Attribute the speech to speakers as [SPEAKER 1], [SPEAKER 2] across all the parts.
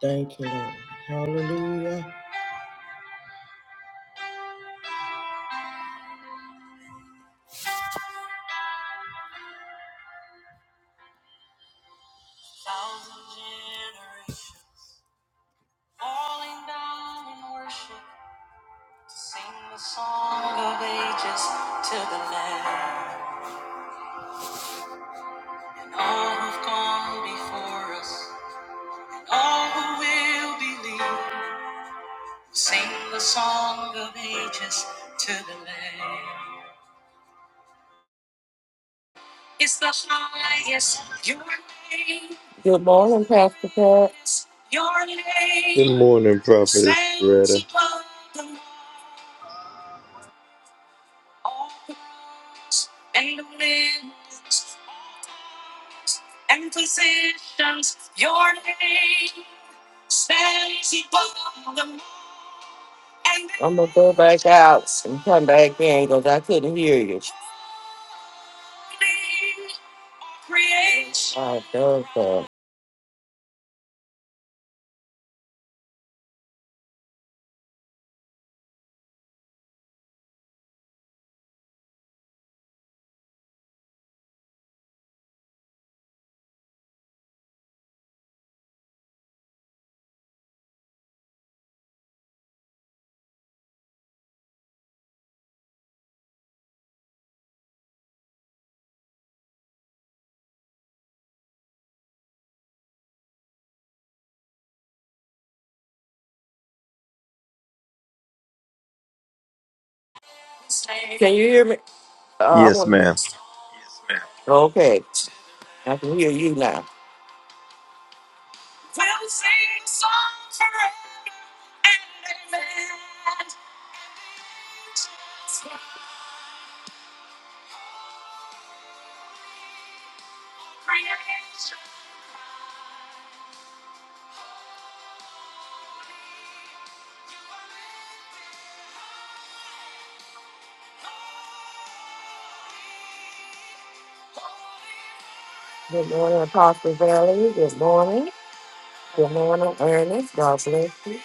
[SPEAKER 1] Thank you, Lord. Hallelujah. Good morning, Pastor Pat.
[SPEAKER 2] Good morning, Prophetess Loretta.
[SPEAKER 1] I'm gonna go back out and come back in because I couldn't hear you. I don't know. Can you hear me? Uh, I'm
[SPEAKER 2] Yes,
[SPEAKER 1] gonna,
[SPEAKER 2] ma'am.
[SPEAKER 1] okay, I can hear you now. Good morning, Apostle Valley. Good morning. Good morning, Ernest. God bless you.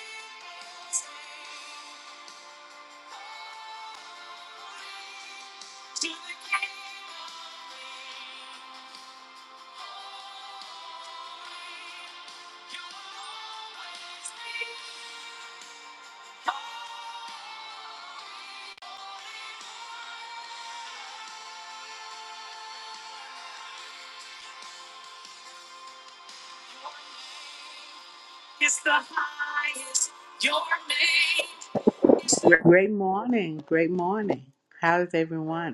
[SPEAKER 3] Great morning. Great morning. How is everyone?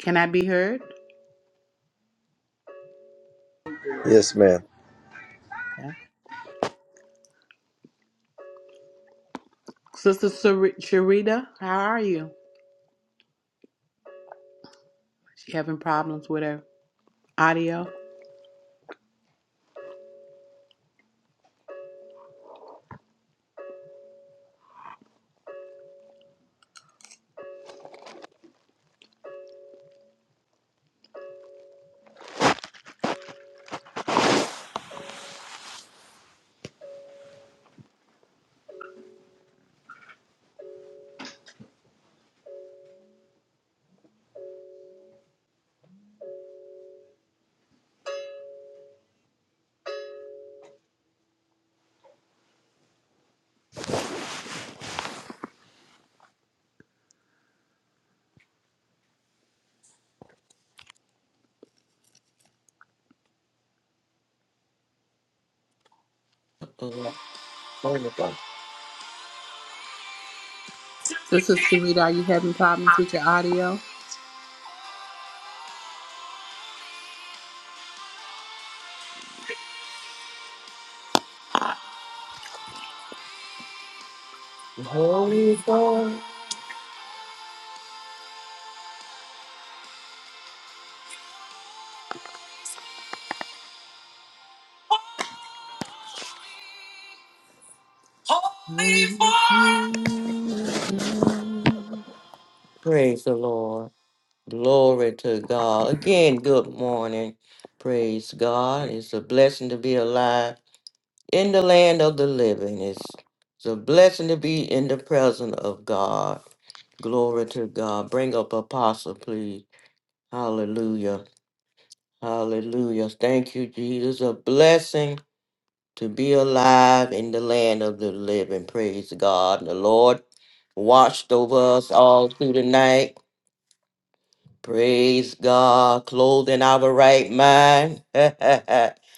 [SPEAKER 3] Can I be heard?
[SPEAKER 2] Yes, ma'am.
[SPEAKER 3] Okay. Sister Sar- Sharita, how are you? She having problems with her audio?
[SPEAKER 1] Oh, Wonderful.
[SPEAKER 3] Sister Sharita, are you having problems with your audio?
[SPEAKER 1] Holy God. Praise the Lord. Glory to God. Again, good morning. Praise God. It's a blessing to be alive in the land of the living. It's, it's a blessing to be in the presence of God. Glory to God. Bring up apostle, please. Hallelujah. Hallelujah. Thank you, Jesus. A blessing to be alive in the land of the living. Praise God. The Lord watched over us all through the night Praise God, clothed in our right mind.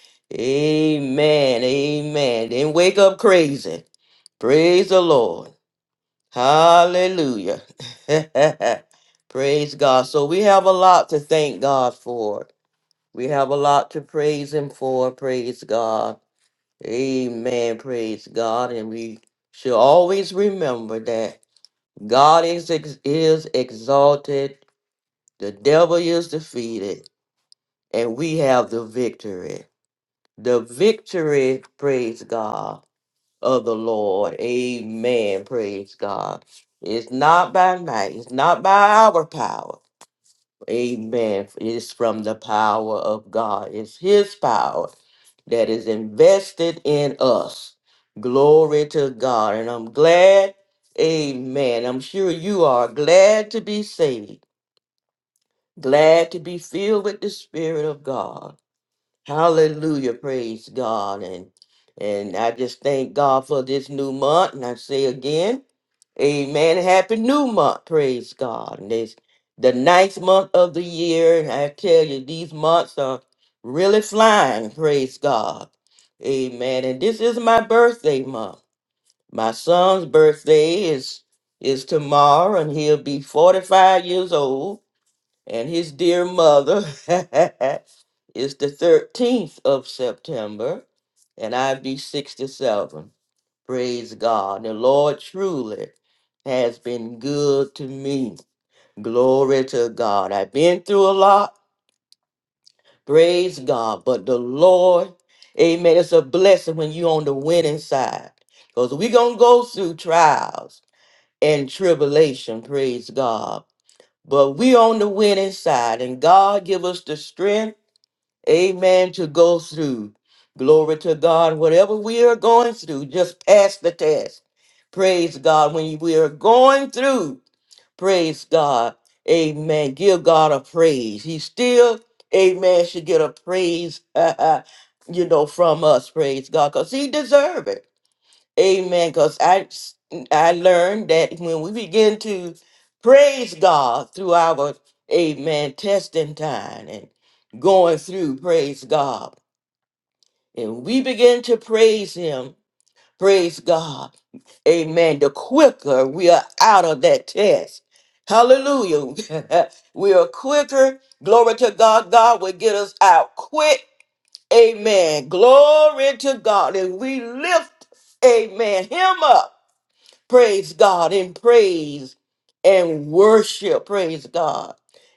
[SPEAKER 1] amen, amen. Didn't wake up crazy. Praise the Lord. Hallelujah. praise God. So we have a lot to thank God for. We have a lot to praise Him for. Praise God. Amen. Praise God. And we should always remember that God is, ex- is exalted, the devil is defeated and we have the victory. The victory, praise God, of the Lord. Amen. Praise God. It's not by might, it's not by our power. Amen. It's from the power of God. It's His power that is invested in us. Glory to God. And I'm glad, amen. I'm sure you are glad to be saved, glad to be filled with the Spirit of God Hallelujah. Praise God. And and I just thank God for this new month. And I say again, Amen. Happy new month. Praise God. And it's the ninth month of the year. And I tell you, these months are really flying. Praise God. Amen. And this is my birthday month. My son's birthday is is tomorrow and he'll be 45 years old and his dear mother is the 13th of September, and I be 67. Praise God. The Lord truly has been good to me. Glory to God. I've been through a lot. Praise God. But the Lord, amen, it's a blessing when you're on the winning side. Because we're going to go through trials and tribulation. Praise God. But we on the winning side, and God give us the strength Amen. To go through. Glory to God. Whatever we are going through, just pass the test. Praise God. When we are going through, praise God. Amen. Give God a praise. He still, amen, should get a praise, you know, from us. Praise God. Because he deserves it. Amen. Because I I learned that when we begin to praise God through our Amen testing time and going through, praise God. And we begin to praise Him, praise God. Amen. The quicker we are out of that test. Hallelujah. we are quicker. Glory to God. God will get us out quick. Amen. Glory to God. And we lift, amen, him up. Praise God in praise and worship. Praise God.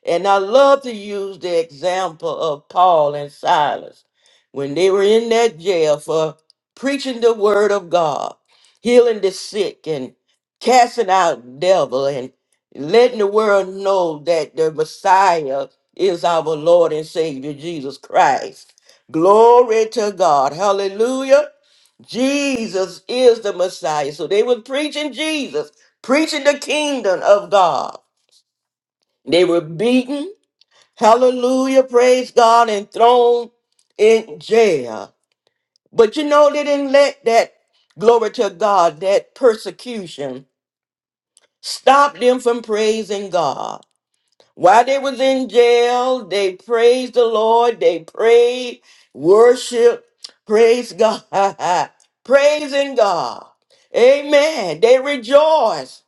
[SPEAKER 1] And I love to use the example of Paul and Silas when they were in that jail for preaching the word of God, healing the sick and casting out devil and letting the world know that the Messiah is our Lord and Savior Jesus Christ. Glory to God. Hallelujah. Jesus is the Messiah. So they were preaching Jesus, preaching the kingdom of God. They were beaten, hallelujah, praise God, and thrown in jail. But you know, they didn't let that glory to God, that persecution, stop them from praising God. While they was in jail, they praised the Lord. They prayed, worship, praise God, praising God. Amen. They rejoiced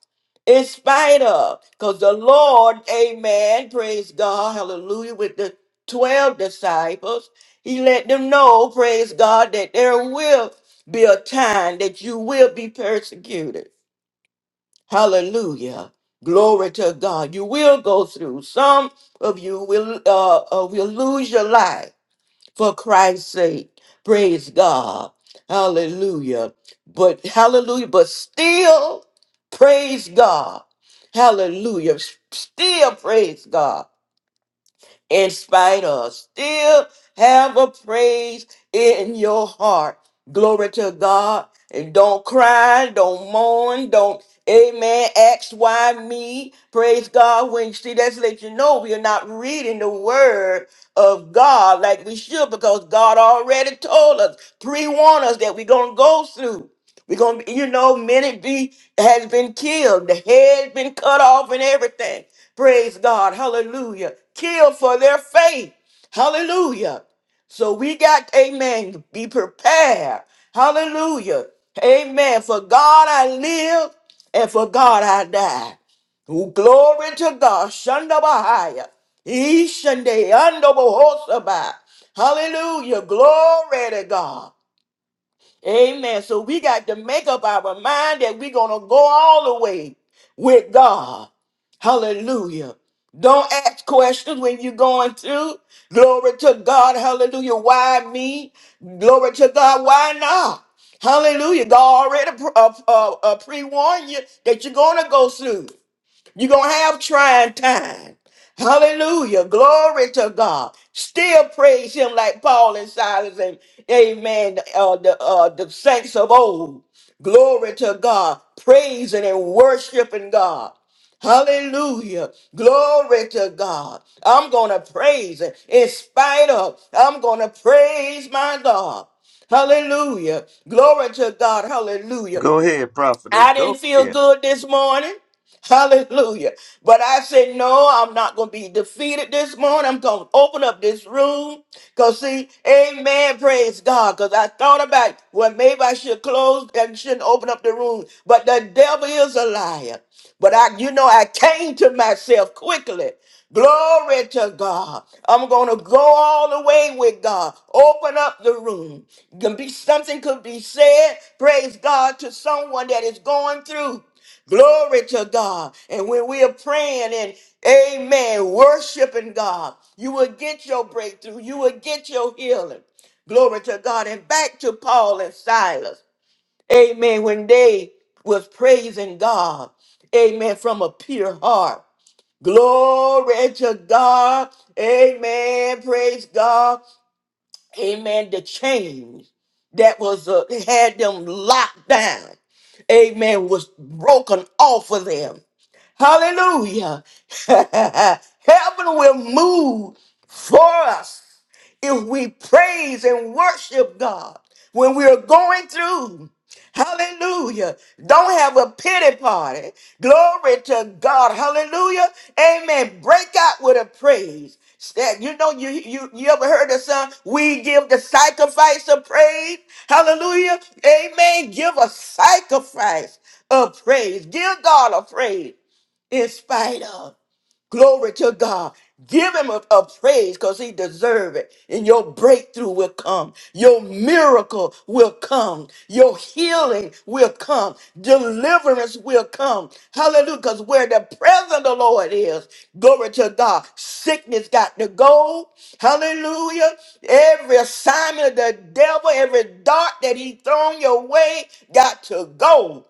[SPEAKER 1] in spite of, because the Lord, amen, praise God, hallelujah, with the 12 disciples, he let them know, praise God, that there will be a time that you will be persecuted. Hallelujah. Glory to God. You will go through. Some of you will uh, uh will lose your life for Christ's sake. Praise God. Hallelujah. But hallelujah, but still praise God. Hallelujah. S- Still praise God in spite of. Still have a praise in your heart. Glory to God. And don't cry, don't mourn, don't, amen, ask why me. Praise God. When you see that's let you know we are not reading the word of God like we should because God already told us, pre-warned us that we're going to go through. We're gonna, you know, many be has been killed, the head been cut off, and everything. Praise God. Hallelujah. Killed for their faith. Hallelujah. So we got, amen, be prepared. Hallelujah. Amen. For God I live and for God I die. Oh, glory to God. Shandabahaya. Ishande Andobohosaba. Hallelujah. Glory to God. Amen. So we got to make up our mind that we're going to go all the way with God. Hallelujah. Don't ask questions when you're going through. Glory to God. Hallelujah. Why me? Glory to God. Why not? Hallelujah. God already pre- uh, uh, uh, pre-warned you that you're going to go through. You're going to have trying times. Hallelujah. Glory to God. Still praise him like Paul and Silas and amen. Uh, the, uh, the saints of old. Glory to God. Praising and worshiping God. Hallelujah. Glory to God. I'm going to praise Him in spite of. I'm going to praise my God. Hallelujah. Glory to God. Hallelujah.
[SPEAKER 2] Go ahead, Prophetess.
[SPEAKER 1] I didn't
[SPEAKER 2] Go
[SPEAKER 1] feel
[SPEAKER 2] ahead.
[SPEAKER 1] good this morning. Hallelujah. But I said, no, I'm not going to be defeated this morning. I'm going to open up this room. Because, see, amen, praise God. Because I thought about, it. well, maybe I should close and shouldn't open up the room. But the devil is a liar. But I, you know, I came to myself quickly. Glory to God. I'm going to go all the way with God. Open up the room. Can be something could be said, praise God, to someone that is going through. Glory to God. And when we are praying and amen, worshiping God, you will get your breakthrough. You will get your healing. Glory to God. And back to Paul and Silas. Amen. When they was praising God. Amen. From a pure heart. Glory to God. Amen. Praise God amen, the chains that was uh, had them locked down, amen, was broken off of them. Hallelujah. Heaven will move for us if we praise and worship God when we are going through. Hallelujah. Don't have a pity party. Glory to God. Hallelujah. Amen. Break out with a praise. Stand- You know, you, you, you ever heard the song, we give the sacrifice of praise? Hallelujah. Amen. Give a sacrifice of praise. Give God a praise in spite of. Glory to God. Give him a, a praise because he deserves it. And your breakthrough will come. Your miracle will come. Your healing will come. Deliverance will come. Hallelujah. Because where the presence of the Lord is, glory to God, sickness got to go. Hallelujah. Every assignment of the devil, every dart that he thrown your way got to go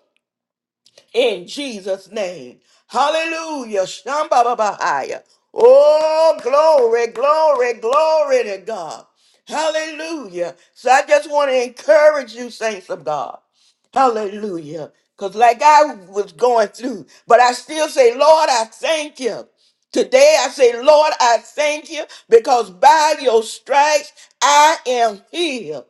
[SPEAKER 1] in Jesus' name. Hallelujah. Shambhababahaya. Oh, glory, glory, glory to God. Hallelujah. So I just want to encourage you, saints of God. Hallelujah. Because like I was going through, but I still say, Lord, I thank you. Today I say, Lord, I thank you because by your stripes I am healed.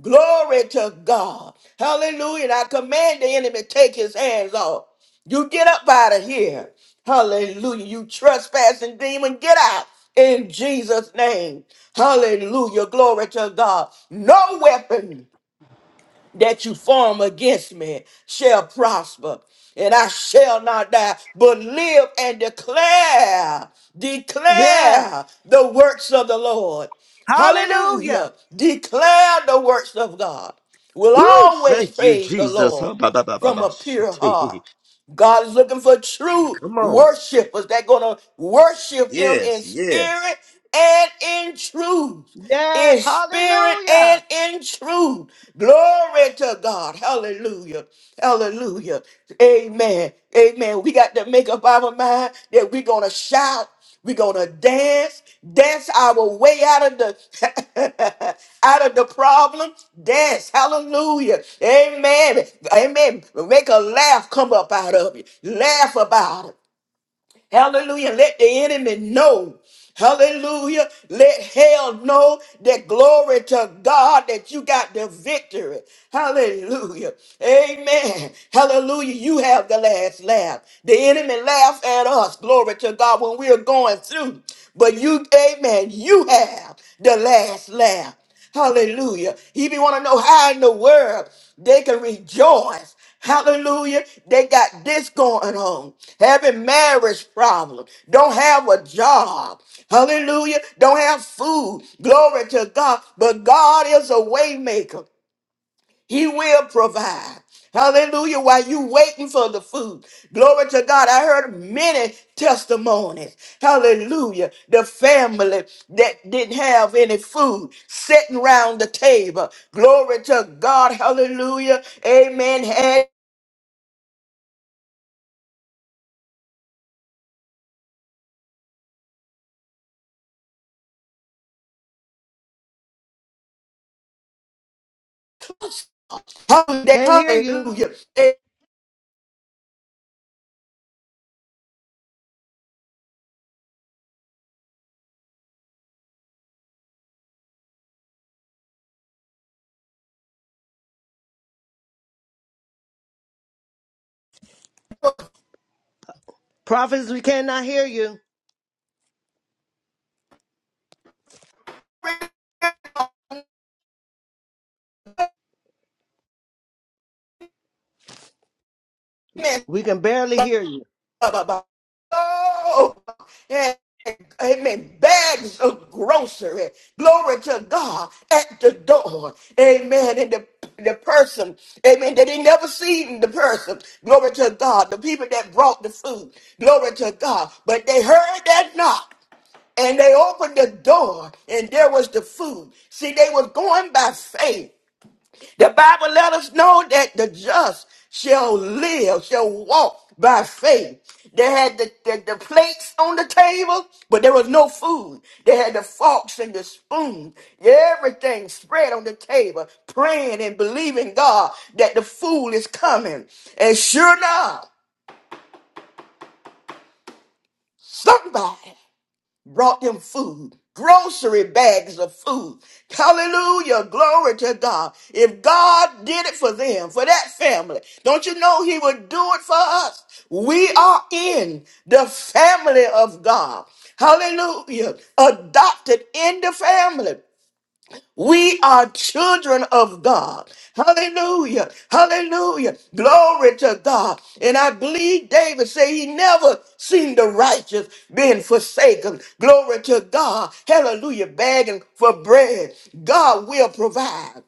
[SPEAKER 1] Glory to God. Hallelujah. And I command the enemy to take his hands off. You get up out of here. Hallelujah. You trespassing demon, get out in Jesus' name. Hallelujah. Glory to God. No weapon that you form against me shall prosper, and I shall not die, but live and declare,
[SPEAKER 4] Yes.
[SPEAKER 1] declare the works of the Lord.
[SPEAKER 4] Hallelujah.
[SPEAKER 1] Hallelujah. Declare the works of God. We'll
[SPEAKER 2] Woo!
[SPEAKER 1] always
[SPEAKER 2] Thank you,
[SPEAKER 1] praise the
[SPEAKER 2] Jesus. Huh,
[SPEAKER 1] Lord
[SPEAKER 2] ba, ba, ba, ba,
[SPEAKER 1] from
[SPEAKER 2] ba,
[SPEAKER 1] a pure heart.
[SPEAKER 2] shate.
[SPEAKER 1] God is looking for true
[SPEAKER 2] Come on.
[SPEAKER 1] worshipers that gonna worship him in
[SPEAKER 2] Yes,
[SPEAKER 1] spirit
[SPEAKER 2] yes.
[SPEAKER 1] and in truth
[SPEAKER 4] Yes.
[SPEAKER 1] in spirit and
[SPEAKER 4] Hallelujah.
[SPEAKER 1] in truth. Glory to God. Hallelujah. Hallelujah. Amen. Amen. We got to make up our mind that we're going to shout. We're gonna dance, dance our way out of the out of the problem. Dance, hallelujah, amen, amen. Make a laugh come up out of you. Laugh about it. Hallelujah. Let the enemy know. Hallelujah. Let hell know that glory to God that you got the victory. Hallelujah. Amen. Hallelujah. You have the last laugh. The enemy laughs at us. Glory to God when we're going through. But you, amen, you have the last laugh. Hallelujah. He be want to know how in the world they can rejoice. Hallelujah. They got this going on. Having marriage problems. Don't have a job. Hallelujah. Don't have food. Glory to God. But God is a waymaker. He will provide. Hallelujah. While you waiting for the food. Glory to God. I heard many testimonies. Hallelujah. The family that didn't have any food sitting round the table. Glory to God. Hallelujah. Amen. Had holiday.
[SPEAKER 4] Can't hear you.
[SPEAKER 1] Hallelujah.
[SPEAKER 4] Prophets, we cannot hear you.
[SPEAKER 1] Amen.
[SPEAKER 4] We can barely hear you.
[SPEAKER 1] Oh, and, amen. Bags of grocery. Glory to God at the door. Amen. And the, the person, amen, that they never seen the person. Glory to God. The people that brought the food. Glory to God. But they heard that knock. And they opened the door and there was the food. See, they was going by faith. The Bible let us know that the just shall live, shall walk by faith. They had the, the, the plates on the table, but there was no food. They had the forks and the spoon, everything spread on the table, praying and believing God that the food is coming. And sure enough, somebody brought them food, grocery bags of food. Hallelujah. Glory to God. If God did it for them, for that family, don't you know He would do it for us? We are in the family of God. Hallelujah. Adopted in the family. We are children of God. Hallelujah. Hallelujah. Glory to God. And I believe David said he never seen the righteous being forsaken. Glory to God. Hallelujah. Begging for bread. God will provide.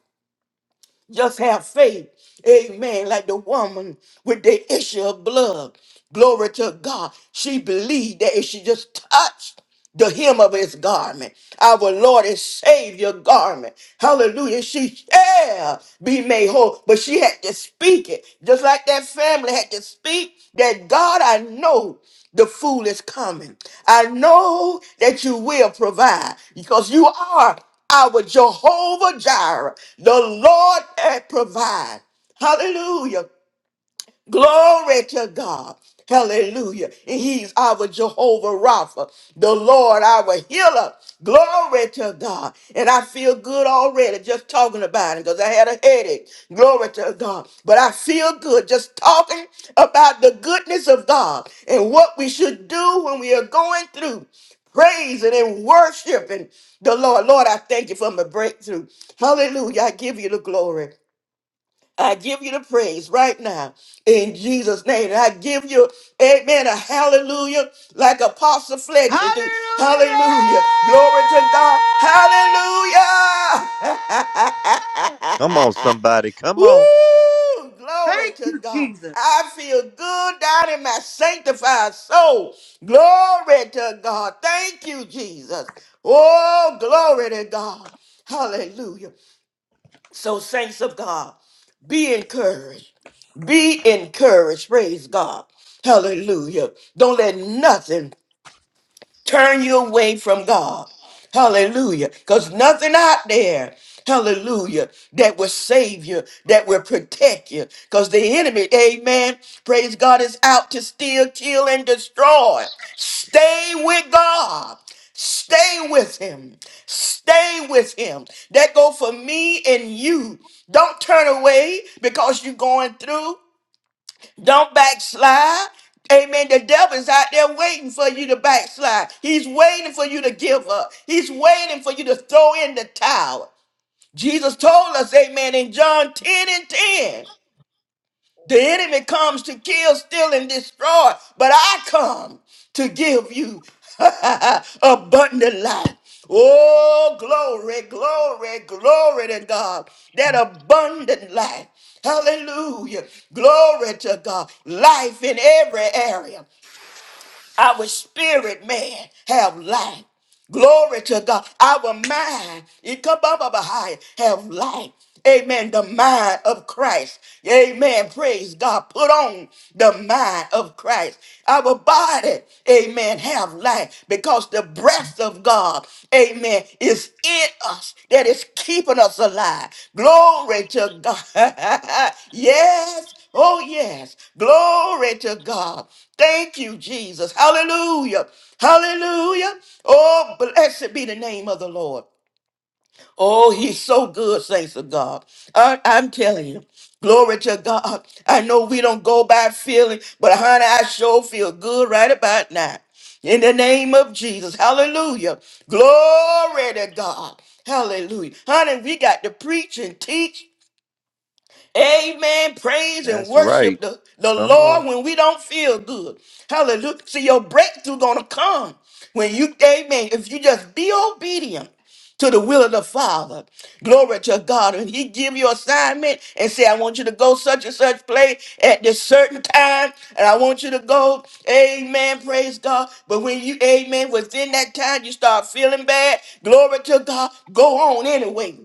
[SPEAKER 1] Just have faith. Amen. Like the woman with the issue of blood. Glory to God. She believed that if she just touched the hem of his garment, our Lord and Savior garment. Hallelujah. She shall be made whole. But she had to speak it. Just like that family had to speak that God, I know the fool is coming. I know that you will provide because you are our Jehovah Jireh, the Lord that provide. Hallelujah. Glory to God. Hallelujah. And he's our Jehovah Rapha, the Lord, our healer. Glory to God. And I feel good already just talking about it because I had a headache. Glory to God. But I feel good just talking about the goodness of God and what we should do when we are going through praising and worshiping the Lord. Lord, I thank you for my breakthrough. Hallelujah. I give you the glory. I give you the praise right now in Jesus' name. And I give you, amen, a hallelujah, like Apostle
[SPEAKER 4] Hallelujah.
[SPEAKER 1] Fletcher do. Hallelujah. Glory to God. Hallelujah.
[SPEAKER 2] Come on, somebody. Come on.
[SPEAKER 1] Woo! Glory
[SPEAKER 4] Thank
[SPEAKER 1] to
[SPEAKER 4] you,
[SPEAKER 1] God.
[SPEAKER 4] Jesus.
[SPEAKER 1] I feel good down in my sanctified soul. Glory to God. Thank you, Jesus. Oh, glory to God. Hallelujah. So, saints of God, be encouraged. Be encouraged. Praise God. Hallelujah. Don't let nothing turn you away from God. Hallelujah. Because nothing out there, hallelujah, that will save you, that will protect you. Because the enemy, amen, praise God, is out to steal, kill, and destroy. Stay with God. Stay with him. Stay with him. That go for me and you. Don't turn away because you're going through. Don't backslide. Amen. The devil's out there waiting for you to backslide. He's waiting for you to give up. He's waiting for you to throw in the towel. Jesus told us, amen, in John 10 and 10. The enemy comes to kill, steal, and destroy, but I come to give you abundant life. Oh, glory, glory, glory to God. That abundant life. Hallelujah. Glory to God. Life in every area. Our spirit, man, have life. Glory to God. Our mind, it come up up high, have life. Amen. The mind of Christ. Amen. Praise God. Put on the mind of Christ. Our body, amen, have life because the breath of God, amen, is in us that is keeping us alive. Glory to God. yes. Oh, yes. Glory to God. Thank you, Jesus. Hallelujah. Hallelujah. Oh, blessed be the name of the Lord. Oh, he's so good, saints of God. I, am telling you. Glory to God. I know we don't go by feeling, but honey, I sure feel good right about now. In the name of Jesus. Hallelujah. Glory to God. Hallelujah. Honey, we got to preach and teach Amen. Praise and
[SPEAKER 2] That's right.
[SPEAKER 1] worship the, the
[SPEAKER 2] Come on.
[SPEAKER 1] Lord when we don't feel good. Hallelujah. See, your breakthrough gonna come when you, amen, if you just be obedient to the will of the Father. Glory to God. And He give you assignment and say, I want you to go such and such place at this certain time. And I want you to go. Amen. Praise God. But when you, amen, within that time you start feeling bad, glory to God, go on anyway.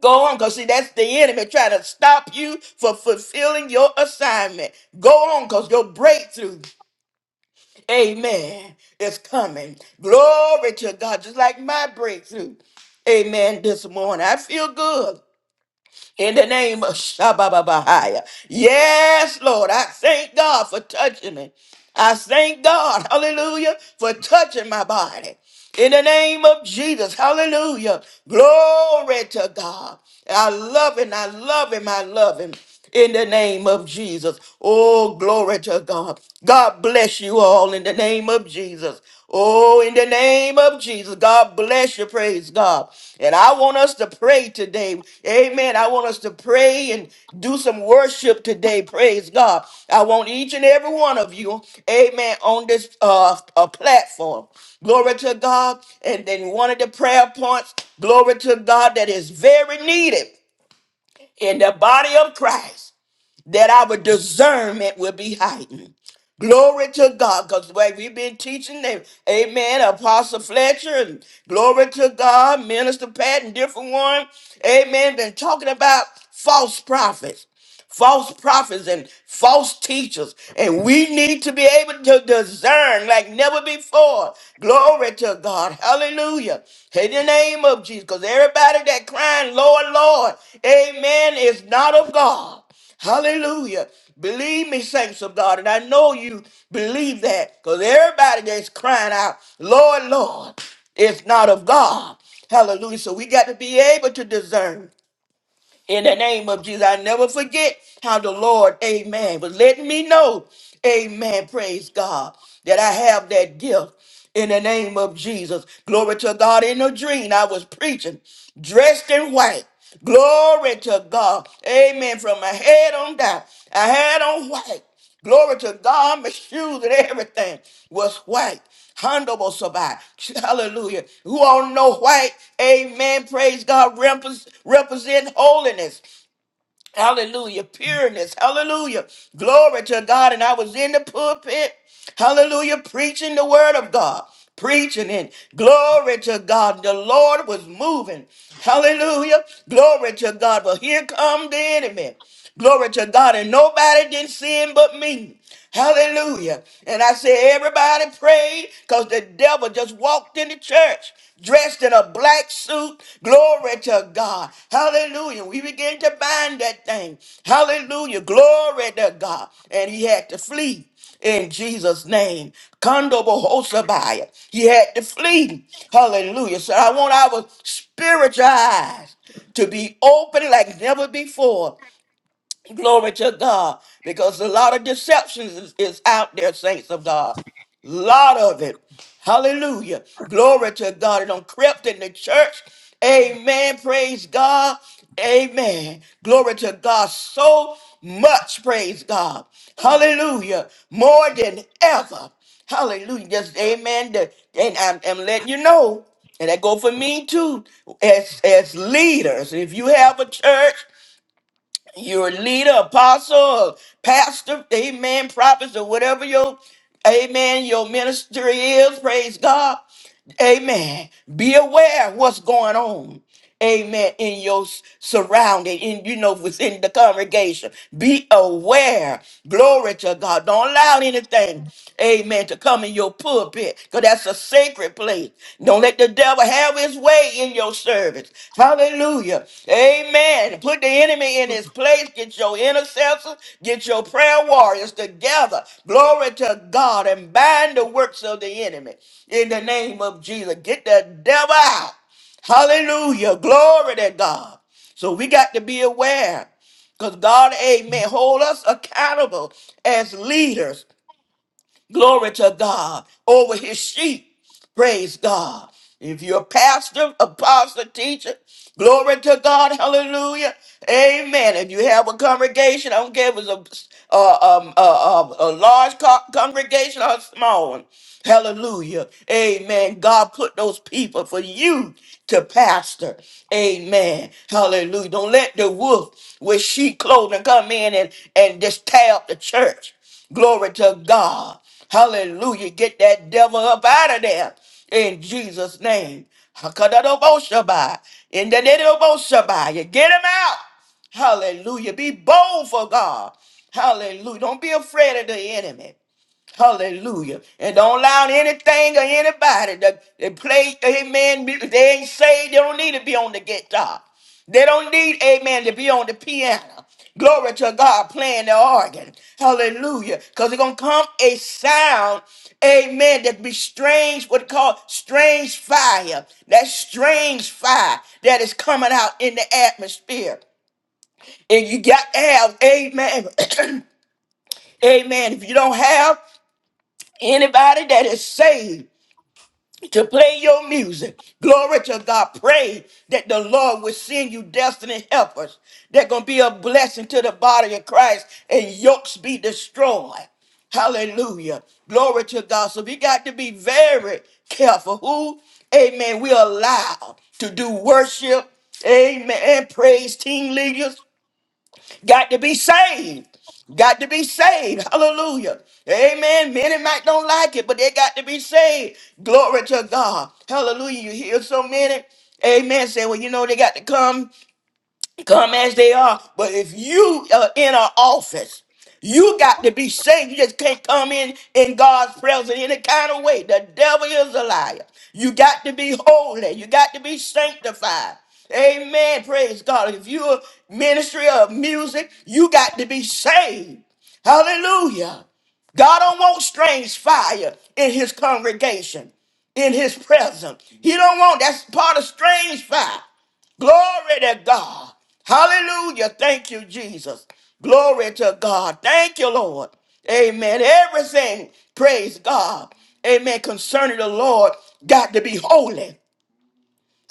[SPEAKER 1] Go on, because see, that's the enemy trying to stop you from fulfilling your assignment. Go on, because your breakthrough, amen, is coming. Glory to God, just like my breakthrough. Amen. This morning, I feel good in the name of Shabbat. Yes, Lord, I thank God for touching me. I thank God, hallelujah, for touching my body. In the name of Jesus, hallelujah. Glory to God. I love him, I love him, I love him. In the name of Jesus. Oh, glory to God. God bless you all in the name of Jesus. Oh, in the name of Jesus, God bless you. Praise God. And I want us to pray today. Amen. I want us to pray and do some worship today. Praise God. I want each and every one of you, amen, on this uh, uh platform. Glory to God. And then one of the prayer points, glory to God, that is very needed in the body of Christ that our discernment will be heightened. Glory to God, because way we've been teaching them, amen, Apostle Fletcher, and glory to God, Minister Pat, and different one, amen, been talking about false prophets false prophets and false teachers. And we need to be able to discern like never before. Glory to God. Hallelujah. In the name of Jesus. Because everybody that crying, Lord, Lord, amen, is not of God. Hallelujah. Believe me, saints of God. And I know you believe that because everybody that's crying out, Lord, Lord, is not of God. Hallelujah. So we got to be able to discern in the name of Jesus. I never forget how the Lord, amen, was letting me know, amen, praise God, that I have that gift in the name of Jesus. Glory to God. In a dream, I was preaching dressed in white. Glory to God. Amen. From my head on down, I had on white. Glory to God. My shoes and everything was white. Handable survived. Hallelujah. Who all know white? Amen. Praise God. Repres- represent holiness. Hallelujah. Pureness. Hallelujah. Glory to God. And I was in the pulpit. Hallelujah. Preaching the word of God. Preaching it. Glory to God. The Lord was moving. Hallelujah. Glory to God. But here come the enemy. Glory to God. And nobody didn't sin but me. Hallelujah. And I said, everybody prayed because the devil just walked in the church dressed in a black suit. Glory to God. Hallelujah. We began to bind that thing. Hallelujah. Glory to God. And he had to flee in Jesus' name. Kondobohosabiah. He had to flee. Hallelujah. So I want our spiritual eyes to be open like never before Glory to God. Because a lot of deceptions is, is out there, saints of God. lot of it. Hallelujah. Glory to God. It done crept in the church. Amen. Praise God. Amen. Glory to God. So much. Praise God. Hallelujah. More than ever. Hallelujah. Just amen. The- And I'm, I'm letting you know. And that go for me too. As as leaders. If you have a church, your leader, apostle, pastor, amen, prophets, or whatever your, amen, your ministry is, praise God. Amen. Be aware of what's going on amen, in your s- surrounding, in you know, within the congregation. Be aware. Glory to God. Don't allow anything, amen, to come in your pulpit, because that's a sacred place. Don't let the devil have his way in your service. Hallelujah. Amen. Put the enemy in his place. Get your intercessors, get your prayer warriors together. Glory to God and bind the works of the enemy in the name of Jesus. Get the devil out. Hallelujah. Glory to God. So we got to be aware because God, amen, hold us accountable as leaders Glory to God over his sheep. Praise God. If you're a pastor, apostle, teacher, glory to God, hallelujah, amen. If you have a congregation, I don't care if it's a, a, um, a, a, a large co- congregation or a small one, hallelujah, amen. God put those people for you to pastor, amen, hallelujah. Don't let the wolf with sheep clothing come in and, and just tear up the church. Glory to God. Hallelujah. Get that devil up out of there in Jesus' name. Hakadadoboshabai. In the name of Boshabai. You Get him out. Hallelujah. Be bold for God. Hallelujah. Don't be afraid of the enemy. Hallelujah. And don't allow anything or anybody that, that play, amen, music. they ain't saved, they don't need to be on the guitar. They don't need, amen, to be on the piano. Glory to God playing the organ. Hallelujah. Because it's going to come a sound, amen, that be strange, what called strange fire. That strange fire that is coming out in the atmosphere. And you got to have, amen, amen. If you don't have, Anybody that is saved to play your music, glory to God. Pray that the Lord will send you destiny helpers. They're going to be a blessing to the body of Christ and yokes be destroyed. Hallelujah. Glory to God. So we got to be very careful who, amen, we allow to do worship, amen, and praise team leaders. Got to be saved. Got to be saved. Hallelujah. Amen. Many might don't like it, but they got to be saved. Glory to God. Hallelujah. You hear so many. Amen. Say, well, you know, they got to come come as they are. But if you are in an office, you got to be saved. You just can't come in in God's presence in any kind of way. The devil is a liar. You got to be holy. You got to be sanctified. Amen. Praise God. If you're a ministry of music, you got to be saved. Hallelujah. God don't want strange fire in his congregation, in his presence. He don't want that's part of strange fire. Glory to God. Hallelujah. Thank you, Jesus. Glory to God. Thank you, Lord. Amen. Everything, praise God. Amen. Concerning the Lord, got to be holy.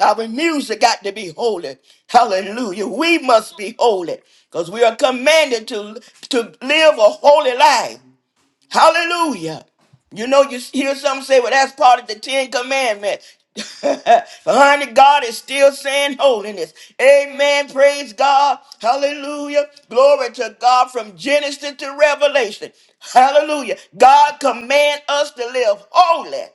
[SPEAKER 1] Our music got to be holy. Hallelujah. We must be holy because we are commanded to, to live a holy life. Hallelujah. You know, you hear some say, well, that's part of the Ten Commandments. but honey, God is still saying holiness. Amen. Praise God. Hallelujah. Glory to God from Genesis to Revelation. Hallelujah. God command us to live holy.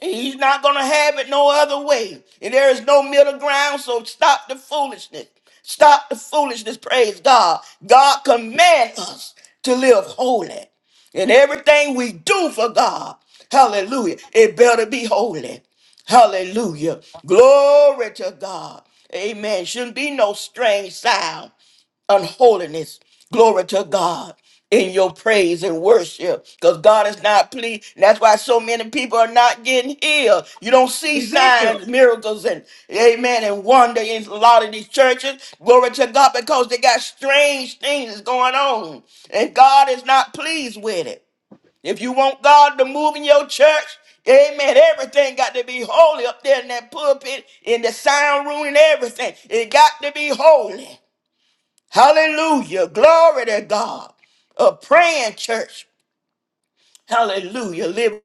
[SPEAKER 1] He's not going to have it no other way. And there is no middle ground, so stop the foolishness. Stop the foolishness, praise God. God commands us to live holy. And everything we do for God, hallelujah, it better be holy. Hallelujah. Glory to God. Amen. Shouldn't be no strange sound unholiness. Glory to God in your praise and worship because God is not pleased. That's why so many people are not getting healed. You don't see
[SPEAKER 4] Ezekiel.
[SPEAKER 1] signs, miracles, and amen, and wonder in a lot of these churches. Glory to God because they got strange things going on and God is not pleased with it. If you want God to move in your church, Amen. Everything got to be holy up there in that pulpit, in the sound room, and everything. It got to be holy. Hallelujah. Glory to God. A praying church. Hallelujah. Live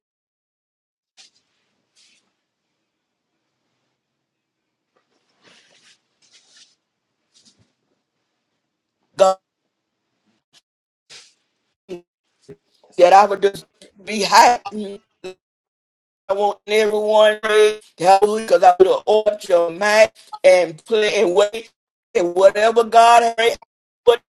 [SPEAKER 1] God that I would just be happy. I want everyone to hallelujah, because I would have opened your mind and play and wait and whatever God has what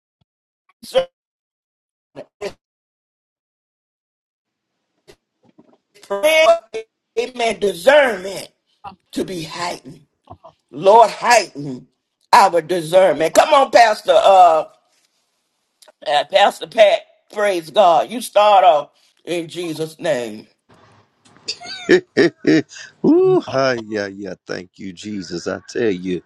[SPEAKER 1] prayer amen discernment to be heightened. Lord heighten our discernment. Come on, Pastor. uh, Uh, Pastor Pat, praise God. You start off in Jesus' name.
[SPEAKER 2] Ooh, hi, yeah, yeah. Thank you, Jesus. I tell you,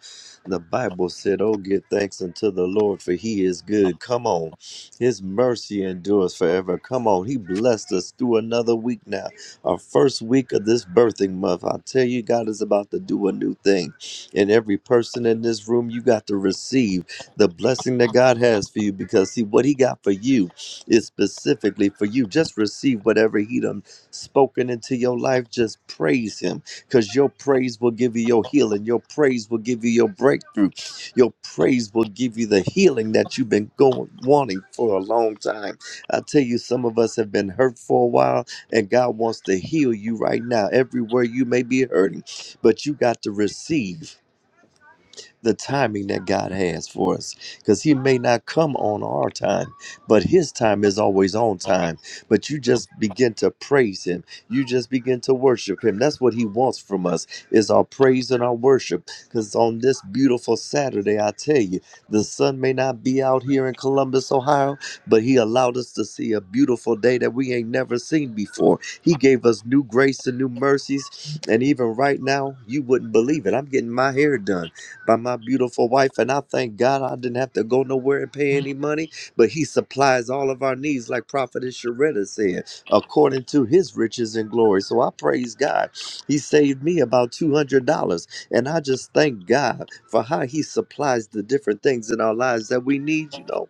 [SPEAKER 2] the Bible said, Oh, give thanks unto the Lord, for he is good. Come on. His mercy endures forever. Come on. He blessed us through another week now, our first week of this birthing month. I tell you, God is about to do a new thing. And every person in this room, you got to receive the blessing that God has for you because, see, what he got for you is specifically for you. Just receive whatever he done spoken into your life, just praise Him because your praise will give you your healing. Your praise will give you your breakthrough. Your praise will give you the healing that you've been going wanting for a long time. I tell you, some of us have been hurt for a while, and God wants to heal you right now, everywhere you may be hurting. But you got to receive the timing that God has for us because He may not come on our time, but His time is always on time. But you just begin to praise Him, you just begin to worship Him. That's what He wants from us is our praise and our worship. Because on this beautiful Saturday, I tell you, the sun may not be out here in Columbus, Ohio, but He allowed us to see a beautiful day that we ain't never seen before. He gave us new grace and new mercies, and even right now, you wouldn't believe it. I'm getting my hair done by my beautiful wife. And I thank God I didn't have to go nowhere and pay any money, but He supplies all of our needs, like Prophetess Sharetta said, according to His riches and glory. So I praise God. He saved me about $200. And I just thank God for how He supplies the different things in our lives that we need, you know.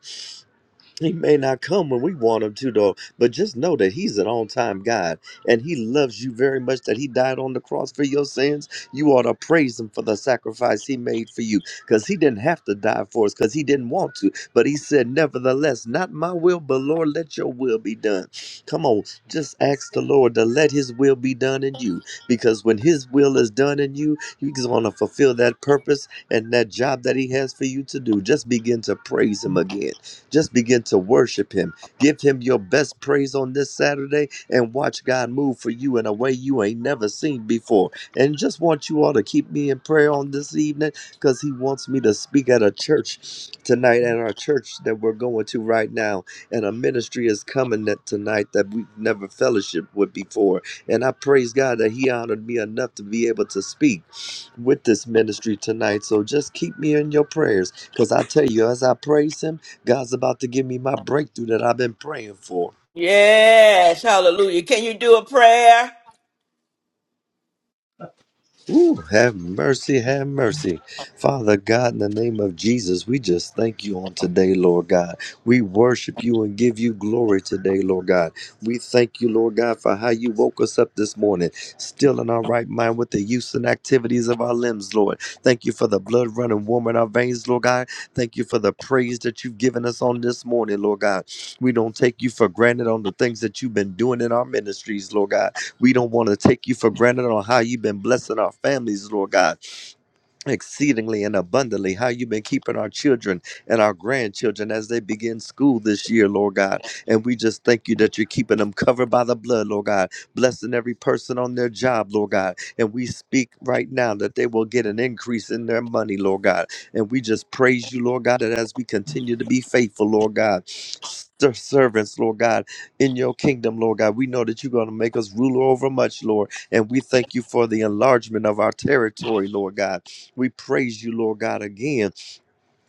[SPEAKER 2] He may not come when we want him to, though, but just know that he's an on time God and he loves you very much that he died on the cross for your sins. You ought to praise him for the sacrifice he made for you because he didn't have to die for us because he didn't want to. But he said, Nevertheless, not my will, but Lord, let your will be done. Come on, just ask the Lord to let his will be done in you because when his will is done in you, he's going to fulfill that purpose and that job that he has for you to do. Just begin to praise him again just begin to worship Him. Give Him your best praise on this Saturday and watch God move for you in a way you ain't never seen before. And just want you all to keep me in prayer on this evening because He wants me to speak at a church tonight, at our church that we're going to right now. And a ministry is coming that tonight that we've never fellowshiped with before. And I praise God that He honored me enough to be able to speak with this ministry tonight. So just keep me in your prayers because I tell you, as I praise Him, God's about to give me my breakthrough that I've been praying for.
[SPEAKER 1] Yes, hallelujah. Can you do a prayer?
[SPEAKER 2] Ooh, have mercy, have mercy. Father God, in the name of Jesus, we just thank you on today, Lord God. We worship you and give you glory today, Lord God. We thank you, Lord God, for how you woke us up this morning, still in our right mind with the use and activities of our limbs, Lord. Thank you for the blood running warm in our veins, Lord God. Thank you for the praise that you've given us on this morning, Lord God. We don't take you for granted on the things that you've been doing in our ministries, Lord God. We don't want to take you for granted on how you've been blessing our families, Lord God exceedingly and abundantly how you've been keeping our children and our grandchildren as they begin school this year lord god and we just thank you that you're keeping them covered by the blood lord god blessing every person on their job lord god and we speak right now that they will get an increase in their money lord god and we just praise you lord god that as we continue to be faithful lord god ser- servants lord god in your kingdom lord god we know that you're going to make us ruler over much lord and we thank you for the enlargement of our territory lord god we praise you, Lord God, again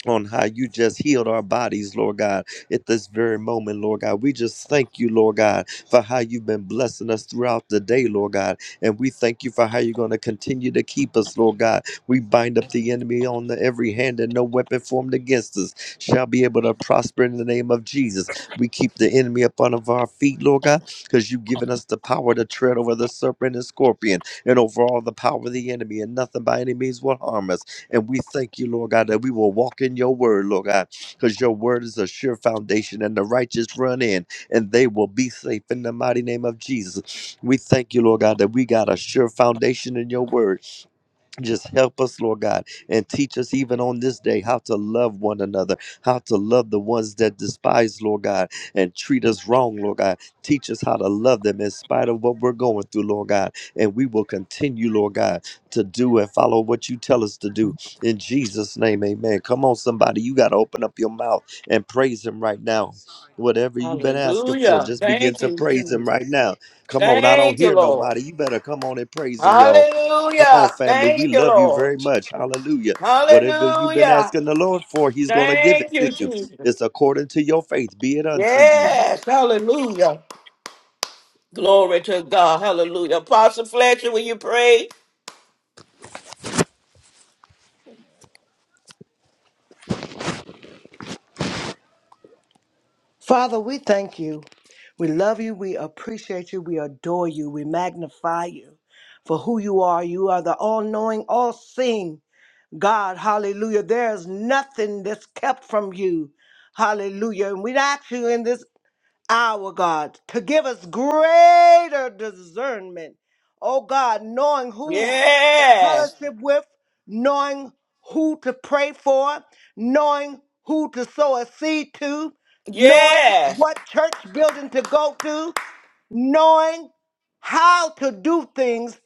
[SPEAKER 2] on how you just healed our bodies, Lord God, at this very moment, Lord God. We just thank you, Lord God, for how you've been blessing us throughout the day, Lord God. And we thank you for how you're going to continue to keep us, Lord God. We bind up the enemy on the every hand, and no weapon formed against us shall be able to prosper in the name of Jesus. We keep the enemy upon of our feet, Lord God, because you've given us the power to tread over the serpent and scorpion and over all the power of the enemy, and nothing by any means will harm us. And we thank you, Lord God, that we will walk in your word, Lord God, because your word is a sure foundation and the righteous run in and they will be safe in the mighty name of Jesus. We thank you, Lord God, that we got a sure foundation in your word just help us, Lord God, and teach us even on this day how to love one another, how to love the ones that despise, Lord God, and treat us wrong, Lord God. Teach us how to love them in spite of what we're going through, Lord God. And we will continue, Lord God, to do and follow what you tell us to do. In Jesus' name, amen. Come on, somebody. You got to open up your mouth and praise Him right now. Whatever you've been asking for,
[SPEAKER 1] Hallelujah.
[SPEAKER 2] just begin
[SPEAKER 1] Thank
[SPEAKER 2] to
[SPEAKER 1] you,
[SPEAKER 2] praise Him
[SPEAKER 1] Jesus.
[SPEAKER 2] right now. Come on. I don't
[SPEAKER 1] Thank you,
[SPEAKER 2] hear
[SPEAKER 1] Lord.
[SPEAKER 2] nobody. You better come on and praise Him, y'all. Come on,
[SPEAKER 1] Hallelujah.
[SPEAKER 2] family. We
[SPEAKER 1] Thank you,
[SPEAKER 2] love you
[SPEAKER 1] Lord.
[SPEAKER 2] very much. Hallelujah. Whatever you've been
[SPEAKER 1] Hallelujah.
[SPEAKER 2] asking the Lord for, He's going to give it
[SPEAKER 1] Thank
[SPEAKER 2] to
[SPEAKER 1] you,
[SPEAKER 2] you.
[SPEAKER 1] Jesus.
[SPEAKER 2] It's according to your faith. Be it unto you.
[SPEAKER 1] Yes, hallelujah. Glory to God. Hallelujah. Apostle Fletcher, will you pray?
[SPEAKER 4] Father, we thank you. We love you. We appreciate you. We adore you. We magnify you for who you are. You are the all knowing, all seeing. God, hallelujah. There's nothing that's kept from you. Hallelujah. And we'd ask you in this hour, God, to give us greater discernment. Oh God, knowing who
[SPEAKER 1] Yes.
[SPEAKER 4] fellowship with, knowing who to pray for, knowing who to sow a seed to, knowing
[SPEAKER 1] Yes.
[SPEAKER 4] what church building to go to, knowing how to do things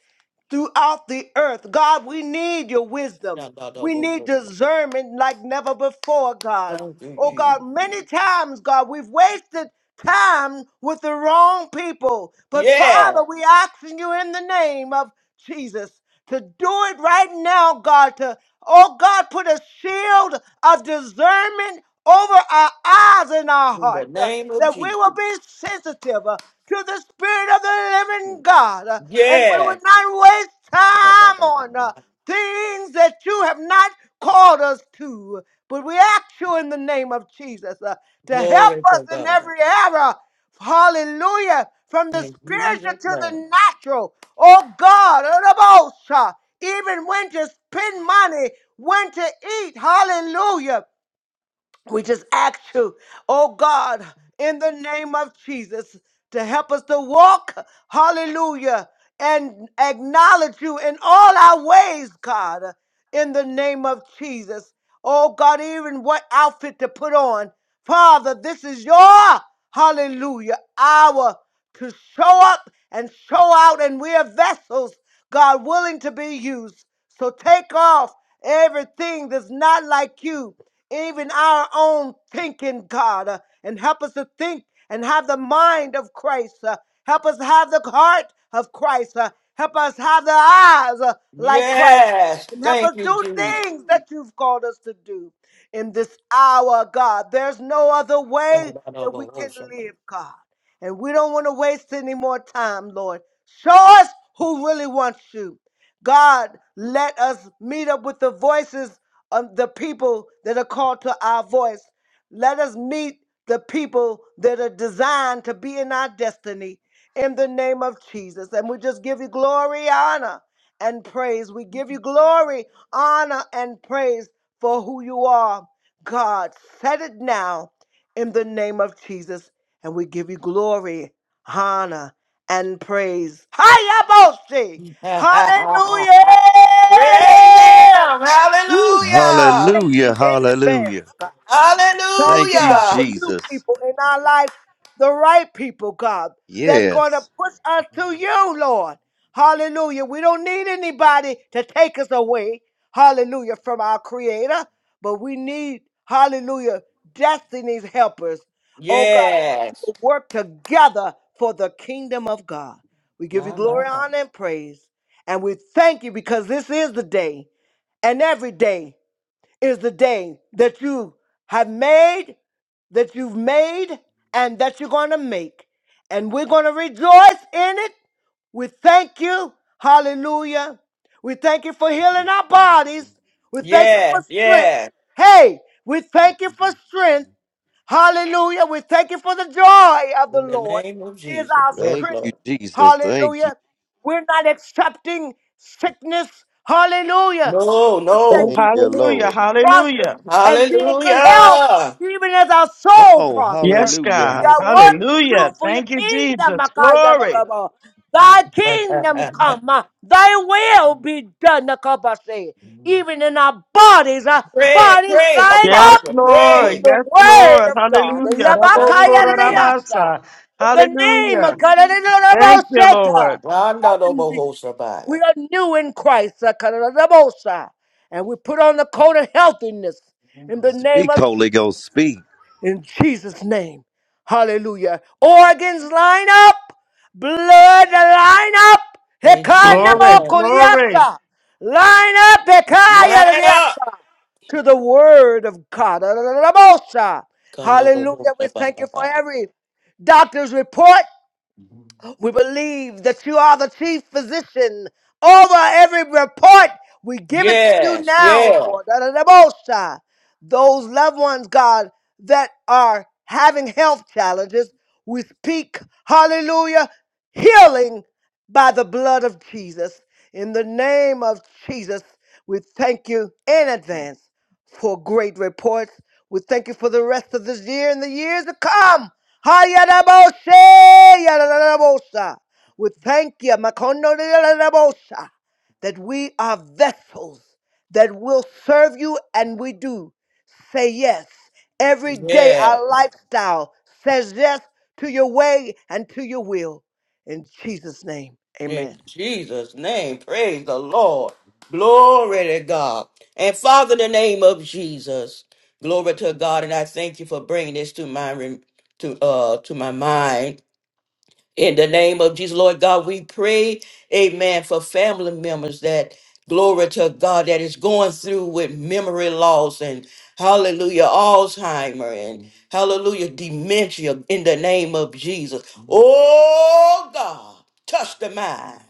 [SPEAKER 4] throughout the earth. God, we need your wisdom.
[SPEAKER 1] Thank
[SPEAKER 4] We need discernment like never before, God.
[SPEAKER 1] you,
[SPEAKER 4] Oh,
[SPEAKER 1] Jesus.
[SPEAKER 4] God, many times, God, we've wasted time with the wrong people. But,
[SPEAKER 1] Yes.
[SPEAKER 4] Father, we asking you in the name of Jesus to do it right now, God. To oh God, put a shield of discernment over our eyes and our
[SPEAKER 1] In the
[SPEAKER 4] hearts, uh,
[SPEAKER 1] name of
[SPEAKER 4] that
[SPEAKER 1] Jesus.
[SPEAKER 4] we will be sensitive uh, to the Spirit of the Living God, uh, and we will
[SPEAKER 1] Yeah.
[SPEAKER 4] not waste time on uh, things that you have not called us to. But we ask you in the name of Jesus uh, to help
[SPEAKER 1] Glory to
[SPEAKER 4] us in
[SPEAKER 1] God.
[SPEAKER 4] every era. Hallelujah. From the
[SPEAKER 1] In
[SPEAKER 4] spiritual
[SPEAKER 1] Jesus'
[SPEAKER 4] to
[SPEAKER 1] name.
[SPEAKER 4] the natural. Oh God, Arabosha. even when to spend money, when to eat. Hallelujah. We just ask you, oh God, in the name of Jesus, to help us to walk. Hallelujah. And acknowledge you in all our ways, God, in the name of Jesus. Oh God, even what outfit to put on. Father, this is your hallelujah hour to show up and show out, and we are vessels, God, willing to be used. So take off everything that's not like you, even our own thinking, God, uh, and help us to think and have the mind of Christ. uh, help us have the heart of Christ. uh, help us have the eyes uh, like Christ
[SPEAKER 1] Yes.
[SPEAKER 4] and help us
[SPEAKER 1] Thank you,
[SPEAKER 4] do
[SPEAKER 1] Jesus.
[SPEAKER 4] things that you've called us to do in this hour, God. There's no other way that we can
[SPEAKER 1] Praise
[SPEAKER 4] live, God. And we don't want to waste any more time, Lord. Show us who really wants you. God, let us meet up with the voices of the people that are called to our voice. Let us meet the people that are designed to be in our destiny in the name of Jesus. And we just give you glory, honor and praise. We give you glory, honor, and praise for who you are. God, set it now in the name of Jesus, and we give you glory, honor, and praise. Hayaboshi! Hallelujah!
[SPEAKER 1] Him.
[SPEAKER 2] Woo,
[SPEAKER 1] Hallelujah.
[SPEAKER 4] Thank
[SPEAKER 2] hallelujah.
[SPEAKER 4] you in advance.
[SPEAKER 2] Hallelujah.
[SPEAKER 4] God. Thank
[SPEAKER 2] Thank
[SPEAKER 4] you,
[SPEAKER 2] you,
[SPEAKER 4] God,
[SPEAKER 1] Hallelujah.
[SPEAKER 4] for new
[SPEAKER 2] Jesus.
[SPEAKER 4] people in our life, the right people, God, that's going to
[SPEAKER 2] Yes.
[SPEAKER 4] push us to you, Lord. Hallelujah. We don't need anybody to take us away, hallelujah, from our Creator, but we need, hallelujah, destiny's helpers. Oh, God, that we
[SPEAKER 1] Yes.
[SPEAKER 4] will work together for the kingdom of God. We give you
[SPEAKER 1] My, my,
[SPEAKER 4] glory,
[SPEAKER 1] my.
[SPEAKER 4] honor, and praise. And we thank you because this is the day and every day is the day that you have made, that you've made, and that you're going to make. And we're going to rejoice in it. We thank you. Hallelujah. We thank you for healing our bodies. We thank you
[SPEAKER 1] Yeah.
[SPEAKER 4] for strength.
[SPEAKER 1] Yeah.
[SPEAKER 4] Hey, we thank you for strength. Hallelujah. We thank you for the joy of the
[SPEAKER 1] In the
[SPEAKER 4] Lord
[SPEAKER 1] name of
[SPEAKER 4] is
[SPEAKER 1] Jesus.
[SPEAKER 4] our
[SPEAKER 1] Yes,
[SPEAKER 2] Thank
[SPEAKER 4] strength.
[SPEAKER 2] you,
[SPEAKER 1] Lord.
[SPEAKER 2] Jesus. Thank you.
[SPEAKER 4] Hallelujah. We're not accepting sickness. Hallelujah. When
[SPEAKER 1] No,
[SPEAKER 4] you said
[SPEAKER 5] Oh,
[SPEAKER 1] no.
[SPEAKER 2] Thank
[SPEAKER 4] you,
[SPEAKER 2] you,
[SPEAKER 4] we can
[SPEAKER 5] hallelujah.
[SPEAKER 2] Lord.
[SPEAKER 4] be prosperous
[SPEAKER 5] Hallelujah.
[SPEAKER 4] and be in good health,
[SPEAKER 1] Hallelujah.
[SPEAKER 4] even as our
[SPEAKER 2] Come
[SPEAKER 4] soul
[SPEAKER 2] on.
[SPEAKER 4] prosper,
[SPEAKER 5] Yes,
[SPEAKER 2] Hallelujah.
[SPEAKER 4] we
[SPEAKER 5] God.
[SPEAKER 2] Hallelujah.
[SPEAKER 4] got work to
[SPEAKER 5] Hallelujah.
[SPEAKER 4] do for your
[SPEAKER 5] Thank you,
[SPEAKER 4] kingdom.
[SPEAKER 5] Jesus. Glory.
[SPEAKER 4] Makayadadaba. Thy kingdom come, uh, thy will be done, Nakabase. even in our bodies, our
[SPEAKER 1] Pray,
[SPEAKER 4] bodies
[SPEAKER 1] pray,
[SPEAKER 4] line
[SPEAKER 5] Yes,
[SPEAKER 4] up
[SPEAKER 1] apostle,
[SPEAKER 4] with
[SPEAKER 5] Lord.
[SPEAKER 1] pray.
[SPEAKER 4] the
[SPEAKER 5] Yes,
[SPEAKER 4] word
[SPEAKER 5] Lord.
[SPEAKER 4] of God.
[SPEAKER 5] Hallelujah.
[SPEAKER 1] Thank you, Jesus.
[SPEAKER 4] Yabakayadadayasa.
[SPEAKER 5] Rabokorabasa.
[SPEAKER 4] In the name
[SPEAKER 5] Hallelujah.
[SPEAKER 4] of
[SPEAKER 5] Thank you,
[SPEAKER 4] Karadadadaboseka.
[SPEAKER 5] Lord.
[SPEAKER 1] Randa
[SPEAKER 4] Hallelujah.
[SPEAKER 1] boho
[SPEAKER 4] We
[SPEAKER 1] sabaya.
[SPEAKER 4] are new in Christ. uh, Karadadabosa. And we put on the coat of healthiness in the name
[SPEAKER 2] Speak,
[SPEAKER 4] of
[SPEAKER 2] Holy
[SPEAKER 4] Jesus.
[SPEAKER 2] Ghost. Speak.
[SPEAKER 4] In Jesus' name. Hallelujah. Organs line up. Blood line up.
[SPEAKER 1] In Jesus'
[SPEAKER 5] Glory.
[SPEAKER 1] name.
[SPEAKER 5] Glory.
[SPEAKER 4] Hekanamokuliasa. Line up.
[SPEAKER 1] Line up.
[SPEAKER 4] Hekayariasa to the word of God.
[SPEAKER 1] Kondo
[SPEAKER 4] Hallelujah.
[SPEAKER 1] boho
[SPEAKER 4] We thank you for
[SPEAKER 1] sabaya.
[SPEAKER 4] every doctor's report. We believe that you are the chief physician over every report. We give it to you
[SPEAKER 1] Yes,
[SPEAKER 4] now,
[SPEAKER 1] yes,
[SPEAKER 4] Lord. Da-da-da-bo-sha. Those loved ones, God, that are having health challenges, we speak, hallelujah, healing by the blood of Jesus. In the name of Jesus, we thank you in advance for great reports. We thank you for the rest of this year and the years to come. Hayadaboshe, yadadadabosa. We thank you, Makondo yadadadabosa, that we are vessels that will serve you, and we do say yes. Every day
[SPEAKER 1] yes.
[SPEAKER 4] our lifestyle says yes to your way and to your will. In Jesus' name, amen.
[SPEAKER 1] In Jesus' name, praise the Lord. Glory to God. And Father, in the name of Jesus, glory to God. And I thank you for bringing this to my rem- to uh to my mind. In the name of Jesus, Lord God, we pray, amen, for family members that, glory to God, that is going through with memory loss and hallelujah, Alzheimer and hallelujah, dementia in the name of Jesus. Oh God, touch the mind.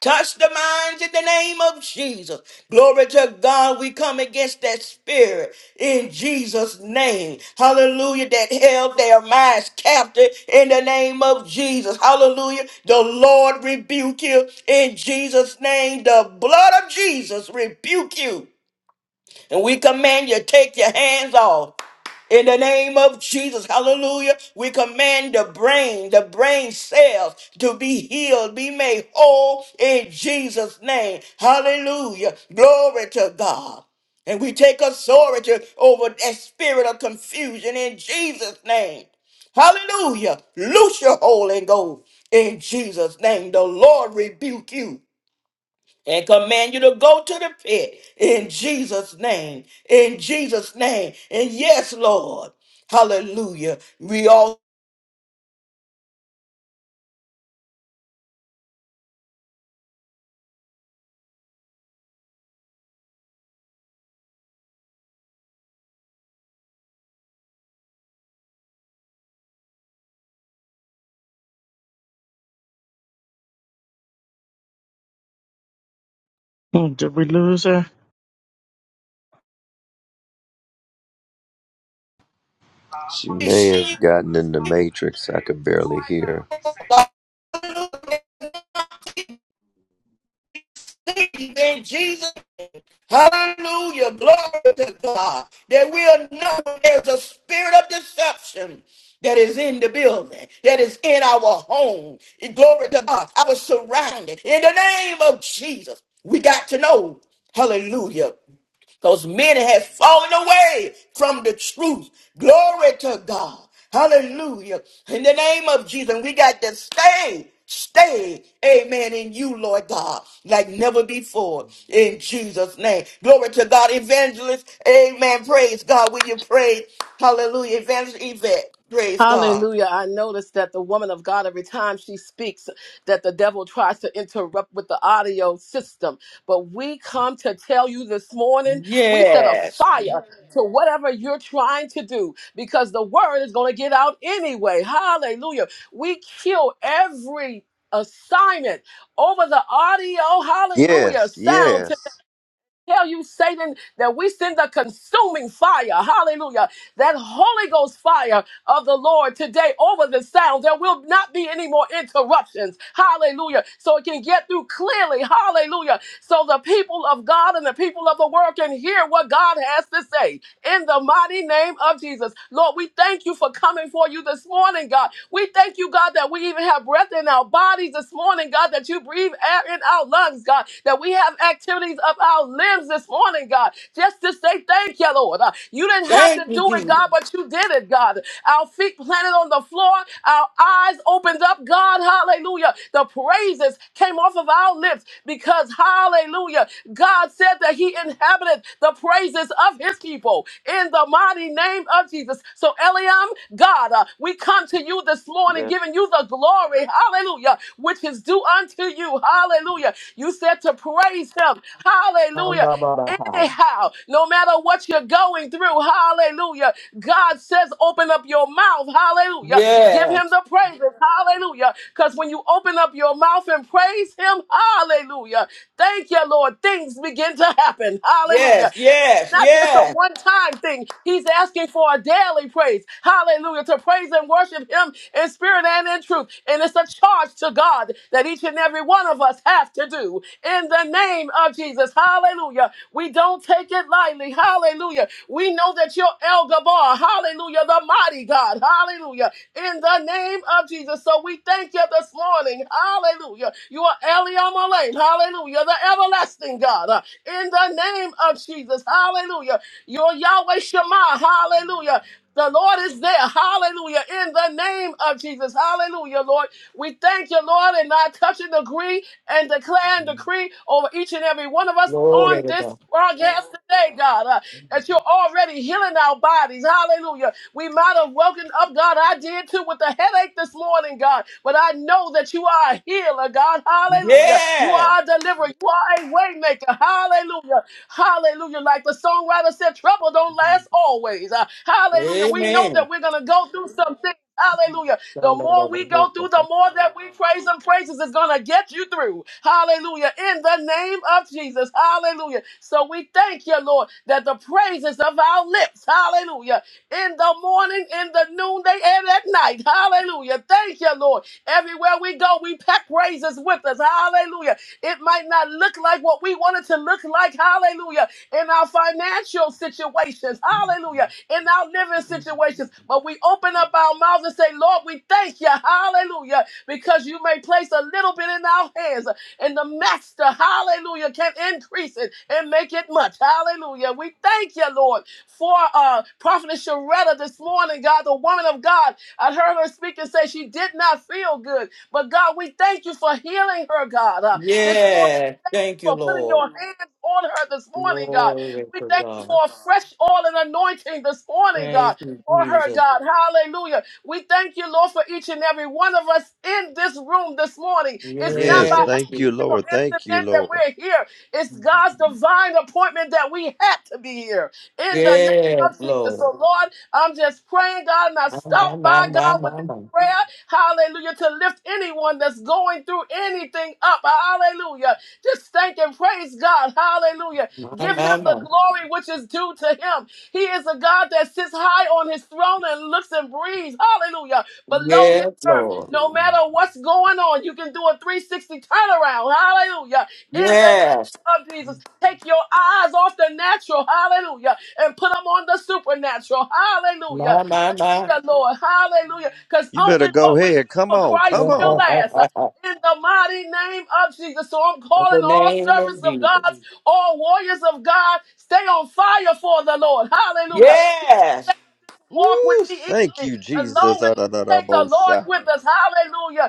[SPEAKER 1] Touch the minds in the name of Jesus. Glory to God. We come against that spirit in Jesus' name. Hallelujah. That held their minds captive in the name of Jesus. Hallelujah. The Lord rebuke you in Jesus' name. The blood of Jesus rebuke you. And we command you take your hands off. In the name of Jesus, hallelujah, we command the brain, the brain cells to be healed, be made whole in Jesus' name. Hallelujah. Glory to God. And we take authority over that spirit of confusion in Jesus' name. Hallelujah. Loose your hole and go in Jesus' name. The Lord rebuke you and command you to go to the pit in Jesus' name. In Jesus' name. And yes, Lord. Hallelujah. We all
[SPEAKER 5] Hmm, Did we lose her?
[SPEAKER 2] She may have
[SPEAKER 1] appreciate
[SPEAKER 2] gotten in the matrix. I could barely hear.
[SPEAKER 1] you. Hallelujah. In Jesus. Hallelujah. Glory to God. That we'll know there's a spirit of deception that is in the building, that is in our home. And Glory to God. I was surrounded. In the name of Jesus, we got to know. Hallelujah Those men have fallen away from the truth. Glory to God. Hallelujah. In the name of Jesus, we got to stay, stay, amen, in you, Lord God, like never before, in Jesus' name. Glory to God, evangelist, amen. Praise God. Will you pray? Hallelujah. Evangelist Yvette, praise God.
[SPEAKER 6] Hallelujah. I notice that the woman of God, every time she speaks, that the devil tries to interrupt with the audio system. But we come to tell you this morning, we set a
[SPEAKER 1] Yes.
[SPEAKER 6] fire to whatever you're trying to do because the word is going to get out anyway. Hallelujah. We kill every assignment over the audio hallelujah
[SPEAKER 2] Yes.
[SPEAKER 6] sound
[SPEAKER 2] Yes.
[SPEAKER 6] tell you, Satan, that we send the consuming fire, hallelujah, that Holy Ghost fire of the Lord today over the sound. There will not be any more interruptions, hallelujah, so it can get through clearly, hallelujah, so the people of God and the people of the world can hear what God has to say in the mighty name of Jesus. Lord, we thank you for coming for you this morning, God. We thank you, God, that we even have breath in our bodies this morning, God, that you breathe air in our lungs, God, that we have activities of our limbs this morning, God, just to say thank you, Lord. Uh, you didn't have
[SPEAKER 1] Thank
[SPEAKER 6] to
[SPEAKER 1] you,
[SPEAKER 6] do it,
[SPEAKER 1] Jesus.
[SPEAKER 6] God, but you did it, God. Our feet planted on the floor, our eyes opened up, God, hallelujah. The praises came off of our lips because, hallelujah, God said that He inhabited the praises of of his people in the mighty name of Jesus. So, Eliam, God, uh, we come to you this morning giving you the glory, hallelujah, which is due unto you, hallelujah. You said to praise him, hallelujah. Anyhow, no matter what you're going through, hallelujah. God says, open up your mouth, hallelujah. Give
[SPEAKER 1] Yes,
[SPEAKER 6] him the praises, hallelujah. Because when you open up your mouth and praise him, hallelujah. Thank you, Lord. Things begin to happen, hallelujah
[SPEAKER 1] yes, yes,
[SPEAKER 6] not just a
[SPEAKER 1] yes.
[SPEAKER 6] one time thing. He's asking for a daily praise. Hallelujah. To praise and worship Him in spirit and in truth. And it's a charge to God that each and every one of us have to do in the name of Jesus. Hallelujah. We don't take it lightly. Hallelujah. We know know that you're El Gabar. Hallelujah. The mighty God. Hallelujah. In the name of Jesus. So we thank you this morning. Hallelujah. You are Eliam Alain. Hallelujah. The everlasting God. Uh, In the name of Jesus. Hallelujah. You're Yahweh Shema. Hallelujah. The Lord is there. Hallelujah. In the name of Jesus. Hallelujah, Lord. We thank you, Lord, and I touch and agree and declare and decree over each and every one of us
[SPEAKER 1] Glory
[SPEAKER 6] on
[SPEAKER 1] to God.
[SPEAKER 6] this broadcast today, God that you're already healing our bodies. Hallelujah. We might have woken up, God. I did too with a headache this morning, God. But I know that you are a healer, God. Hallelujah. You
[SPEAKER 1] Yes.
[SPEAKER 6] are a deliverer. You are a way maker. Hallelujah. Hallelujah. Like the songwriter said, trouble don't last always. Uh, hallelujah. We know
[SPEAKER 1] Amen.
[SPEAKER 6] that we're going to go through some things. Hallelujah. The more we go through, the more that we praise and praises is going to get you through. Hallelujah. In the name of Jesus. Hallelujah. So we thank you, Lord, that the praises of our lips, hallelujah, in the morning, in the noonday, and at night. Hallelujah. Thank you, Lord. Everywhere we go, we pack praises with us. Hallelujah. It might not look like what we want it to look like. Hallelujah. In our financial situations. Hallelujah in our living situations, but we open up our mouths and say, Lord, we thank you, hallelujah, because you may place a little bit in our hands, and the master, hallelujah, can increase it and make it much, hallelujah. We thank you, Lord, for uh, Prophetess Sharetta this morning, God, the woman of God. I heard her speak and say she did not feel good, but God, we thank you for healing her, God, uh, this morning.
[SPEAKER 1] Yes. Thank you,
[SPEAKER 6] For putting
[SPEAKER 1] Lord.
[SPEAKER 6] your hands on her this morning, God.
[SPEAKER 1] Glory
[SPEAKER 6] We
[SPEAKER 1] to
[SPEAKER 6] thank you for
[SPEAKER 1] God.
[SPEAKER 6] a fresh oil and anointing this morning, God
[SPEAKER 1] Thank you,
[SPEAKER 6] for her,
[SPEAKER 1] Jesus.
[SPEAKER 6] God. Hallelujah. We thank you, Lord, for each and every one of us in this room this morning. It's not by
[SPEAKER 2] Yes.
[SPEAKER 1] Yes.
[SPEAKER 2] Thank
[SPEAKER 1] Jesus.
[SPEAKER 2] you,
[SPEAKER 6] accident or
[SPEAKER 2] Lord. Thank you,
[SPEAKER 6] incident that
[SPEAKER 2] Lord.
[SPEAKER 6] we're here. It's God's divine appointment that we had to be here. In the name
[SPEAKER 1] Yes,
[SPEAKER 6] of Jesus. So,
[SPEAKER 1] Lord.
[SPEAKER 6] Lord, I'm just praying, God, and I
[SPEAKER 1] My, my,
[SPEAKER 6] stop
[SPEAKER 1] my,
[SPEAKER 6] by
[SPEAKER 1] my,
[SPEAKER 6] God with
[SPEAKER 1] my,
[SPEAKER 6] this prayer. Hallelujah. To lift anyone that's going through anything up. Hallelujah. Just thank and praise God. Hallelujah.
[SPEAKER 1] my, my,
[SPEAKER 6] Give him
[SPEAKER 1] my,
[SPEAKER 6] the
[SPEAKER 1] my.
[SPEAKER 6] glory which is due to him. He is a God that sits high on his throne and looks and breathes. Hallelujah. Below his
[SPEAKER 1] Yes,
[SPEAKER 6] earth,
[SPEAKER 1] Lord.
[SPEAKER 6] no matter what's going on, you can do a 360 turnaround. Hallelujah. In the name
[SPEAKER 1] Yes.
[SPEAKER 6] of Jesus, take your eyes off the natural, hallelujah, and put them on the supernatural, hallelujah.
[SPEAKER 1] My, my, my.
[SPEAKER 6] Hallelujah, Lord. Hallelujah. Because
[SPEAKER 2] You better
[SPEAKER 6] only
[SPEAKER 2] go
[SPEAKER 6] what we do
[SPEAKER 2] ahead. Come
[SPEAKER 6] for
[SPEAKER 2] on.
[SPEAKER 6] Christ
[SPEAKER 2] Come
[SPEAKER 1] In
[SPEAKER 6] will
[SPEAKER 2] on.
[SPEAKER 6] last. Uh, In the mighty name of Jesus. So I'm calling
[SPEAKER 1] the
[SPEAKER 6] all
[SPEAKER 1] name
[SPEAKER 6] servants
[SPEAKER 1] of
[SPEAKER 6] of
[SPEAKER 1] Jesus.
[SPEAKER 6] God, all warriors of God, stay on fire for the Lord. Hallelujah. He didn't
[SPEAKER 1] Yes.
[SPEAKER 6] say that this walk
[SPEAKER 2] Ooh,
[SPEAKER 6] would be
[SPEAKER 2] thank
[SPEAKER 6] easy
[SPEAKER 2] you,
[SPEAKER 6] as
[SPEAKER 2] Jesus.
[SPEAKER 6] long as
[SPEAKER 2] Ah, da, da,
[SPEAKER 6] we
[SPEAKER 2] da,
[SPEAKER 6] take the
[SPEAKER 2] bo,
[SPEAKER 6] Lord
[SPEAKER 2] sha.
[SPEAKER 6] with us. Hallelujah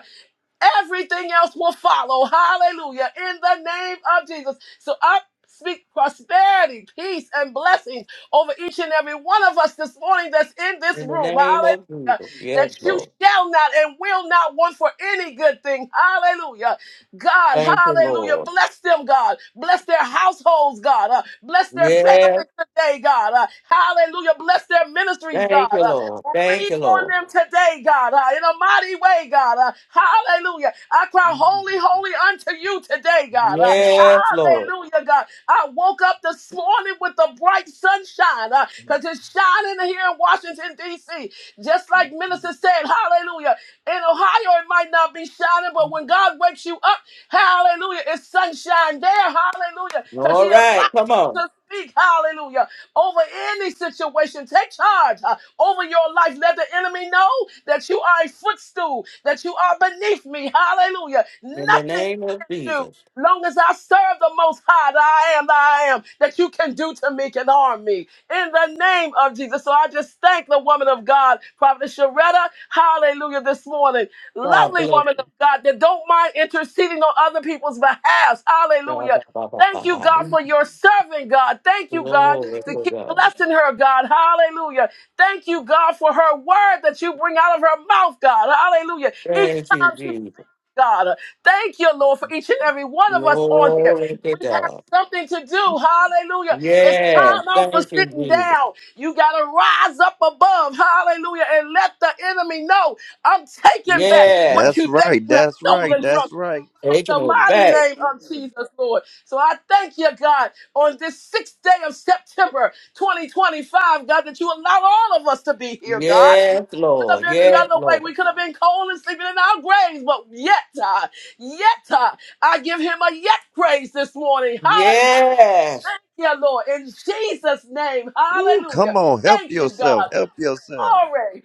[SPEAKER 6] everything else will follow. Hallelujah. In the name of Jesus. So I speak prosperity, peace, and blessings over each and every one of us this morning that's in this
[SPEAKER 1] In the
[SPEAKER 6] room.
[SPEAKER 1] name
[SPEAKER 6] Hallelujah.
[SPEAKER 1] of Jesus. Yes,
[SPEAKER 6] That you
[SPEAKER 1] Lord.
[SPEAKER 6] shall not and will not want for any good thing. Hallelujah. God,
[SPEAKER 1] Thank you, Lord.
[SPEAKER 6] hallelujah. Bless them, God. Bless their households, God. Uh, bless their
[SPEAKER 1] Yes.
[SPEAKER 6] families today, God. Uh, hallelujah. Bless their ministries, God.
[SPEAKER 1] Thank you,
[SPEAKER 6] Uh,
[SPEAKER 1] Lord. Thank
[SPEAKER 6] Breathe
[SPEAKER 1] you,
[SPEAKER 6] on
[SPEAKER 1] Lord.
[SPEAKER 6] them today, God, uh, in a mighty way, God. uh, hallelujah. I cry holy, holy unto you today, God. uh,
[SPEAKER 1] Yes, Lord.
[SPEAKER 6] hallelujah, God. I woke up this morning with the bright sunshine because it's shining here in Washington, D.C. Just like Minister said, hallelujah. In Ohio, it might not be shining, but when God wakes you up, hallelujah, it's sunshine there, hallelujah, because He
[SPEAKER 1] All
[SPEAKER 6] allows
[SPEAKER 1] right. Come on.
[SPEAKER 6] to speak, hallelujah, over any situation. Take charge uh, over your life. Let the enemy know that you are a footstool, that you are beneath me, hallelujah.
[SPEAKER 1] In the
[SPEAKER 6] Nothing
[SPEAKER 1] name
[SPEAKER 6] you
[SPEAKER 1] of
[SPEAKER 6] can do.
[SPEAKER 1] Jesus.
[SPEAKER 6] Long as I serve the most high, that I am that I am, that you can do to me can harm me. In the name of Jesus. So I just thank the woman of God, Prophet Sharetta, hallelujah, this morning.
[SPEAKER 1] God
[SPEAKER 6] Lovely
[SPEAKER 1] bless
[SPEAKER 6] woman
[SPEAKER 1] you.
[SPEAKER 6] of God that don't mind interceding on other people's behalf.
[SPEAKER 1] God,
[SPEAKER 6] Hallelujah
[SPEAKER 1] God, God, God,
[SPEAKER 6] Thank you, God,
[SPEAKER 1] God.
[SPEAKER 6] for your servant, God. Thank you, God,
[SPEAKER 1] Glory
[SPEAKER 6] to
[SPEAKER 1] to
[SPEAKER 6] keep
[SPEAKER 1] God.
[SPEAKER 6] blessing her, God. Hallelujah. Thank you, God, for her word that you bring out of her mouth, God. Hallelujah. Each
[SPEAKER 1] Thank you,
[SPEAKER 6] time she speaks,
[SPEAKER 1] Jesus.
[SPEAKER 6] God. Thank you, Lord, for each and every one of us on here.
[SPEAKER 1] Glory to
[SPEAKER 6] We have
[SPEAKER 1] God.
[SPEAKER 6] something to do. Hallelujah. It's
[SPEAKER 1] Yes.
[SPEAKER 6] time out for
[SPEAKER 1] Thank you,
[SPEAKER 6] sitting
[SPEAKER 1] Jesus.
[SPEAKER 6] down. You got to rise up above. Hallelujah. And let the enemy know I'm taking back what
[SPEAKER 2] That's
[SPEAKER 1] Yes.
[SPEAKER 6] you think
[SPEAKER 2] right.
[SPEAKER 6] you have
[SPEAKER 2] That's right.
[SPEAKER 6] stolen
[SPEAKER 2] That's
[SPEAKER 6] from me
[SPEAKER 2] right.
[SPEAKER 6] in
[SPEAKER 1] Taking
[SPEAKER 6] the
[SPEAKER 1] it
[SPEAKER 6] mighty
[SPEAKER 1] back.
[SPEAKER 6] name of Jesus, Lord. So I thank you, God, on this sixth day of September 2025, God, that you allow all of us to be here, God. It
[SPEAKER 1] Yes,
[SPEAKER 6] Could
[SPEAKER 1] Lord.
[SPEAKER 6] have been the
[SPEAKER 1] Yes,
[SPEAKER 6] other way.
[SPEAKER 1] Lord.
[SPEAKER 6] We could have been cold and sleeping in our graves, but yet, uh, yet, uh, I give him a yet praise this morning.
[SPEAKER 1] Yes.
[SPEAKER 6] Hallelujah. Lord, in Jesus' name,
[SPEAKER 2] Ooh,
[SPEAKER 6] hallelujah.
[SPEAKER 2] come on. Help
[SPEAKER 6] Thank you,
[SPEAKER 2] yourself.
[SPEAKER 6] God.
[SPEAKER 2] Help yourself.
[SPEAKER 6] Glory.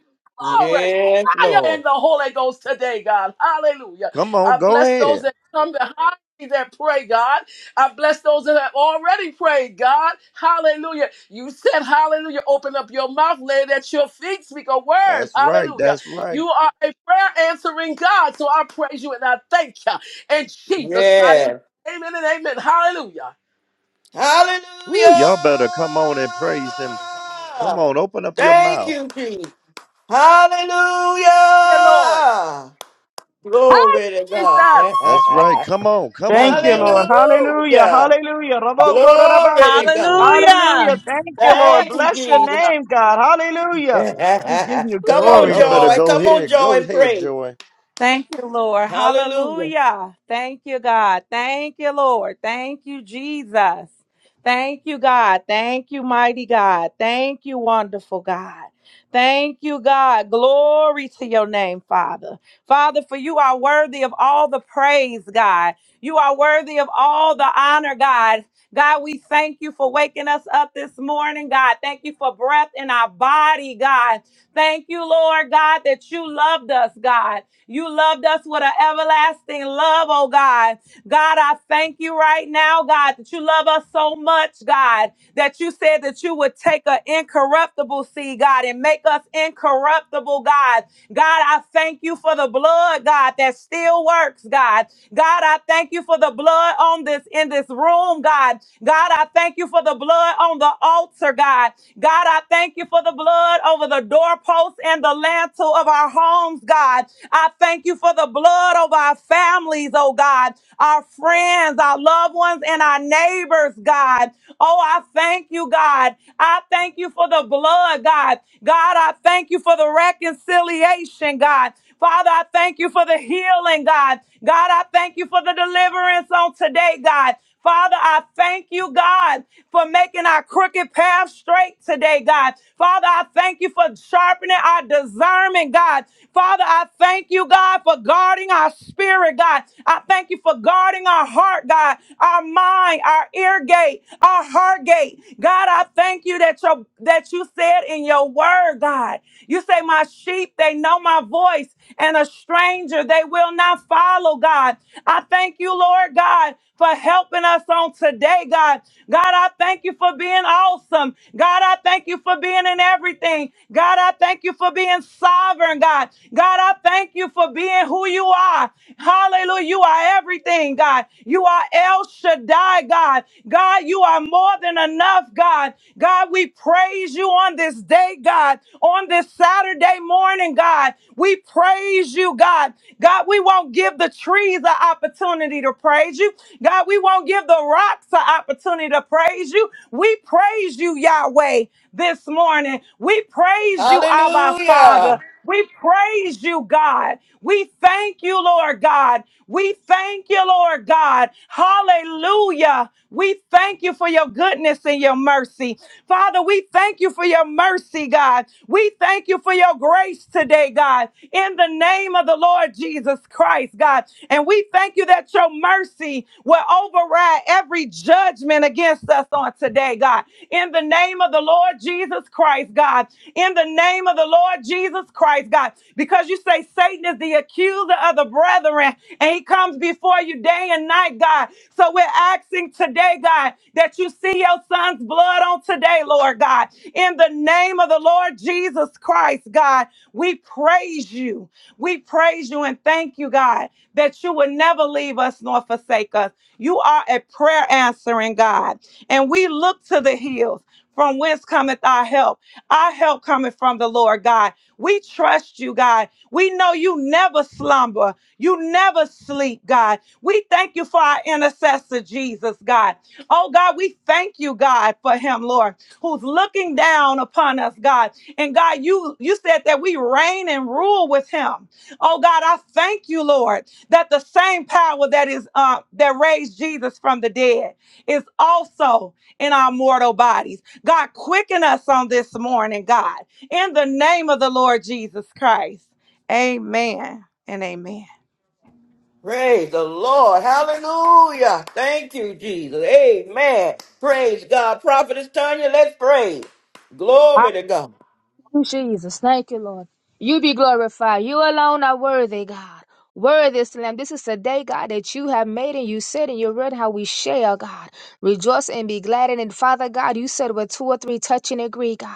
[SPEAKER 6] Glory.
[SPEAKER 1] Yes,
[SPEAKER 6] Fire in
[SPEAKER 1] Lord.
[SPEAKER 6] the Holy Ghost today, God. Hallelujah.
[SPEAKER 2] Come on.
[SPEAKER 6] I
[SPEAKER 2] Go
[SPEAKER 6] bless those
[SPEAKER 2] ahead.
[SPEAKER 6] that come behind me that pray, God. I bless those that have already prayed, God. Hallelujah. You said, Hallelujah. Open up your mouth, lay it at your feet, speak a word.
[SPEAKER 2] That's right.
[SPEAKER 6] Hallelujah.
[SPEAKER 2] That's right.
[SPEAKER 6] You are a prayer answering God. So I praise you and I thank you. In Jesus' mighty name.
[SPEAKER 1] Yes.
[SPEAKER 6] Amen and amen. Hallelujah.
[SPEAKER 2] Ooh,
[SPEAKER 1] Hallelujah.
[SPEAKER 2] y'all better come on and praise him. Come on. Open up your
[SPEAKER 1] Thank
[SPEAKER 2] mouth.
[SPEAKER 1] you, Jesus.
[SPEAKER 6] Yeah, Lord.
[SPEAKER 1] Hallelujah.
[SPEAKER 7] Hi.
[SPEAKER 1] Glory to God.
[SPEAKER 6] Jesus.
[SPEAKER 2] That's right. Come on. Come
[SPEAKER 5] Thank
[SPEAKER 2] on,
[SPEAKER 5] you,
[SPEAKER 2] y'all.
[SPEAKER 5] Lord.
[SPEAKER 6] Woo.
[SPEAKER 5] Hallelujah.
[SPEAKER 1] Hallelujah.
[SPEAKER 5] Hallelujah.
[SPEAKER 1] Glory to
[SPEAKER 5] Rabokorabasi.
[SPEAKER 1] God.
[SPEAKER 8] Hallelujah.
[SPEAKER 5] Hallelujah. Thank you,
[SPEAKER 6] All
[SPEAKER 5] Lord.
[SPEAKER 6] right.
[SPEAKER 1] Thank you,
[SPEAKER 5] Bless your
[SPEAKER 1] Jesus.
[SPEAKER 5] name, God. Hallelujah. We give you
[SPEAKER 1] Come on,
[SPEAKER 5] glory,
[SPEAKER 2] Y'all better
[SPEAKER 1] joy.
[SPEAKER 5] Lord.
[SPEAKER 2] go
[SPEAKER 1] Come on,
[SPEAKER 2] ahead. Go
[SPEAKER 1] joy, and
[SPEAKER 2] ahead,
[SPEAKER 1] pray.
[SPEAKER 2] Joy.
[SPEAKER 8] Thank you, Lord.
[SPEAKER 1] Hallelujah.
[SPEAKER 8] Hallelujah. Thank you, God. Thank you, Lord. Thank you, Jesus. Thank you, God. Thank you, mighty God. Thank you, wonderful God. Thank you, God. Glory to your name, Father. Father, for you are worthy of all the praise, God. You are worthy of all the honor, God. God, we thank you for waking us up this morning, God. Thank you for breath in our body, God. Thank you, Lord God, that you loved us, God. You loved us with an everlasting love, oh God. God, I thank you right now, God, that you love us so much, God, that you said that you would take an incorruptible seed, God, and make us incorruptible, God. God, I thank you for the blood, God, that still works, God. God, I thank you for the blood on this in this room, God. God, I thank you for the blood on the altar, God. God, I thank you for the blood over the doorposts and the lintel of our homes, God. I thank you for the blood of our families, oh God, our friends, our loved ones, and our neighbors, God. Oh, I thank you, God. I thank you for the blood, God. God, I thank you for the reconciliation, God. Father, I thank you for the healing, God. God, I thank you for the deliverance on today, God. Father, I thank you, God, for making our crooked path straight today, God. Father, I thank you for sharpening our discernment, God. Father, I thank you, God, for guarding our spirit, God. I thank you for guarding our heart, God, our mind, our ear gate, our heart gate. God, I thank you that your that you said in your word, God. You say, My sheep, they know my voice, and a stranger they will not follow, God. I thank you, Lord God, for helping us on today, God. God, I thank you for being awesome. God, I thank you for being in everything. God, I thank you for being sovereign, God. God, I thank you for being who you are. Hallelujah. You are everything, God. You are El Shaddai, God. God, you are more than enough, God. God, we praise you on this day, God, on this Saturday morning, God. We praise you, God. God, we won't give the trees an opportunity to praise you. God, we won't give the rocks an opportunity to praise you. We praise you, Yahweh, this morning. We praise you, Abba
[SPEAKER 1] Hallelujah.
[SPEAKER 8] Father. We praise you, God. We thank you, Lord God. We thank you, Lord God. Hallelujah. We thank you for your goodness and your mercy. Father, we thank you for your mercy, God. We thank you for your grace today, God, in the name of the Lord Jesus Christ, God. And we thank you that your mercy mercy will override every judgment against us on today, God. In the name of the Lord Jesus Christ, God. In the name of the Lord Jesus Christ, God. Because you say Satan is the accuser of the brethren and he comes before you day and night, God. So we're asking today, God, that you see your son's blood on today, Lord God. In the name of the Lord Jesus Christ, God, we praise you. We praise you and thank you, God that you would never leave us nor forsake us. You are a prayer answering God. And we look to the hills from whence cometh our help. Our help cometh from the Lord God. We trust you, God. We know you never slumber. You never sleep, God. We thank you for our intercessor, Jesus, God. Oh, God, we thank you, God, for him, Lord, who's looking down upon us, God. And God, you, you said that we reign and rule with him. Oh, God, I thank you, Lord that the same power that is uh, that raised Jesus from the dead is also in our mortal bodies. God, quicken us on this morning, God, in the name of the Lord Jesus Christ. Amen and amen.
[SPEAKER 1] Praise the Lord. Hallelujah. Thank you, Jesus. Amen. Praise God. Prophetess Tanya, let's pray. Glory to God.
[SPEAKER 7] you, Jesus. Thank you, Lord. You be glorified. You alone are worthy, God. Worthy is the Lamb. This is the day, God, that you have made, and you said in your word how we share, God. Rejoice and be glad in it. Father God, you said where two or three touch and agree, God.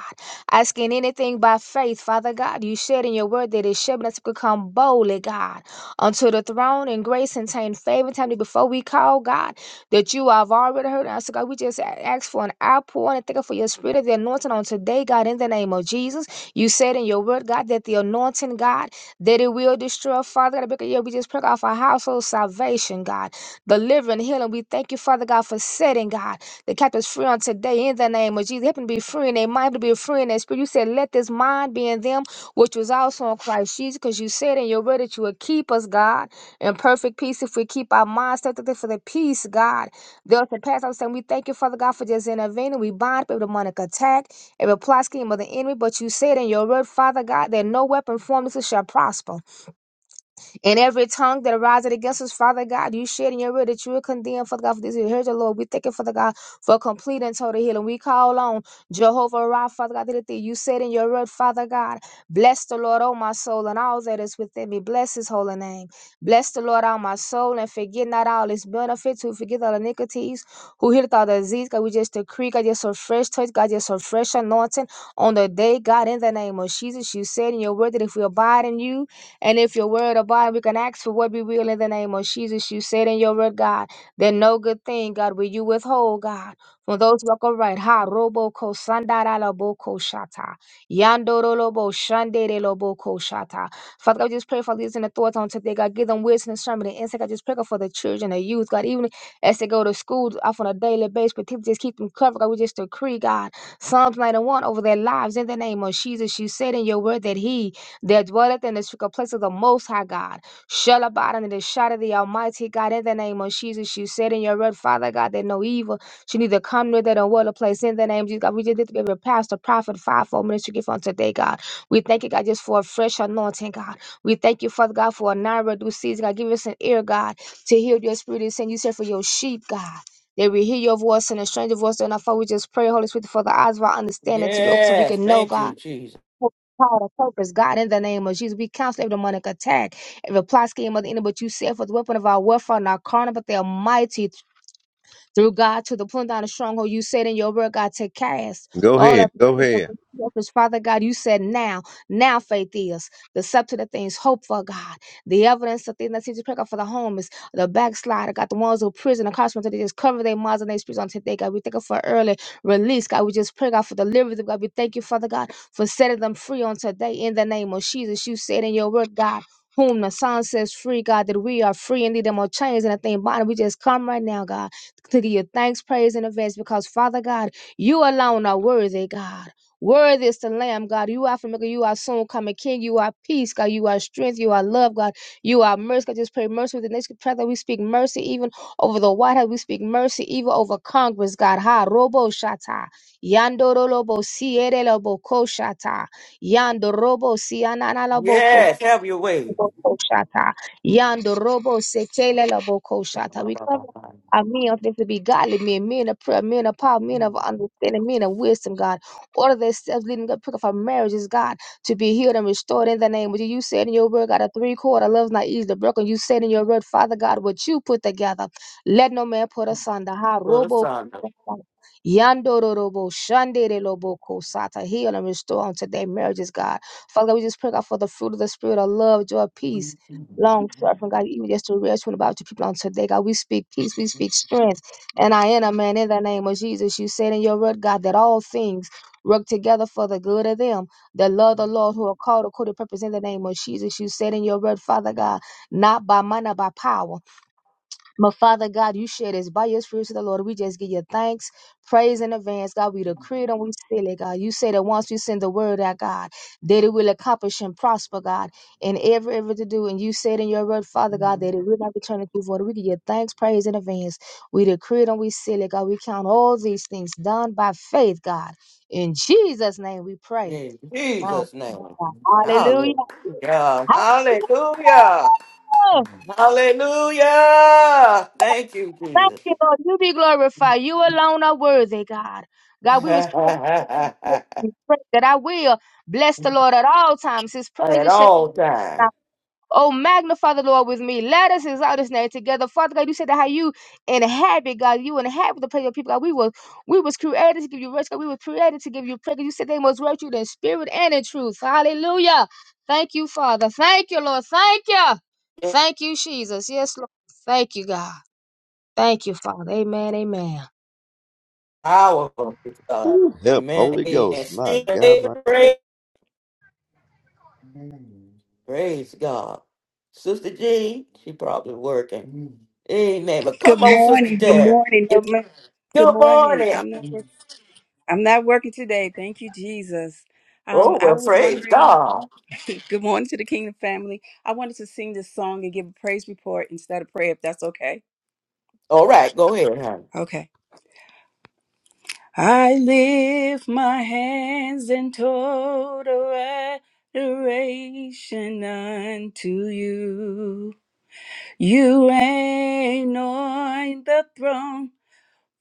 [SPEAKER 7] Asking anything by faith, Father God, you said in your word that it should us to come boldly, God, unto the throne and grace and obtain favor. Time before we call, God, that you have already heard us. So God, we just a- ask for an outpouring and thank you for your spirit of the anointing on today, God, in the name of Jesus. You said in your word, God, that the anointing, God, that it will destroy, Father God. Because, yeah, we just pray, God, for household salvation, God, delivering, healing. We thank you, Father God, for setting, God, the captives free on today in the name of Jesus. Help them to be free in their mind, to be free in their spirit. You said, let this mind be in them, which was also in Christ Jesus, because you said in your word that you would keep us, God, in perfect peace if we keep our minds set to thee for the peace, God. They'll surpass. I'm saying, we thank you, Father God, for just intervening. We bind up every demonic attack every plot scheme of the enemy, but you said in your word, Father God, that no weapon formed against us shall prosper. And every tongue that arises against us, Father God, you shed in your word that you will condemn, Father God, for this. Here's the Lord. We thank you, Father God, for complete and total healing. We call on Jehovah Rapha, Father God, that you said in your word, Father God, bless the Lord, oh my soul, and all that is within me. Bless his holy name. Bless the Lord, all my soul, and forget not all his benefits, who forget all iniquities, who healeth all disease. God, we just decree, God, just a fresh touch, God, just a fresh anointing on the day, God, in the name of Jesus. You said in your word that if we abide in you, and if your word abide, we can ask for what we will in the name of Jesus. You said in your word, God, that no good thing, God, will you withhold, God, from those who walk upright. Ha, robo ko sandara la ko shata. Yandoro lobo shandere lobo ko shata. Father God, we just pray for these in authority on today, God. Give them wisdom and strength and insight. I just pray God, for the children, the youth, God, even as they go to school off on a daily basis, but people just keep them covered. God, we just decree, God, Psalms 91 over their lives in the name of Jesus. You said in your word that He there dwelleth in the secret place of the Most High God. Shall abide under the shadow of the Almighty God. In the name of Jesus, you said in your word, Father God, that no evil should neither come near that or will a place. In the name of Jesus, God, we just lift up every pastor, prophet, fivefold ministry gift on today, God. We thank you, God, just for a fresh anointing, God. We thank you, Father God, for a non-reduced season. God, give us an ear, God, to hear your spirit is saying. You said for your sheep, God. They will hear your voice and a stranger voice. And I thought we just pray, Holy Spirit, for the eyes of our understanding to be open so we
[SPEAKER 1] Yes.
[SPEAKER 7] can know,
[SPEAKER 1] Thank
[SPEAKER 7] God.
[SPEAKER 1] you, Jesus.
[SPEAKER 7] Power to purpose, God, in the name of Jesus, we counsel every demonic attack, every plot scheme of the enemy, but you said for the weapon of our warfare, and our carnal, but they are mighty through God to the pulling down of stronghold. You said in your word, God, to cast
[SPEAKER 2] Go
[SPEAKER 7] all
[SPEAKER 2] ahead.
[SPEAKER 7] of the
[SPEAKER 2] Go
[SPEAKER 7] kingdom of
[SPEAKER 2] ahead.
[SPEAKER 7] darkness. Father God, you said now, now faith is the substance of things hope for God, the evidence of things that seems to pick up for the homeless, the backslider, God, the ones who prison and incarcerated, they just cover their minds and their spirits on today, God. We thank you for early release, God. We just pray, God, for deliverance, God. We thank you, Father God, for setting them free on today in the name of Jesus. You said in your word, God, whom the Son says free, God, that we are free indeed. Them more chains and a thing bonded. We just come right now, God to give you thanks, praise, and advance because Father God, you alone are worthy, God. Worthy is the Lamb, God. You are familiar. You are soon coming King. You are peace, God. You are strength. You are love, God. You are mercy. God, just pray mercy with the nation. Pray that we speak mercy even over the White House. We speak mercy even over Congress, God. Ha, robo shata. Yando robo siere lobo ko shata. Yando robo siana lobo ko
[SPEAKER 1] Yes. Have your way.
[SPEAKER 7] Koshata. Yando robo setele labo
[SPEAKER 1] To
[SPEAKER 7] koshata. We cover our men of them to be godly men, men of prayer, men of power, men of understanding, men of wisdom, God. Order their steps leading up, pick up our marriages, God, to be healed and restored in the name of you. You said in your word, God, a three quarter love's not easily broken. You said in your word, Father God, what you put together, let no man put asunder. Ha
[SPEAKER 1] the
[SPEAKER 7] robo
[SPEAKER 1] Son.
[SPEAKER 7] Yandoro robo shandere lobo kosata. Heal and restore unto their marriages, God. Father God, we just pray, God, for the fruit of the Spirit of love, joy, peace, long suffering, God, even just to rest one about your people on today. God, we speak peace, we speak strength. And I am a man in the name of Jesus. You said in your word, God, that all things work together for the good of them that love the Lord who are called according to purpose in the name of Jesus. You said in your word, Father God, not by might, not by power. But Father God, you share us by your spirit to the Lord. We just give you thanks, praise in advance. God, we decree it and we seal it, God. You say that once we send the word out, God, that it will accomplish and prosper, God, in every ever to do. And you said in your word, Father God, that it will not return to you void. We give you thanks, praise in advance. We decree it and we seal it, God. We count all these things done by faith, God. In Jesus' name we pray.
[SPEAKER 1] In Jesus' name.
[SPEAKER 7] Hallelujah.
[SPEAKER 1] Hallelujah. Hallelujah.
[SPEAKER 7] Hallelujah.
[SPEAKER 1] Hallelujah. Thank you,
[SPEAKER 7] Thank
[SPEAKER 1] Jesus.
[SPEAKER 7] you, Lord. You be glorified. You alone are worthy, God. God, we was
[SPEAKER 1] At
[SPEAKER 7] created to for you. We pray that I will bless the Lord at all times. His praises shall
[SPEAKER 1] all
[SPEAKER 7] continue. to rise.
[SPEAKER 1] times.
[SPEAKER 7] Oh, magnify the Lord with me. Let us exalt His name together. Father God, you said that how you inhabit, God, you inhabit the praise of people. God, we was we was created to give you worship. God, we were created to give you praise. You said they must worship you in spirit and in truth. Hallelujah. Thank you, Father. Thank you, Lord. Thank you. Thank you, Jesus. Yes, Lord. Thank you, God. Thank you, Father. Amen. Amen.
[SPEAKER 1] powerful God.
[SPEAKER 2] Ooh, help,
[SPEAKER 1] Man,
[SPEAKER 2] Holy
[SPEAKER 1] she
[SPEAKER 2] Ghost. My God.
[SPEAKER 1] made the
[SPEAKER 2] My...
[SPEAKER 1] praise. Praise God. Sister Jean, she probably working. Amen. But
[SPEAKER 9] Good
[SPEAKER 1] come on, Sister
[SPEAKER 9] morning. Good
[SPEAKER 1] Terry.
[SPEAKER 9] morning. No
[SPEAKER 1] It's
[SPEAKER 9] mer- Good
[SPEAKER 1] good
[SPEAKER 9] morning.
[SPEAKER 1] morning.
[SPEAKER 9] I'm not. Work- I'm not working today. Thank you, Jesus. Um,
[SPEAKER 1] Oh,
[SPEAKER 9] I
[SPEAKER 1] well,
[SPEAKER 9] was
[SPEAKER 1] praise
[SPEAKER 9] wondering.
[SPEAKER 1] God.
[SPEAKER 9] good morning to the Kingdom family. I wanted to sing this song and give a praise report instead of prayer, if that's okay.
[SPEAKER 1] All right, go ahead, honey.
[SPEAKER 9] Okay. I lift my hands in total adoration unto you. You reign on the throne.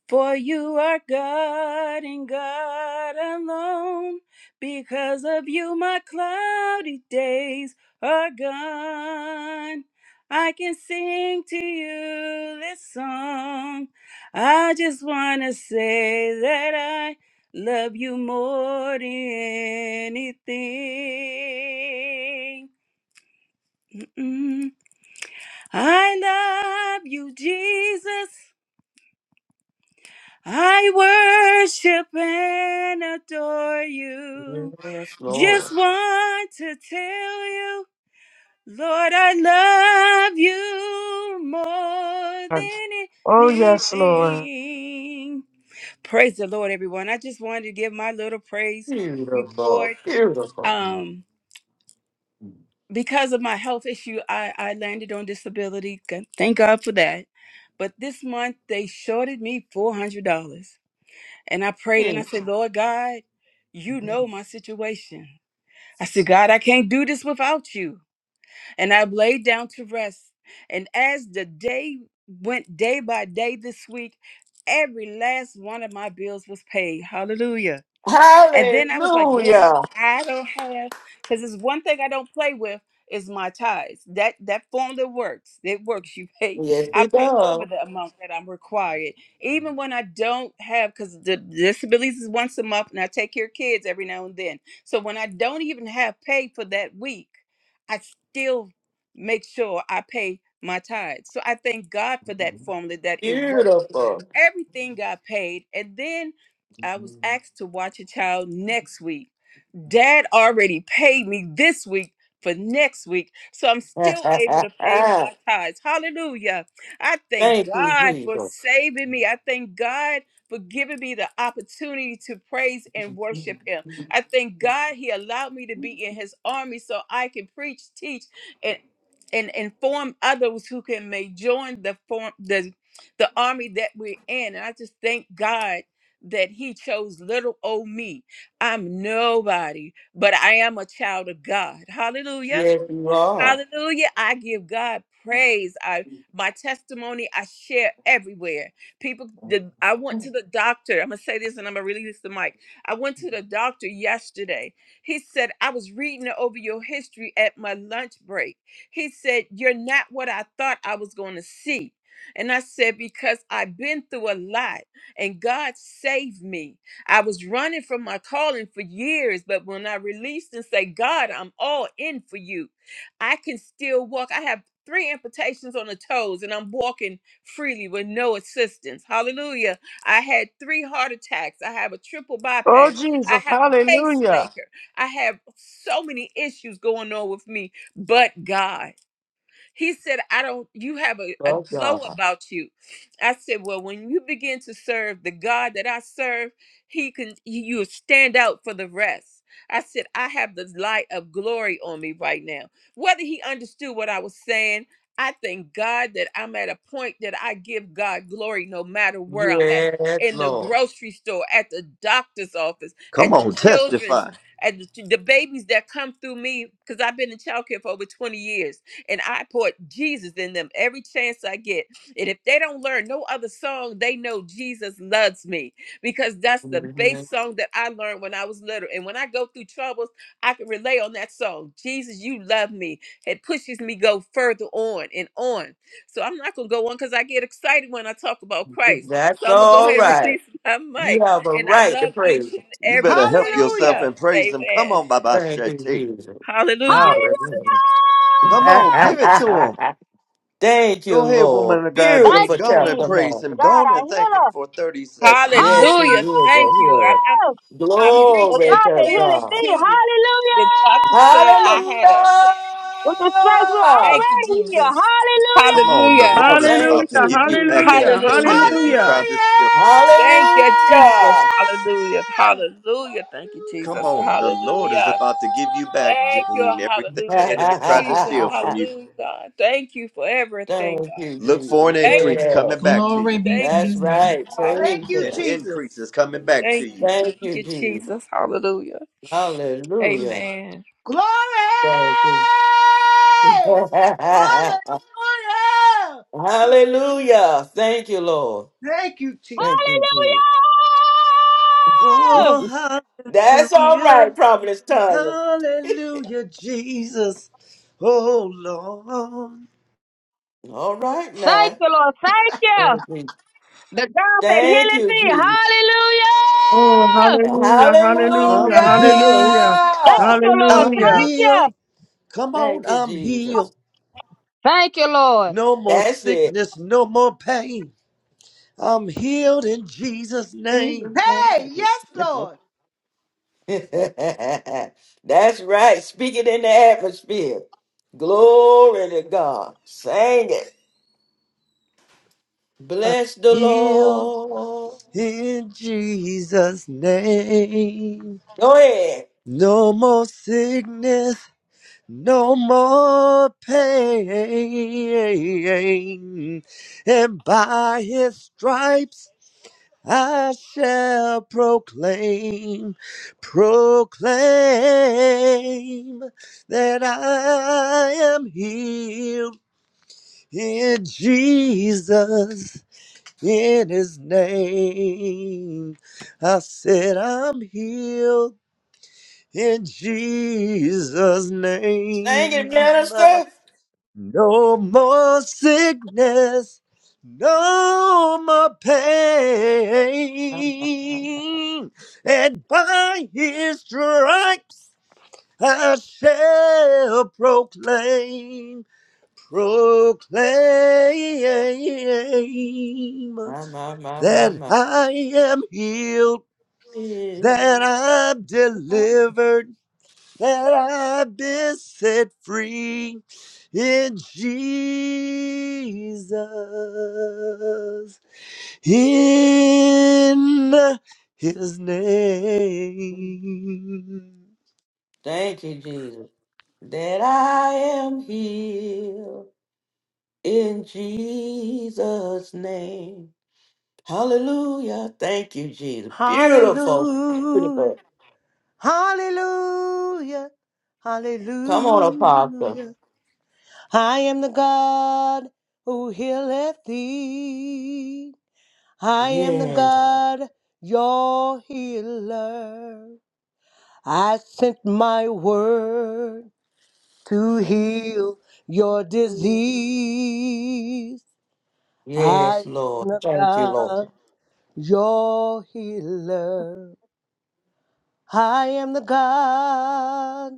[SPEAKER 9] For you are God and God alone. Because of you, my cloudy days are gone. I can sing to you this song. I just want to say that I love you more than anything. Mm. I love you, Jesus. I worship and adore you.
[SPEAKER 1] Yes, Lord.
[SPEAKER 9] Just want to tell you, Lord, I love you more
[SPEAKER 5] Oh,
[SPEAKER 9] than
[SPEAKER 5] yes, Lord.
[SPEAKER 9] anything. Praise the Lord, everyone. I just wanted to give my little praise
[SPEAKER 1] Beautiful,
[SPEAKER 9] report.
[SPEAKER 1] beautiful.
[SPEAKER 9] Um, because of my health issue, I, I landed on disability. Thank God for that. But this month they shorted me $400. And I prayed and I
[SPEAKER 1] Mm.
[SPEAKER 9] said, Lord God, you know my situation. I said, God, I can't do this without you. And I laid down to rest. And as the day went day by day this week, every last one of my bills was paid. Hallelujah. And then I was like, Lord,
[SPEAKER 1] Hallelujah.
[SPEAKER 9] I don't have because it's one thing I don't play with is my tithes. That that formula works. It works. You pay.
[SPEAKER 1] Yes,
[SPEAKER 9] I
[SPEAKER 1] it
[SPEAKER 9] pay over
[SPEAKER 1] does.
[SPEAKER 9] the amount that I'm required, even when I don't have because the disabilities is once a month, and I take care of kids every now and then. So when I don't even have pay for that week, I still make sure I pay my tithes. So I thank God for that formula that it works
[SPEAKER 1] Beautiful.
[SPEAKER 9] everything got paid and then i was asked to watch a child next week dad already paid me this week for next week, so I'm still able to pay my tithes. Hallelujah. I thank
[SPEAKER 1] Thank you,
[SPEAKER 9] God for
[SPEAKER 1] Jesus.
[SPEAKER 9] saving me. I thank God for giving me the opportunity to praise and worship Him. I thank God He allowed me to be in His army so I can preach, teach, and and inform others who can may join the form the the army that we're in. And I just thank God that He chose little old me I'm nobody, but I am a child of God. Hallelujah.
[SPEAKER 1] Yes, you are.
[SPEAKER 9] Hallelujah. I give God praise. I my testimony I share everywhere. People the, I went to the doctor. I'm gonna say this and I'm gonna release the mic. I went to the doctor yesterday. He said, I was reading over your history at my lunch break. He said, You're not what I thought I was gonna see. And I said, because I've been through a lot and God saved me. I was running from my calling for years, but when I released and say, God, I'm all in for you, I can still walk. I have three amputations on the toes and I'm walking freely with no assistance. Hallelujah. I had three heart attacks. I have a triple
[SPEAKER 5] Oh,
[SPEAKER 9] bypass. I
[SPEAKER 5] Jesus.
[SPEAKER 9] have a
[SPEAKER 5] Hallelujah.
[SPEAKER 9] pacemaker. I have so many issues going on with me, but God. He said, I don't, you have a, a
[SPEAKER 1] Oh,
[SPEAKER 9] glow
[SPEAKER 1] God.
[SPEAKER 9] about you. I said, Well, when you begin to serve the God that I serve, he can, you stand out for the rest. I said, I have the light of glory on me right now. Whether he understood what I was saying, I thank God that I'm at a point that I give God glory no matter where I'm at
[SPEAKER 1] Yes,
[SPEAKER 9] in the
[SPEAKER 1] Lord.
[SPEAKER 9] grocery store, at the doctor's office,
[SPEAKER 2] Come
[SPEAKER 9] at the
[SPEAKER 2] on.
[SPEAKER 9] children's,
[SPEAKER 2] Testify.
[SPEAKER 9] at the, the babies that come through me, because I've been in childcare for over 20 years and I put Jesus in them every chance I get. And if they don't learn no other song, they know Jesus loves me because that's the base
[SPEAKER 1] Mhm.
[SPEAKER 9] song that I learned when I was little. And when I go through troubles, I can relay on that song. Jesus, you love me. It pushes me go further on and on. So I'm not gonna go on because I get excited when I talk about Christ.
[SPEAKER 1] That's
[SPEAKER 9] So I'm gonna go
[SPEAKER 1] all
[SPEAKER 9] ahead and
[SPEAKER 1] right.
[SPEAKER 9] release my
[SPEAKER 1] You
[SPEAKER 9] mic.
[SPEAKER 1] have a
[SPEAKER 9] And I
[SPEAKER 1] right to
[SPEAKER 9] love
[SPEAKER 1] praise.
[SPEAKER 9] each and
[SPEAKER 1] Him.
[SPEAKER 2] You
[SPEAKER 9] every
[SPEAKER 2] better
[SPEAKER 9] one
[SPEAKER 2] help
[SPEAKER 9] of you
[SPEAKER 2] yourself
[SPEAKER 4] Hallelujah.
[SPEAKER 9] guys.
[SPEAKER 2] and praise him. Come
[SPEAKER 9] Amen.
[SPEAKER 2] on, Baba
[SPEAKER 1] Thank you,
[SPEAKER 2] Shetty.
[SPEAKER 1] Jesus.
[SPEAKER 9] Hallelujah.
[SPEAKER 1] Hallelujah.
[SPEAKER 2] Come on, give it to him.
[SPEAKER 1] Thank you,
[SPEAKER 2] Go ahead,
[SPEAKER 1] Lord.
[SPEAKER 2] woman of God, Jean.
[SPEAKER 1] Beautiful
[SPEAKER 2] Go on and praise
[SPEAKER 1] testimony.
[SPEAKER 2] him. Go on and thank him
[SPEAKER 7] Hallelujah!
[SPEAKER 2] for 30 seconds.
[SPEAKER 1] Yes, He
[SPEAKER 9] Hallelujah.
[SPEAKER 1] is a
[SPEAKER 9] Thank you. I'm,
[SPEAKER 1] hero.
[SPEAKER 9] I'm I'm reaching
[SPEAKER 1] Glory to God.
[SPEAKER 9] 52. The doctor said I had a.
[SPEAKER 1] Hallelujah.
[SPEAKER 9] Thank you, Jesus.
[SPEAKER 2] Come on, the
[SPEAKER 9] Hallelujah.
[SPEAKER 2] Lord is
[SPEAKER 1] Thank
[SPEAKER 2] about to
[SPEAKER 5] Hallelujah.
[SPEAKER 2] give
[SPEAKER 1] you,
[SPEAKER 2] you back
[SPEAKER 1] Jesus.
[SPEAKER 5] Hallelujah.
[SPEAKER 2] everything the
[SPEAKER 9] Hallelujah.
[SPEAKER 2] enemy
[SPEAKER 5] Hallelujah.
[SPEAKER 2] tried to
[SPEAKER 4] Hallelujah!
[SPEAKER 2] steal.
[SPEAKER 9] Thank you, Jesus.
[SPEAKER 1] Hallelujah.
[SPEAKER 9] Hallelujah. Hallelujah. Thank you,
[SPEAKER 2] Come
[SPEAKER 9] Jesus.
[SPEAKER 2] on, the Lord is
[SPEAKER 9] Hallelujah.
[SPEAKER 2] about to give you back,
[SPEAKER 9] Thank you.
[SPEAKER 2] Jean, everything the
[SPEAKER 9] Hallelujah.
[SPEAKER 2] enemy tried to
[SPEAKER 9] Jesus.
[SPEAKER 2] steal
[SPEAKER 1] Thank
[SPEAKER 2] from you.
[SPEAKER 9] Hallelujah. God. Thank you for everything, God.
[SPEAKER 1] you,
[SPEAKER 2] Look
[SPEAKER 1] Jesus.
[SPEAKER 2] for an
[SPEAKER 9] Thank
[SPEAKER 2] increase
[SPEAKER 1] Yeah,
[SPEAKER 2] coming back to
[SPEAKER 10] Glory
[SPEAKER 2] you.
[SPEAKER 9] you.
[SPEAKER 10] be
[SPEAKER 9] Thank
[SPEAKER 10] to
[SPEAKER 9] you,
[SPEAKER 1] that's
[SPEAKER 10] his
[SPEAKER 9] Jesus.
[SPEAKER 10] name.
[SPEAKER 1] right.
[SPEAKER 4] Thank
[SPEAKER 1] Praise
[SPEAKER 4] you,
[SPEAKER 2] An
[SPEAKER 9] Hallelujah.
[SPEAKER 1] Him.
[SPEAKER 4] Jesus.
[SPEAKER 2] increase is coming back to
[SPEAKER 9] Thank you.
[SPEAKER 2] you.
[SPEAKER 1] Thank
[SPEAKER 9] Thank
[SPEAKER 1] you,
[SPEAKER 9] you,
[SPEAKER 1] Jesus.
[SPEAKER 9] Jesus. Hallelujah.
[SPEAKER 1] Hallelujah.
[SPEAKER 9] Amen.
[SPEAKER 4] Glory!
[SPEAKER 1] Thank you.
[SPEAKER 4] Hallelujah! To the
[SPEAKER 1] Hallelujah. Thank you, Lord.
[SPEAKER 4] thank you, Jesus.
[SPEAKER 1] Thank you,
[SPEAKER 7] Hallelujah!
[SPEAKER 1] Jesus.
[SPEAKER 2] Oh,
[SPEAKER 1] That's all
[SPEAKER 2] hallelujah.
[SPEAKER 1] right, Providence Tanya.
[SPEAKER 2] Hallelujah, Jesus. Oh, Lord.
[SPEAKER 1] All right
[SPEAKER 7] Thank
[SPEAKER 1] now.
[SPEAKER 7] you, Lord. Thank you.
[SPEAKER 1] Thank you.
[SPEAKER 7] The God that
[SPEAKER 1] Thank
[SPEAKER 7] healeth
[SPEAKER 1] you,
[SPEAKER 7] thee.
[SPEAKER 1] Jesus.
[SPEAKER 5] Oh,
[SPEAKER 7] Hallelujah!
[SPEAKER 5] hallelujah. Hallelujah.
[SPEAKER 2] I'm healed.
[SPEAKER 5] Hallelujah.
[SPEAKER 7] Thank
[SPEAKER 1] Hallelujah.
[SPEAKER 7] you, Lord.
[SPEAKER 2] I'm
[SPEAKER 5] Hallelujah.
[SPEAKER 7] Thank you.
[SPEAKER 2] healed. Come on,
[SPEAKER 1] Thank you,
[SPEAKER 2] I'm
[SPEAKER 1] Jesus.
[SPEAKER 2] healed.
[SPEAKER 7] Thank you, Lord.
[SPEAKER 2] No more
[SPEAKER 1] That's it.
[SPEAKER 2] sickness, no more pain. I'm healed in Jesus' name.
[SPEAKER 1] Jesus'
[SPEAKER 4] Hey,
[SPEAKER 1] name.
[SPEAKER 4] yes, Lord.
[SPEAKER 1] That's right. Speak it in the atmosphere. Glory to God. Sing it.
[SPEAKER 2] I'm
[SPEAKER 1] Bless the
[SPEAKER 2] healed
[SPEAKER 1] Lord.
[SPEAKER 2] in Jesus' name.
[SPEAKER 1] Go ahead.
[SPEAKER 2] No more sickness, no more pain. And by his stripes, I shall proclaim, proclaim that I am healed in Jesus, in his name. I said, I'm healed in Jesus'
[SPEAKER 1] Sing it,
[SPEAKER 2] name.
[SPEAKER 1] minister.
[SPEAKER 2] No more sickness, no more pain. And by his stripes I shall proclaim, proclaim
[SPEAKER 1] My, my, my, my, my,
[SPEAKER 2] that
[SPEAKER 1] my,
[SPEAKER 2] I am healed,
[SPEAKER 1] my.
[SPEAKER 2] that I'm
[SPEAKER 1] my.
[SPEAKER 2] delivered that I've been set free in Jesus, in His name.
[SPEAKER 1] Thank you, Jesus. That I am healed in Jesus' name. Hallelujah. Thank you, Jesus. Beautiful. Beautiful.
[SPEAKER 4] Hallelujah. Hallelujah.
[SPEAKER 1] Come on, Apostle.
[SPEAKER 4] Hallelujah. I am the God who healeth thee. I am the
[SPEAKER 1] Yes.
[SPEAKER 4] God, your healer. I sent my word to heal your disease. I
[SPEAKER 1] Yes,
[SPEAKER 4] am
[SPEAKER 1] Lord.
[SPEAKER 4] the
[SPEAKER 1] Thank you, Lord.
[SPEAKER 4] God, your healer. I am the God.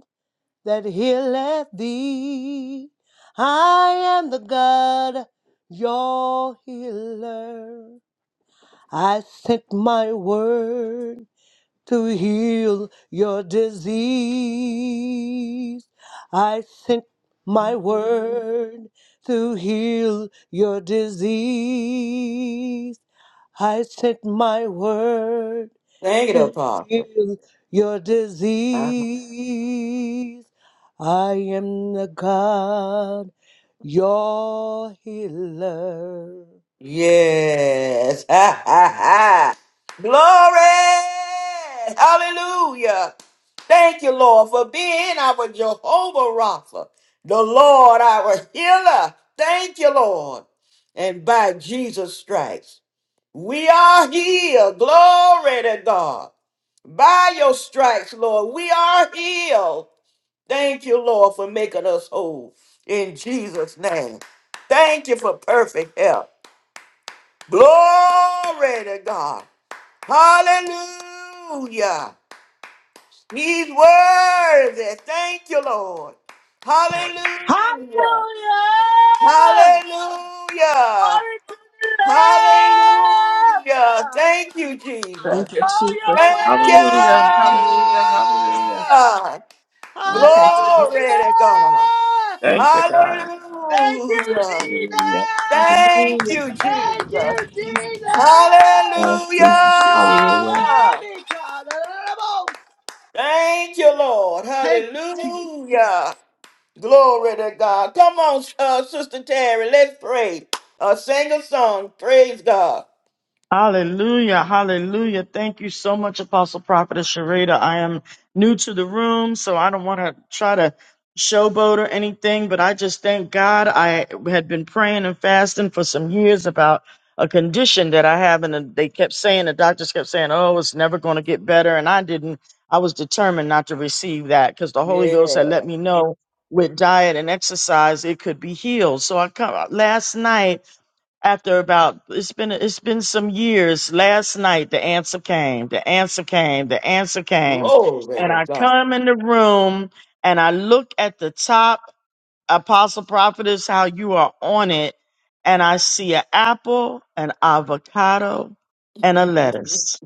[SPEAKER 4] that healeth thee. I am the God, your healer. I sent my word to heal your disease. I sent my word to heal your disease. I sent my word
[SPEAKER 1] Thank you,
[SPEAKER 4] to
[SPEAKER 1] Apostle.
[SPEAKER 4] heal your disease. I am the God, your healer.
[SPEAKER 1] Yes. Ha, ha, ha. Glory. Hallelujah. Thank you, Lord, for being our Jehovah Rapha, the Lord, our healer. Thank you, Lord. And by Jesus' stripes, we are healed. Glory to God. By your stripes, Lord, we are healed. Thank you, Lord, for making us whole in Jesus' name. Thank you for perfect health. Glory to God. Hallelujah. He's worthy. Thank you, Lord. Hallelujah.
[SPEAKER 4] Hallelujah!
[SPEAKER 1] Hallelujah.
[SPEAKER 4] Glory to the Lamb of
[SPEAKER 1] Hallelujah.
[SPEAKER 4] God.
[SPEAKER 1] Thank you, Jesus.
[SPEAKER 9] Thank you,
[SPEAKER 4] All
[SPEAKER 9] Jesus.
[SPEAKER 4] your
[SPEAKER 1] Thank you.
[SPEAKER 9] Hallelujah. Hallelujah. Hallelujah.
[SPEAKER 4] way!
[SPEAKER 9] Thank you. Jesus.
[SPEAKER 1] Glory
[SPEAKER 4] Hallelujah!
[SPEAKER 1] to God.
[SPEAKER 9] Thank you, God.
[SPEAKER 4] Thank you,
[SPEAKER 1] Hallelujah.
[SPEAKER 9] Hallelujah.
[SPEAKER 4] Jesus!
[SPEAKER 1] Thank
[SPEAKER 9] Hallelujah.
[SPEAKER 1] you,
[SPEAKER 4] Thank
[SPEAKER 9] Thank
[SPEAKER 4] you,
[SPEAKER 1] Jesus.
[SPEAKER 9] you, Jesus.
[SPEAKER 4] Jesus!
[SPEAKER 9] Yes, Jesus.
[SPEAKER 4] You are
[SPEAKER 9] Hallelujah.
[SPEAKER 1] Hallelujah.
[SPEAKER 4] worthy, God.
[SPEAKER 1] Thank you, Lord.
[SPEAKER 4] Thank you, Jesus.
[SPEAKER 1] Hallelujah. Glory to God. Come on, uh, Sister Terry, let's pray. Uh, sing a song. Praise God.
[SPEAKER 5] Hallelujah. Hallelujah. Thank you so much, Apostle Prophetess Sharita. I am new to the room, so I don't want to try to showboat or anything, but I just thank God. I had been praying and fasting for some years about a condition that I have, and they kept saying, the doctors kept saying, oh, it's never going to get better. And I didn't, I was determined not to receive that because the Holy Ghost
[SPEAKER 1] Yeah.
[SPEAKER 5] had let me know with diet and exercise, it could be healed. So I come last night after about it's been it's been some years last night the answer came the answer came the answer came
[SPEAKER 1] Glory
[SPEAKER 5] and
[SPEAKER 1] to
[SPEAKER 5] i
[SPEAKER 1] God.
[SPEAKER 5] come in the room and i look at the top apostle prophetess how you are on it and i see an apple an avocado and a lettuce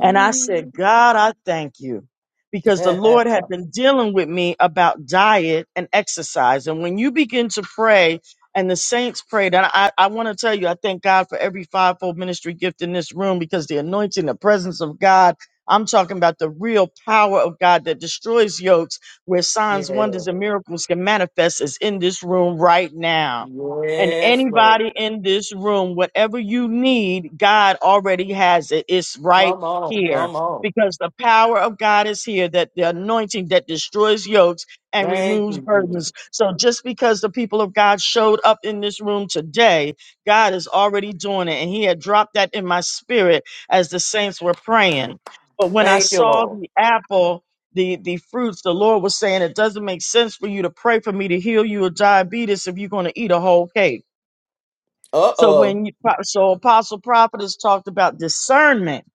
[SPEAKER 5] and I said, God, I thank you because the Lord
[SPEAKER 1] yeah.
[SPEAKER 5] had been dealing with me about diet and exercise. And when you begin to pray, and the saints prayed, and I, I want to tell you, I thank God for every fivefold ministry gift in this room because the anointing, the presence of God, I'm talking about the real power of God that destroys yokes, where signs, wonders, and miracles can manifest, is in this room right now. And
[SPEAKER 1] Yes, Lord.
[SPEAKER 5] anybody in this room, whatever you need, God already has it. It's right
[SPEAKER 1] Come on.
[SPEAKER 5] here
[SPEAKER 1] Come on.
[SPEAKER 5] because the power of God is here, that the anointing that destroys yokes and
[SPEAKER 1] Thank
[SPEAKER 5] removes
[SPEAKER 1] you, Jesus.
[SPEAKER 5] burdens. So just because the people of God showed up in this room today, God is already doing it. And He had dropped that in my spirit as the saints were praying. But when I
[SPEAKER 1] Thank you,
[SPEAKER 5] saw
[SPEAKER 1] Lord.
[SPEAKER 5] the apple, the, the fruits, the Lord was saying, it doesn't make sense for you to pray for me to heal you of diabetes if you're going to eat a whole cake.
[SPEAKER 1] Uh
[SPEAKER 5] So when you, so apostle prophetess talked about discernment,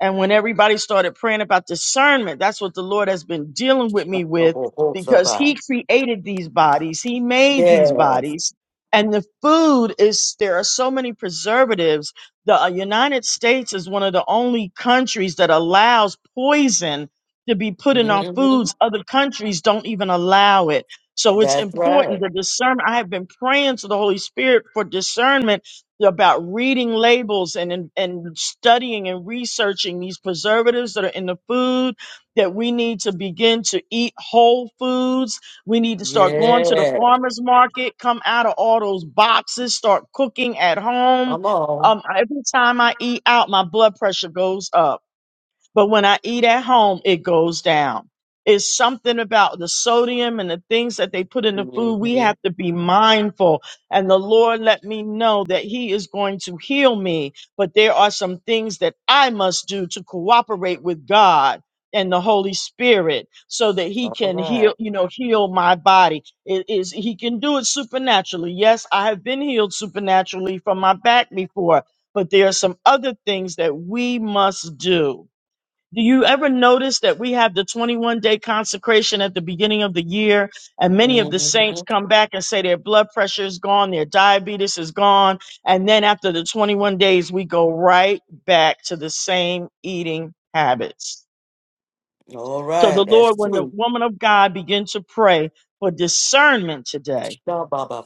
[SPEAKER 5] and when everybody started praying about discernment, that's what the Lord has been dealing with me with
[SPEAKER 1] oh.
[SPEAKER 5] because He created these bodies, He made these
[SPEAKER 1] Yes.
[SPEAKER 5] bodies, and the food is there are so many preservatives. The uh, United States is one of the only countries that allows poison to be put in our
[SPEAKER 1] hmm
[SPEAKER 5] foods. Other countries don't even allow it. So it's
[SPEAKER 1] That's
[SPEAKER 5] important
[SPEAKER 1] right.
[SPEAKER 5] the discernment. I have been praying to the Holy Spirit for discernment about reading labels and, and and studying and researching these preservatives that are in the food that we need to begin to eat whole foods we need to start going to the
[SPEAKER 1] Yeah.
[SPEAKER 5] farmers market come out of all those boxes start cooking at home
[SPEAKER 1] Come on.
[SPEAKER 5] um, every time i eat out my blood pressure goes up but when I eat at home, it goes down. It's something about the sodium and the things that they put in the food. We
[SPEAKER 1] Mhm.
[SPEAKER 5] have to be mindful. And the Lord let me know that He is going to heal me. But there are some things that I must do to cooperate with God and the Holy Spirit so that He
[SPEAKER 1] All
[SPEAKER 5] can heal,
[SPEAKER 1] right.
[SPEAKER 5] you know, heal my body. It is He can do it supernaturally. Yes, I have been healed supernaturally from my back before, but there are some other things that we must do do you ever notice that we have the 21 day consecration at the beginning of the year, and many of the saints
[SPEAKER 1] Mhm.
[SPEAKER 5] come back and say their blood pressure is gone, their diabetes is gone, and then after the 21 days, we go right back to the same eating habits.
[SPEAKER 1] All
[SPEAKER 5] So
[SPEAKER 1] right.
[SPEAKER 5] the
[SPEAKER 1] That's
[SPEAKER 5] Lord, when the
[SPEAKER 1] true.
[SPEAKER 5] woman of God began to pray for discernment today,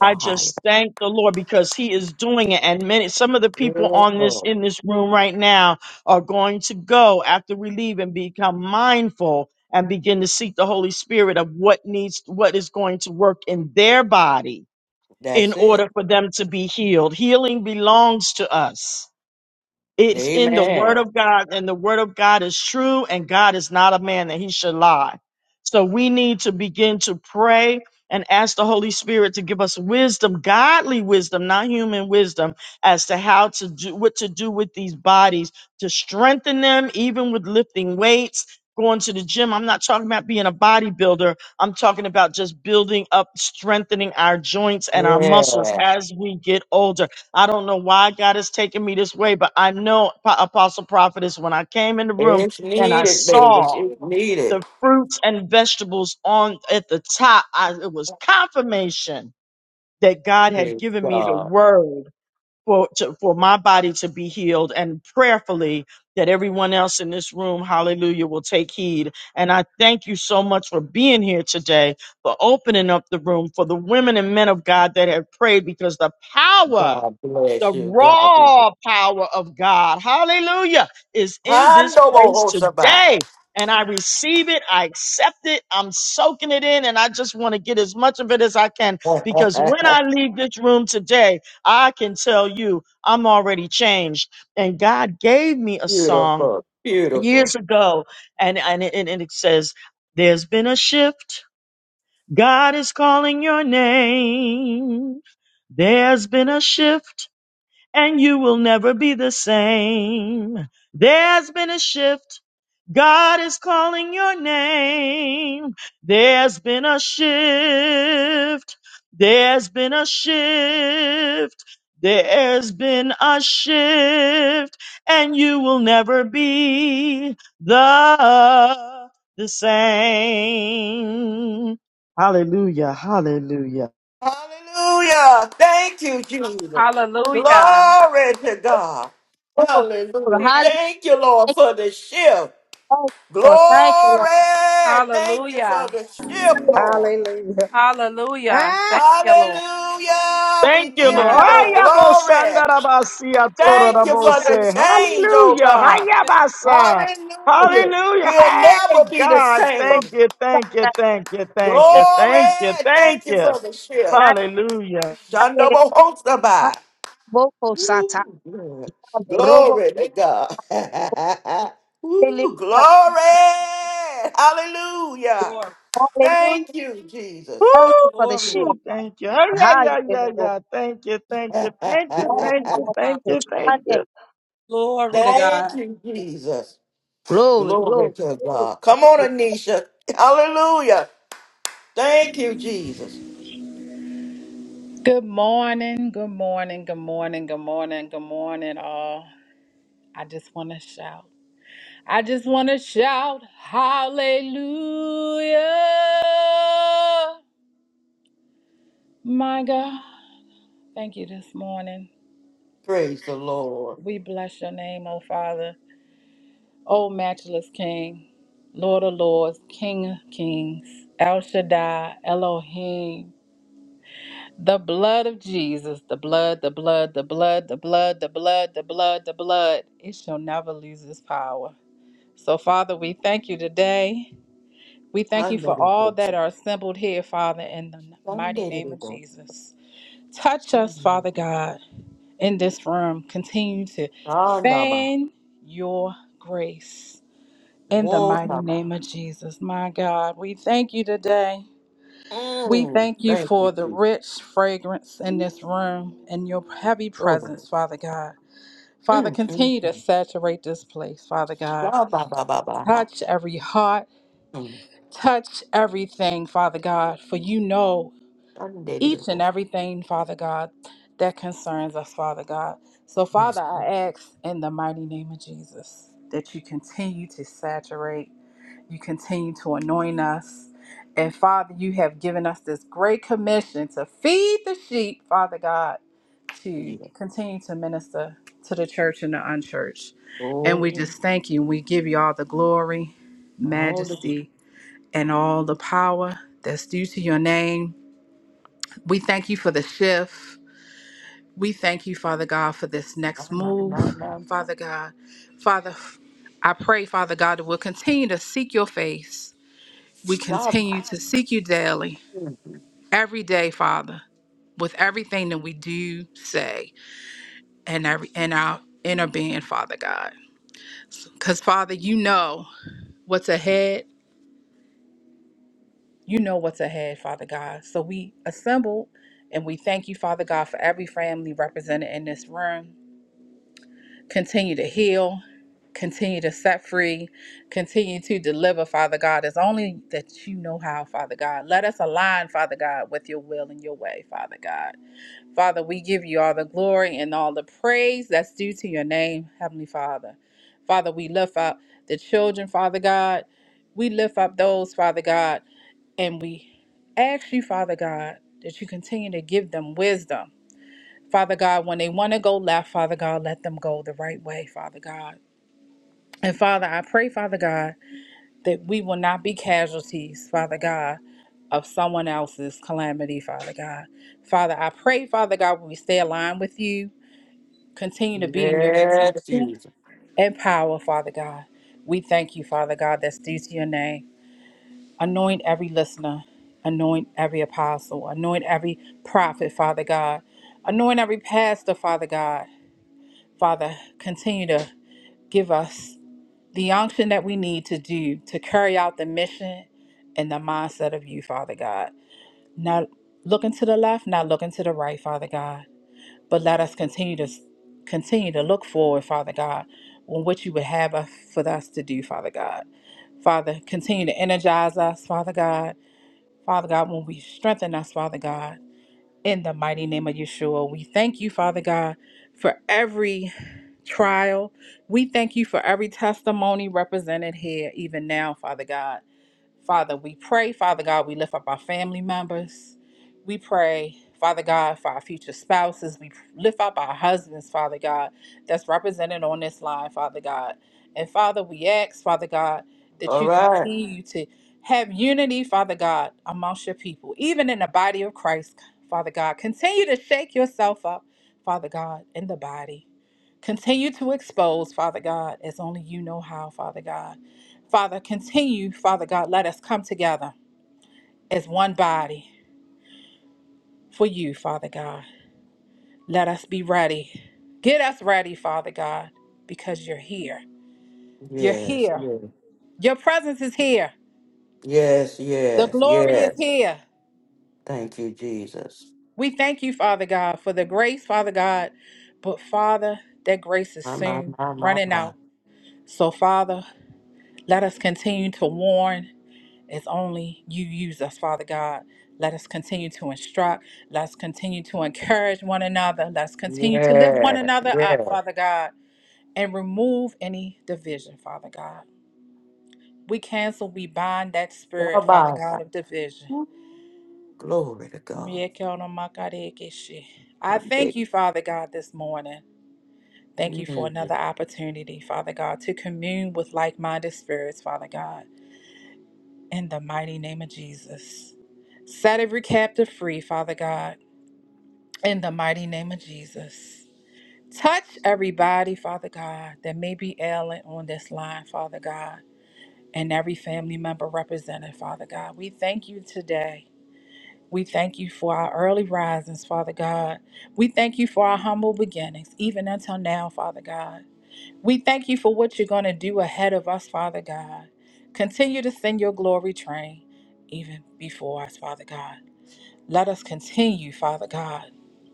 [SPEAKER 5] I just thank the Lord because He is doing it. And many, some of the people
[SPEAKER 1] Yes,
[SPEAKER 5] on this
[SPEAKER 1] Lord.
[SPEAKER 5] in this room right now are going to go after we leave and become mindful and begin to seek the Holy Spirit of what needs, what is going to work in their body in
[SPEAKER 1] That's it.
[SPEAKER 5] order for them to be healed. Healing belongs to us. It's in the word
[SPEAKER 1] Amen.
[SPEAKER 5] of God, and the word of God is true, and God is not a man that he should lie. So we need to begin to pray and ask the Holy Spirit to give us wisdom, godly wisdom, not human wisdom, as to how to do what to do with these bodies, to strengthen them, even with lifting weights, going to the gym. I'm not talking about being a bodybuilder. I'm talking about just building up, strengthening our joints and our muscles
[SPEAKER 1] Yeah.
[SPEAKER 5] as we get older I don't know why God is taking me this way, but I know, Po- Apostle Prophetess, when I came in the room
[SPEAKER 1] It's
[SPEAKER 5] and I
[SPEAKER 1] needed, babies.
[SPEAKER 5] saw
[SPEAKER 1] It's needed.
[SPEAKER 5] the fruits and vegetables on at the top, I, it was confirmation that God had
[SPEAKER 1] Praise
[SPEAKER 5] given me the
[SPEAKER 1] God.
[SPEAKER 5] word for to, for my body to be healed, and prayerfully that everyone else in this room, Hallelujah, will take heed. And I thank you so much for being here today, for opening up the room for the women and men of God that have prayed, because the power.
[SPEAKER 1] God
[SPEAKER 5] The
[SPEAKER 1] bless you. God bless.
[SPEAKER 5] raw power of God, hallelujah, is in this place
[SPEAKER 1] Handobo
[SPEAKER 5] today. And I receive it. I accept it. I'm soaking it in. And I just want to get as much of it as I can because when I leave this room today, I can tell you I'm already changed. And God gave me a song
[SPEAKER 1] Beautiful. Beautiful.
[SPEAKER 5] years ago. And, and, it, and it says, There's been a shift. God is calling your name. There's been a shift and you will never be the same. There's been a shift. God is calling your name. There's been a shift. There's been a shift. There's been a shift and you will never be the, the same. Hallelujah. Hallelujah.
[SPEAKER 1] Hallelujah. Thank you, Jesus.
[SPEAKER 8] Hallelujah.
[SPEAKER 1] Glory to God.
[SPEAKER 7] Oh,
[SPEAKER 1] Hallelujah.
[SPEAKER 8] Dear-
[SPEAKER 7] hallelujah.
[SPEAKER 1] Thank you, Lord, for the shift.
[SPEAKER 7] Thank you, Lord. Thank you, Lord.
[SPEAKER 1] Glory. Thank you for
[SPEAKER 8] Hallelujah.
[SPEAKER 1] the shift, Lord.
[SPEAKER 10] Hallelujah.
[SPEAKER 8] Hallelujah. Thank
[SPEAKER 10] Ah,
[SPEAKER 8] you, Lord.
[SPEAKER 1] Hallelujah. We
[SPEAKER 5] Thank you,
[SPEAKER 1] give
[SPEAKER 8] Thank
[SPEAKER 5] Lord.
[SPEAKER 10] my
[SPEAKER 1] you the
[SPEAKER 10] God.
[SPEAKER 1] glory. Thank you
[SPEAKER 8] Hallelujah.
[SPEAKER 1] for the
[SPEAKER 5] Ayabosandarabasiatorabose.
[SPEAKER 1] change, oh
[SPEAKER 5] Hallelujah.
[SPEAKER 8] Thank
[SPEAKER 1] God.
[SPEAKER 8] you, Jesus.
[SPEAKER 5] Hayabasa.
[SPEAKER 7] Hallelujah.
[SPEAKER 1] Hallelujah.
[SPEAKER 5] Hallelujah.
[SPEAKER 1] We'll
[SPEAKER 5] Hey,
[SPEAKER 1] never be the
[SPEAKER 5] God.
[SPEAKER 1] same.
[SPEAKER 5] Thank you. Thank you. Thank you. Thank you.
[SPEAKER 1] Glory.
[SPEAKER 5] Thank you. Thank
[SPEAKER 1] Thank you
[SPEAKER 5] you.
[SPEAKER 1] for the shift.
[SPEAKER 5] Hallelujah.
[SPEAKER 1] Shandabohosabai. Ooh, Lord. Glory to God. Ooh, glory. Hallelujah. Thank you, Jesus.
[SPEAKER 7] Thank
[SPEAKER 5] Woo.
[SPEAKER 7] you for
[SPEAKER 8] Lord.
[SPEAKER 7] the
[SPEAKER 5] Thank you. Hey, Yeah, yeah, yeah,
[SPEAKER 7] shield.
[SPEAKER 5] yeah. Thank you. Thank you. Thank you.
[SPEAKER 7] Glory,
[SPEAKER 5] Thank you. Thank you. Thank you.
[SPEAKER 1] Thank you, Jesus.
[SPEAKER 7] glory,
[SPEAKER 1] Glory to
[SPEAKER 7] glory.
[SPEAKER 1] God. Come
[SPEAKER 7] Thank
[SPEAKER 1] on,
[SPEAKER 7] you.
[SPEAKER 1] Anisha. Hallelujah. Thank you, Jesus.
[SPEAKER 10] Good morning, good morning, good morning, good morning, good morning, all. I just want to shout. I just want to shout, Hallelujah. My God, thank you this morning.
[SPEAKER 1] Praise the Lord.
[SPEAKER 10] We bless your name, O Father, O matchless King, Lord of Lords, King of Kings, El Shaddai, Elohim. The blood of Jesus, the blood, the blood, the blood, the blood, the blood, the blood, the blood, it shall never lose its power. So, Father, we thank you today. We thank you for all
[SPEAKER 1] Honorable
[SPEAKER 10] that are assembled here, Father, in the mighty
[SPEAKER 1] Sunday.
[SPEAKER 10] name
[SPEAKER 1] to
[SPEAKER 10] of
[SPEAKER 1] go.
[SPEAKER 10] Jesus. Touch us,
[SPEAKER 1] Mm.
[SPEAKER 10] Father God, in this room. Continue to
[SPEAKER 1] Honorable.
[SPEAKER 10] fan your grace in the
[SPEAKER 1] Whoa,
[SPEAKER 10] mighty name of Jesus. My God, we thank you today. We thank you
[SPEAKER 1] Thank
[SPEAKER 10] for the
[SPEAKER 1] you,
[SPEAKER 10] rich fragrance in this room and your heavy
[SPEAKER 1] Jesus.
[SPEAKER 10] presence, Father God. Father,
[SPEAKER 1] Mm, mm,
[SPEAKER 10] continue to
[SPEAKER 1] mm.
[SPEAKER 10] saturate this place, Father God.
[SPEAKER 1] Ba, ba, ba, ba, ba, ha.
[SPEAKER 10] Touch every heart,
[SPEAKER 1] Mm.
[SPEAKER 10] touch everything, Father God, for you know each and
[SPEAKER 1] Undateable.
[SPEAKER 10] everything, Father God, that concerns us, Father God. So, Father,
[SPEAKER 1] Yes.
[SPEAKER 10] I
[SPEAKER 1] mm,
[SPEAKER 10] ask in the mighty name of Jesus that you continue to saturate you continue to anoint us. And Father, you have given us this great commission to feed the sheep, Father God, to
[SPEAKER 1] yeah.
[SPEAKER 10] continue to minister to the church and the unchurched. And we
[SPEAKER 1] Oh,
[SPEAKER 10] just thank you. We give you all the glory,
[SPEAKER 1] all the good.
[SPEAKER 10] majesty, and all the power that's due to your name. We thank you for the shift. We thank you, Father God, for this next
[SPEAKER 1] My, my, my,
[SPEAKER 10] move,
[SPEAKER 1] my, my.
[SPEAKER 10] Father God. Father, I pray, Father God, that we'll continue to seek your face we
[SPEAKER 1] Ba, ba.
[SPEAKER 10] continue to seek you daily,
[SPEAKER 1] Mm, mm.
[SPEAKER 10] every day, Father, with everything that we do say and every in our inner being, Father God. Because Father, you know what's ahead. You know what's ahead, Father God. So we assemble and we thank you, Father God, for every family represented in this room. Continue to heal, continue to set free, continue to deliver, Father God, as only that you know how, Father God. Let us align, Father God, with your will and your way, Father God. Father, we give you all the glory and all the praise that's due to your name, Heavenly Father. Father, we lift up the children, Father God. We lift up those, Father God, and we ask you, Father God, that you continue to give them wisdom. Father God, when they want to go left, Father God, let them go the right way, Father God. And Father, I pray, Father God, that we will not be casualties, Father God, of someone else's calamity, Father God. Father, I pray, Father God, when we stay aligned with you, Continue to be in your
[SPEAKER 1] Yes,
[SPEAKER 10] protection
[SPEAKER 1] Jesus.
[SPEAKER 10] and power, Father God. We thank you, Father God, that's due to your name. Anoint every listener, anoint every apostle, anoint every prophet, Father God, anoint every pastor, Father God. Father, continue to give us the unction that we need to do to carry out the mission and the mindset of you, Father God. Not looking to the left, not looking to the right, Father God. but let us continue to continue to look forward, Father God, on what you would have us, for us to do, Father God. Father, continue to energize us, Father God. Father God, when we strengthen us, Father God, in the mighty name of Yeshua, we thank you, Father God, for every trial. We thank you for every testimony represented here, even now, Father God. Father, we pray, Father God, we lift up our family members. We pray, Father God, for our future spouses. We lift up our husbands, Father God, that's represented on this line, Father God. And Father, we ask, Father God, that
[SPEAKER 1] All
[SPEAKER 10] you
[SPEAKER 1] right.
[SPEAKER 10] continue to have unity, Father God, amongst your people, even in the body of Christ, Father God. Continue to shake yourself up, Father God, in the body. Continue to expose, Father God, as only you know how, Father God. Father, continue, Father God, let us come together as one body for you, Father God. Let us be ready. Get us ready, Father God, because you're here. You're
[SPEAKER 1] Yes,
[SPEAKER 10] here.
[SPEAKER 1] yes,
[SPEAKER 10] Your presence is here.
[SPEAKER 1] yes,
[SPEAKER 10] The
[SPEAKER 1] yes,
[SPEAKER 10] glory is
[SPEAKER 1] yes.
[SPEAKER 10] here.
[SPEAKER 1] Thank you, Jesus.
[SPEAKER 10] We thank you, Father God, for the grace, Father God. But Father, that grace is
[SPEAKER 1] My, my,
[SPEAKER 10] soon
[SPEAKER 1] my, my,
[SPEAKER 10] running
[SPEAKER 1] my.
[SPEAKER 10] out. So, Father, let us continue to warn as only you use us, Father God. Let us continue to instruct. Let's continue to encourage one another. Let's continue to lift one
[SPEAKER 1] Yes,
[SPEAKER 10] another
[SPEAKER 1] yes.
[SPEAKER 10] up, Father God, and remove any division, Father God. We cancel, we bind that
[SPEAKER 1] Ba,
[SPEAKER 10] spirit, Father
[SPEAKER 1] ba,
[SPEAKER 10] God,
[SPEAKER 1] ba.
[SPEAKER 10] of division.
[SPEAKER 1] Ooh, Glory to God.
[SPEAKER 10] I thank
[SPEAKER 1] Undateable.
[SPEAKER 10] you, Father God, this morning. Thank you for
[SPEAKER 1] Mm.
[SPEAKER 10] another opportunity, Father God, to commune with like minded spirits, Father God, in the mighty name of Jesus. Set every captive free, Father God. in the mighty name of Jesus. Touch everybody, Father God, that may be ailing on this line, Father God, and every family member represented, Father God. We thank you today. We thank you for our early risings, Father God. We thank you for our humble beginnings, even until now, Father God. We thank you for what you're going to do ahead of us, Father God. Continue to send your glory train even before us, Father God. Let us continue, Father God,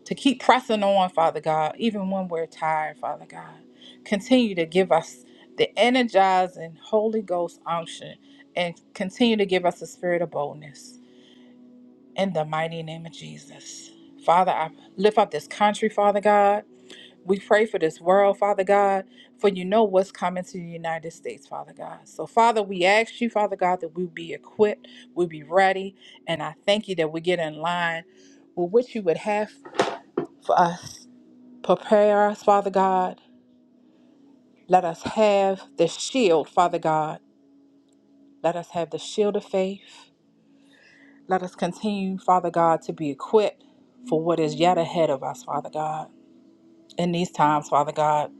[SPEAKER 10] to keep pressing on, Father God, even when we're tired, Father God. Continue to give us the energizing Holy Ghost unction and continue to give us the spirit of boldness in the mighty name of Jesus. Father, I lift up this country, Father God. We pray for this world, Father God, for you know what's coming to the United States, Father God. So, Father, we ask you, Father God, that we be equipped, we be ready, and I thank you that we get in line with what you would have for us. Prepare us, Father God. Let us have the shield, Father God. Let us have the shield of faith. Let us continue, Father God, to be equipped for what is yet ahead of us, Father God, in these times, Father God.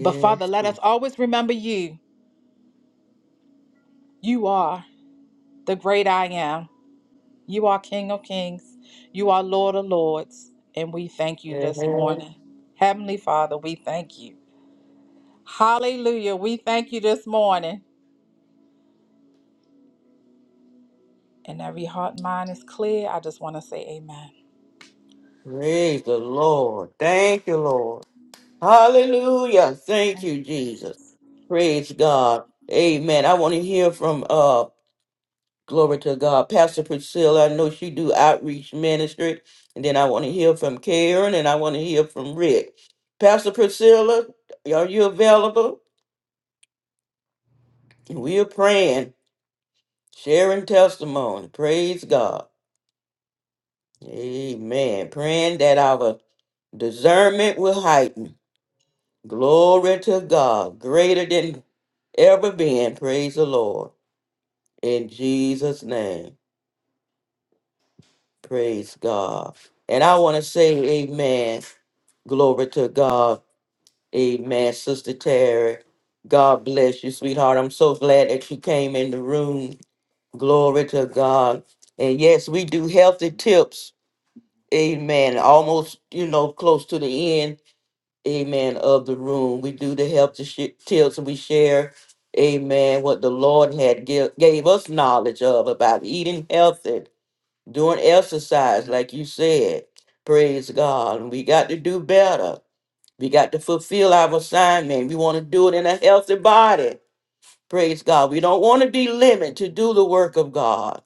[SPEAKER 10] But, Father, let us always remember you. You are. the great I am. You are King of Kings. You are Lord of Lords. And we thank you this
[SPEAKER 1] yes.
[SPEAKER 10] morning. Heavenly Father, we thank you. Hallelujah. We thank you this morning. And every heart and mind is clear. I just want to say amen.
[SPEAKER 1] Praise the Lord. Thank you, Lord. Hallelujah. Thank you, Jesus. Praise God. Amen. I want to hear from uh glory to God. Pastor Priscilla. I know she do outreach ministry. And then I want to hear from Karen and I want to hear from Rick. Pastor Priscilla, are you available? We're praying, sharing testimony. Praise God. Amen. Praying that our discernment will heighten Glory to God, greater than ever been. Praise the Lord. In Jesus' name, praise God. And I want to say, Amen. Glory to God. Amen. Sister Terry, God bless you, sweetheart. I'm so glad that you came in the room. Glory to God. And yes, we do healthy tips. Amen. Almost, you know, close to the end. amen, of the room. We do the help to sh- tips and we share, amen, what the Lord had give, gave us knowledge of about eating healthy, doing exercise, like you said. Praise God. And we got to do better. We got to fulfill our assignment. We want to do it in a healthy body. Praise God. We don't want to be limited to do the work of God.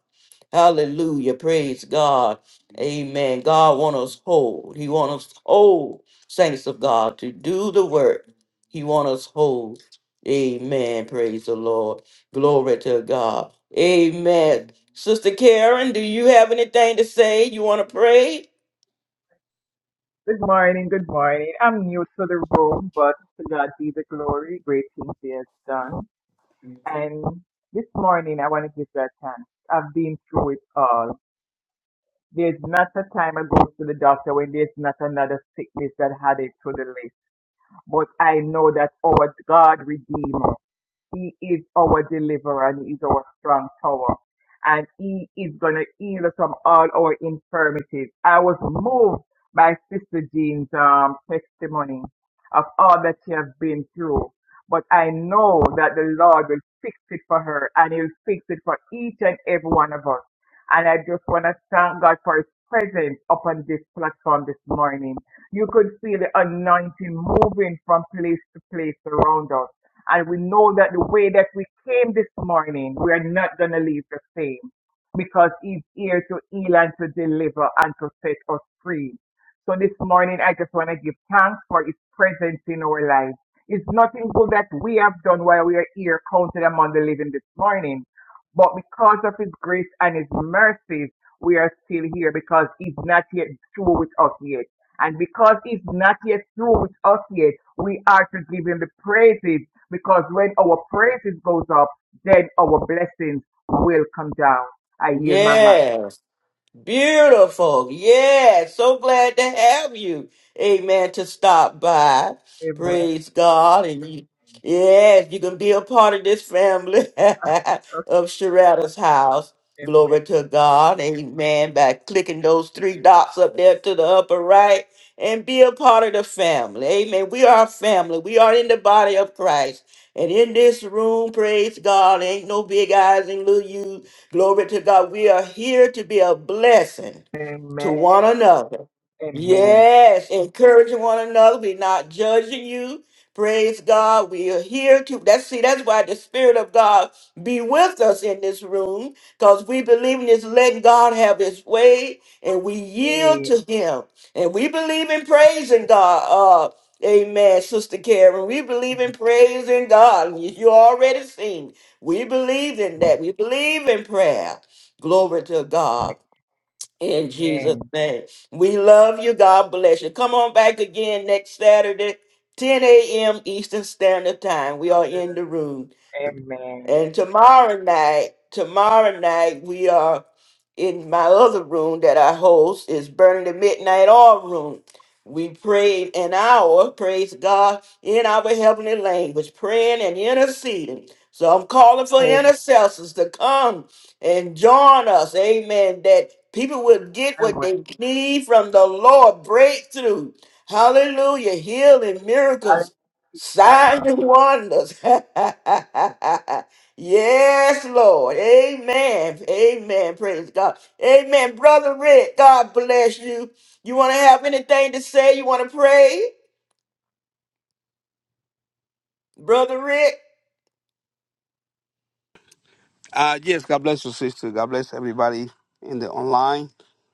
[SPEAKER 1] Hallelujah. Praise God. Amen. God want us whole. He want us whole, saints of God, to do the work. He want us whole. Amen. Praise the Lord. Glory to God. Amen. Sister Karen, do you have anything to say? You want to pray?
[SPEAKER 11] Good morning, good morning. I'm new to the room, but to God be the glory, great things He has done. And this morning, I want to give that thanks. I've been through it all. There's not a time I go to the doctor when there's not another sickness that had it to the list. But I know that our God redeemer. He is our deliverer and He is our strong tower. And He is going to heal us from all our infirmities. I was moved by Sister Jean's um, testimony of all that she has been through. But I know that the Lord will fix it for her and He'll fix it for each and every one of us. And I just want to thank God for His presence upon this platform this morning. You could feel the anointing moving from place to place around us and we know that the way that we came this morning, we are not going to leave the same because he's here to heal and to deliver and to set us free. So this morning, I just want to give thanks for his presence in our lives. It's nothing good that we have done while we are here counted among the living this morning. But because of his grace and his mercies, we are still here because he's not yet through with us yet. And because he's not yet through with us yet, we are to give him the praises because when our praises goes up, then our blessings will come down. I yield my mind.
[SPEAKER 1] Yes. Beautiful. Yeah. So glad to have you. Amen. To stop by.
[SPEAKER 11] Amen.
[SPEAKER 1] Praise God. And you, yes, you can be a part of this family of Sharada's house.
[SPEAKER 11] Okay,
[SPEAKER 1] Glory to God. Amen. By clicking those three dots up there to the upper right and be a part of the family. Amen. We are a family. We are in the body of Christ. And in this room, praise God, ain't no big eyes and little you. Glory to God. We are here to be a blessing
[SPEAKER 11] Amen.
[SPEAKER 1] to
[SPEAKER 11] Amen.
[SPEAKER 1] one another.
[SPEAKER 11] Amen.
[SPEAKER 1] Yes, encouraging one another. We're not judging you. Praise God. We are here to that's see, that's why the Spirit of God be with us in this room. Because we believe in this letting God have his way and we yield
[SPEAKER 11] Amen.
[SPEAKER 1] to him. And we believe in praising God. Uh amen, Sister Karen. We believe in praising God. You you already seen. We believe in
[SPEAKER 11] Yes.
[SPEAKER 1] that. We believe in prayer. Glory to
[SPEAKER 11] Amen.
[SPEAKER 1] God. In Jesus'
[SPEAKER 11] Amen.
[SPEAKER 1] name. We love you. God bless you. Come on back again next Saturday, 10 a.m. Eastern Standard Time. We
[SPEAKER 11] I
[SPEAKER 1] are in the
[SPEAKER 11] will.
[SPEAKER 1] room.
[SPEAKER 11] Amen.
[SPEAKER 1] And tomorrow night, tomorrow night we are in my other room that I host is Burning the Midnight Oil Room. We prayed an hour, praise God, in our heavenly language, praying and interceding. So I'm calling for
[SPEAKER 11] Amen.
[SPEAKER 1] intercessors to come and join us. Amen. That people will get
[SPEAKER 11] I
[SPEAKER 1] what
[SPEAKER 11] will.
[SPEAKER 1] they need from the Lord. Breakthrough. Hallelujah. Healing,
[SPEAKER 11] I-
[SPEAKER 1] miracles, signs and wonders. Yes, Lord. Amen. Amen. Praise God. Amen. Brother Rick, God bless you. You want to have anything to say? You want to pray? Brother Rick?
[SPEAKER 12] Uh, yes, God bless you, sister. God bless everybody in the online.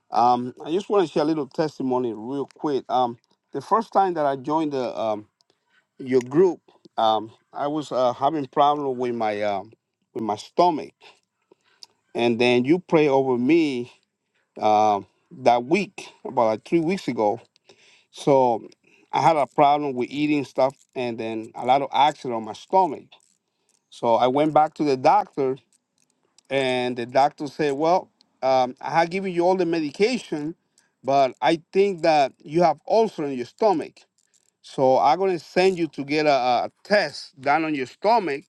[SPEAKER 12] Um, I just want to share a little testimony real quick. Um, the first time that I joined the um, your group, um, I was uh, having problem with my um, with my stomach, and then you pray over me um, that week, about like three weeks ago. So I had a problem with eating stuff, and then a lot of acid on my stomach. So I went back to the doctor, and the doctor said, "Well, um, I have given you all the medication, but I think that you have ulcer in your stomach, so I'm gonna send you to get a, a test done on your stomach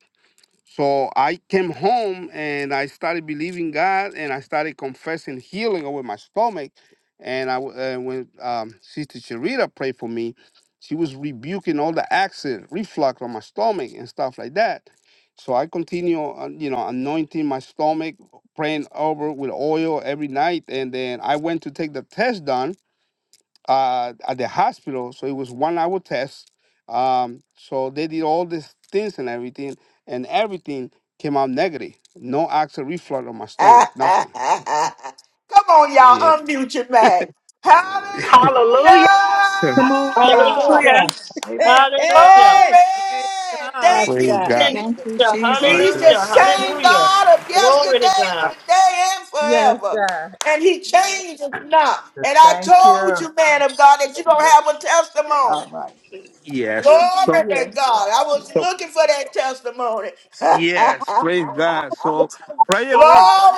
[SPEAKER 12] so I came home and I started believing God and I started confessing healing over my stomach. And I w- and when um, Sister Sharita prayed for me, she was rebuking all the acid, reflux on my stomach and stuff like that. So I continue, on, you know, anointing my stomach, praying over with oil every night. And then I went to take the test done uh, at the hospital. So it was one hour test. Um, so they did all these things and everything, and everything came out negative. No acid reflux on my
[SPEAKER 1] Come
[SPEAKER 12] stomach, nothing.
[SPEAKER 1] on, y'all.
[SPEAKER 12] Yeah.
[SPEAKER 1] Unmute your mic.
[SPEAKER 8] Hallelujah.
[SPEAKER 12] So,
[SPEAKER 10] Come on, y'all.
[SPEAKER 1] Hallelujah.
[SPEAKER 5] Hallelujah.
[SPEAKER 9] Hallelujah. Amen.
[SPEAKER 10] Hey,
[SPEAKER 5] Hallelujah.
[SPEAKER 10] hey.
[SPEAKER 1] Glory.
[SPEAKER 6] Praise God.
[SPEAKER 10] Yes,
[SPEAKER 12] Praise
[SPEAKER 1] Thank
[SPEAKER 10] God.
[SPEAKER 5] Thank
[SPEAKER 1] you,
[SPEAKER 12] God.
[SPEAKER 5] you.
[SPEAKER 13] Thank you, Jesus.
[SPEAKER 11] Lord
[SPEAKER 1] He's
[SPEAKER 11] bless
[SPEAKER 1] the
[SPEAKER 5] Hallelujah.
[SPEAKER 11] the
[SPEAKER 1] same
[SPEAKER 5] Hallelujah.
[SPEAKER 1] God of yesterday,
[SPEAKER 5] Glory to God.
[SPEAKER 1] today, and
[SPEAKER 10] Yes,
[SPEAKER 1] forever.
[SPEAKER 10] God.
[SPEAKER 1] And he changes not.
[SPEAKER 11] pastor.
[SPEAKER 1] And I
[SPEAKER 11] Thank
[SPEAKER 1] told
[SPEAKER 11] you.
[SPEAKER 1] you, man of God, that you're going to have a testimony.
[SPEAKER 10] All right.
[SPEAKER 12] Yes.
[SPEAKER 1] Glory
[SPEAKER 12] So,
[SPEAKER 1] to
[SPEAKER 10] Yes,
[SPEAKER 1] God. I
[SPEAKER 12] so
[SPEAKER 1] was looking for that testimony.
[SPEAKER 12] Yes, praise God. So prayer
[SPEAKER 1] Glory.
[SPEAKER 12] works.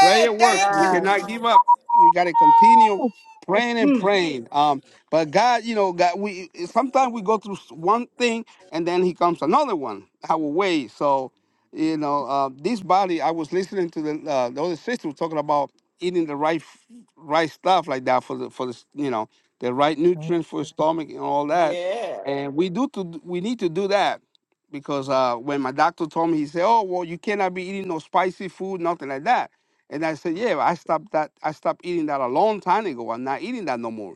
[SPEAKER 12] Prayer works.
[SPEAKER 1] Thank
[SPEAKER 12] We
[SPEAKER 1] you.
[SPEAKER 10] God.
[SPEAKER 12] cannot
[SPEAKER 1] Jesus.
[SPEAKER 12] give up. We got to continue praying and
[SPEAKER 10] Hmm.
[SPEAKER 12] praying. Um, but God, you know, God, we sometimes we go through one thing and then He comes another one our way. So, you know, uh, this body. I was listening to the uh, the other sister was talking about eating the right f- right stuff like that for the for the s- you know the right nutrients for the stomach and all that.
[SPEAKER 1] Yeah.
[SPEAKER 12] And we do to we need to do that because uh, when my doctor told me, he said, "Oh, well, you cannot be eating no spicy food, nothing like that." And I said, "Yeah, I stopped that. I stopped eating that a long time ago. I'm not eating that no more."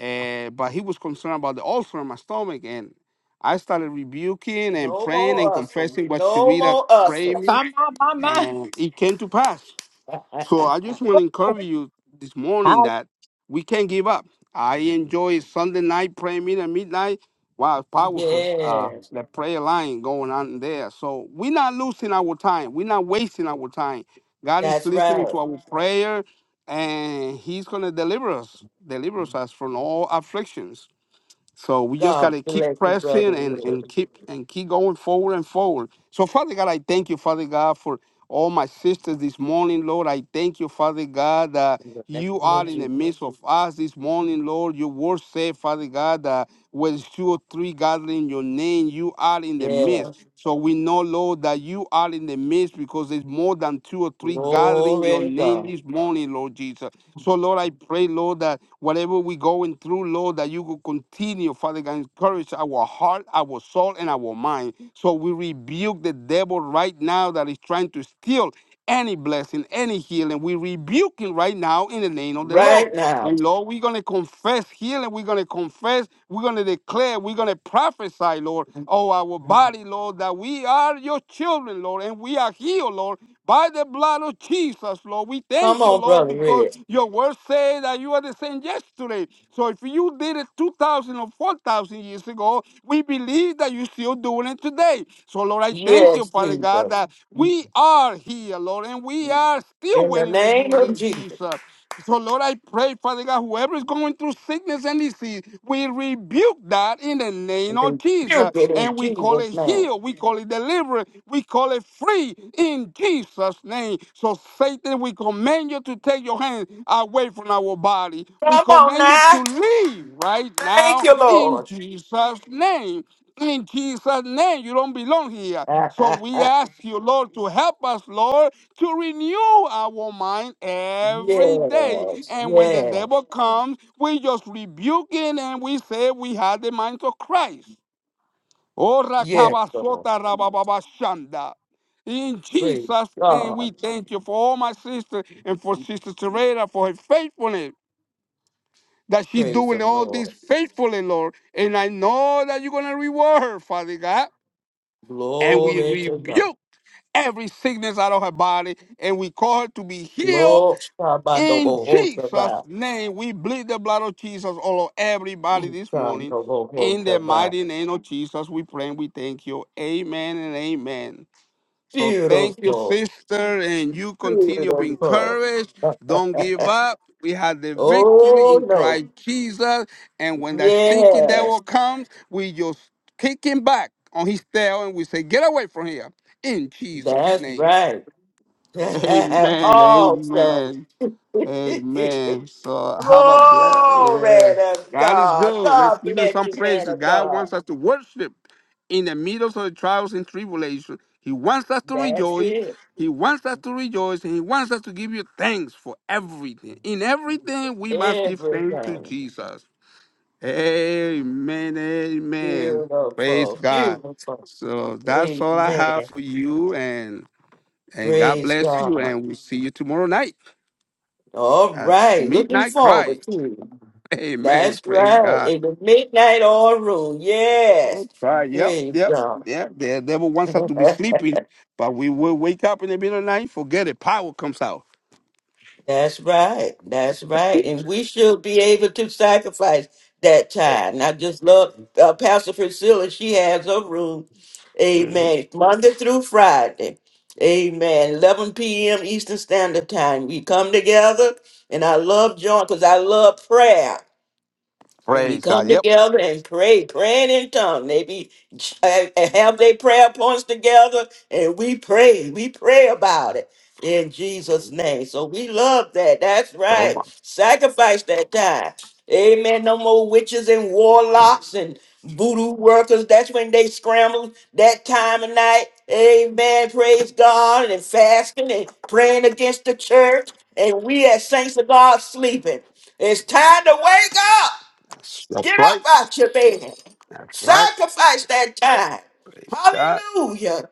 [SPEAKER 12] Uh, but he was concerned about the ulcer in my stomach, and I started rebuking and
[SPEAKER 1] No
[SPEAKER 12] praying and
[SPEAKER 1] more ushers.
[SPEAKER 12] confessing what
[SPEAKER 1] No
[SPEAKER 12] Sharita
[SPEAKER 1] more
[SPEAKER 12] prayed
[SPEAKER 1] ushers.
[SPEAKER 12] me,
[SPEAKER 10] Come on, my mind.
[SPEAKER 12] and it came to pass. So I just want to encourage you this morning
[SPEAKER 7] Hi,
[SPEAKER 12] that we can't give up. I enjoy Sunday night prayer meeting at midnight. Wow, it's powerful uh,
[SPEAKER 1] yes.
[SPEAKER 12] the prayer line going on there. So we're not losing our time. We're not wasting our time. God is
[SPEAKER 1] That's
[SPEAKER 12] listening to
[SPEAKER 1] right.
[SPEAKER 12] our prayer, and He's gonna deliver us, deliver us from all afflictions. So we just
[SPEAKER 1] God
[SPEAKER 12] gotta keep
[SPEAKER 1] bless you,
[SPEAKER 12] pressing
[SPEAKER 1] brother.
[SPEAKER 12] and,
[SPEAKER 1] Ruth.
[SPEAKER 12] and keep and keep going forward and forward. So Father God, I thank you, Father God, for all my sisters this morning, Lord. I thank you, Father God, that
[SPEAKER 1] In the name
[SPEAKER 12] you
[SPEAKER 1] of
[SPEAKER 12] are in the
[SPEAKER 1] Jesus.
[SPEAKER 12] midst of us this morning, Lord. Your word said, Father God, that when two or three gather in your name, you are in the
[SPEAKER 1] Yeah.
[SPEAKER 12] midst. So we know, Lord, that you are in the midst because there's more than two or three gathering
[SPEAKER 1] Glory
[SPEAKER 12] your
[SPEAKER 1] to
[SPEAKER 12] name
[SPEAKER 1] God.
[SPEAKER 12] this morning, Lord Jesus. So, Lord, I pray, Lord, that whatever we going through, Lord, that you will continue, Father God, encourage our heart, our soul, and our mind. So we rebuke the devil right now that is trying to steal any blessing, any healing. We rebuke him right now in the name of the Lord.
[SPEAKER 1] Right now.
[SPEAKER 12] And Lord, we're going to confess healing. We're going to confess. We're going to declare. We're going to prophesy, Lord,
[SPEAKER 1] Come
[SPEAKER 12] oh, our body, Lord, that we are your children, Lord, and we are healed, Lord, by the blood of Jesus, Lord. We thank you,
[SPEAKER 1] on,
[SPEAKER 12] Lord,
[SPEAKER 1] Brother
[SPEAKER 12] because
[SPEAKER 1] Red.
[SPEAKER 12] your word says that you are the same yesterday. So if you did it 2,000 or 4,000 years ago, we believe that you're still doing it today. So, Lord, I thank you,
[SPEAKER 1] Yes,
[SPEAKER 12] Father God,
[SPEAKER 1] Jesus.
[SPEAKER 12] that
[SPEAKER 1] In
[SPEAKER 12] we are here, Lord, and we are still
[SPEAKER 1] the
[SPEAKER 12] waiting on you,
[SPEAKER 1] name of
[SPEAKER 12] Lord
[SPEAKER 1] Jesus.
[SPEAKER 12] Jesus. So, Lord, I pray, Father God, whoever is going through sickness and disease, we rebuke that in the
[SPEAKER 1] We
[SPEAKER 12] name of Jesus.
[SPEAKER 1] Rebuke it in
[SPEAKER 12] And we call
[SPEAKER 1] Jesus'
[SPEAKER 12] it
[SPEAKER 1] name.
[SPEAKER 12] heal, we call it deliverance, we call it free in Jesus' name. So, Satan, we command you to take your hand away from our body. We
[SPEAKER 1] Come on
[SPEAKER 12] command you
[SPEAKER 1] now.
[SPEAKER 12] to leave right
[SPEAKER 1] Thank
[SPEAKER 12] now
[SPEAKER 1] you,
[SPEAKER 12] in
[SPEAKER 1] Lord.
[SPEAKER 12] Jesus' name. In Jesus' name, you don't belong here. So
[SPEAKER 1] yes,
[SPEAKER 12] we ask you, Lord, to help us, Lord, to renew our mind every day. And when the
[SPEAKER 1] yes,
[SPEAKER 12] devil comes, we just rebuke him and we say we have the mind of Christ. Oh,
[SPEAKER 1] yes, Lord.
[SPEAKER 12] rakabasota rabababashanda. In
[SPEAKER 1] Praise
[SPEAKER 12] Jesus' name, we
[SPEAKER 1] God.
[SPEAKER 12] thank you for all my sisters and for Sister Teresa for her faithfulness, that she's
[SPEAKER 1] Praise the
[SPEAKER 12] doing all this
[SPEAKER 1] Lord.
[SPEAKER 12] faithfully, Lord. And I know that you're going to reward her, Father God. And we
[SPEAKER 1] Glory to God.
[SPEAKER 12] rebuke every sickness out of her body and we call her to be healed
[SPEAKER 1] Lord, Shabbat,
[SPEAKER 12] In
[SPEAKER 1] Double
[SPEAKER 12] Jesus' name, we bleed the blood of Jesus all over everybody this morning. In
[SPEAKER 1] Hotel,
[SPEAKER 12] the mighty name of Jesus, we pray and we thank you. Amen and amen. So thank you,
[SPEAKER 1] Beautiful.
[SPEAKER 12] sister, and you continue being
[SPEAKER 1] Beautiful.
[SPEAKER 12] encouraged. Don't give up. We have the victory
[SPEAKER 1] oh
[SPEAKER 12] in
[SPEAKER 1] no.
[SPEAKER 12] Christ Jesus. And when that stinky
[SPEAKER 1] Yes.
[SPEAKER 12] devil comes, we just kick him back on his tail and we say, Get away from here. In Jesus'
[SPEAKER 1] That's
[SPEAKER 12] name.
[SPEAKER 1] right.
[SPEAKER 12] Amen.
[SPEAKER 1] awesome.
[SPEAKER 12] Amen. Amen. So
[SPEAKER 1] Glory
[SPEAKER 12] have a bless. Yeah.
[SPEAKER 1] to
[SPEAKER 12] God is
[SPEAKER 1] God.
[SPEAKER 12] good. Let's
[SPEAKER 1] God
[SPEAKER 12] give him
[SPEAKER 1] bless
[SPEAKER 12] some
[SPEAKER 1] you, man
[SPEAKER 12] praises.
[SPEAKER 1] of
[SPEAKER 12] God
[SPEAKER 1] God.
[SPEAKER 12] wants us to worship in the midst of the trials and tribulations. He wants us to
[SPEAKER 1] That's
[SPEAKER 12] rejoice.
[SPEAKER 1] it.
[SPEAKER 12] He wants us to rejoice and he wants us to give you thanks for everything. In everything, we must give thanks to
[SPEAKER 1] Everything.
[SPEAKER 12] Jesus. Amen. Amen. Praise
[SPEAKER 1] Beautiful.
[SPEAKER 12] God.
[SPEAKER 1] Beautiful.
[SPEAKER 12] So that's all I have
[SPEAKER 1] Amen.
[SPEAKER 12] for you. And and God
[SPEAKER 1] Praise
[SPEAKER 12] bless you.
[SPEAKER 1] God.
[SPEAKER 12] And we'll see you tomorrow night
[SPEAKER 1] All
[SPEAKER 12] at
[SPEAKER 1] right. Looking
[SPEAKER 12] midnight cry.
[SPEAKER 1] forward to it.
[SPEAKER 12] Amen.
[SPEAKER 1] That's
[SPEAKER 12] Praise
[SPEAKER 1] right.
[SPEAKER 12] God.
[SPEAKER 1] In the midnight oil rule.
[SPEAKER 12] All
[SPEAKER 1] Yes.
[SPEAKER 12] Right. Yep.
[SPEAKER 1] Praise
[SPEAKER 12] Yep.
[SPEAKER 1] God.
[SPEAKER 12] Yeah. The devil wants us to be sleeping, but we will wake up in the middle of the night. Forget it. Power comes out.
[SPEAKER 1] That's right. That's right. And we should be able to sacrifice that
[SPEAKER 12] Eh,
[SPEAKER 1] time. And I just love uh, Pastor Priscilla. She has her room.
[SPEAKER 12] Mhm.
[SPEAKER 1] Amen. Monday through Friday. Amen. 11 p.m. Eastern Standard Time. We come together. And I love John because I love prayer. we
[SPEAKER 12] Praise God.
[SPEAKER 1] come
[SPEAKER 12] Yep.
[SPEAKER 1] together and pray, praying in tongues. They be uh, have their prayer points together, and we pray, we pray about it in Jesus' name. So we love that. That's
[SPEAKER 12] Oh
[SPEAKER 1] right.
[SPEAKER 12] my.
[SPEAKER 1] Sacrifice that time. Amen. No more witches and warlocks and voodoo workers. That's when they scramble that time of night. Amen. Praise God and fasting and praying against the church. And we as saints of God sleeping. It's time to wake up.
[SPEAKER 12] That's
[SPEAKER 1] Get
[SPEAKER 12] that's
[SPEAKER 1] up
[SPEAKER 12] right.
[SPEAKER 1] out your bed.
[SPEAKER 12] That's right.
[SPEAKER 1] Sacrifice that time.
[SPEAKER 12] God.
[SPEAKER 1] Hallelujah.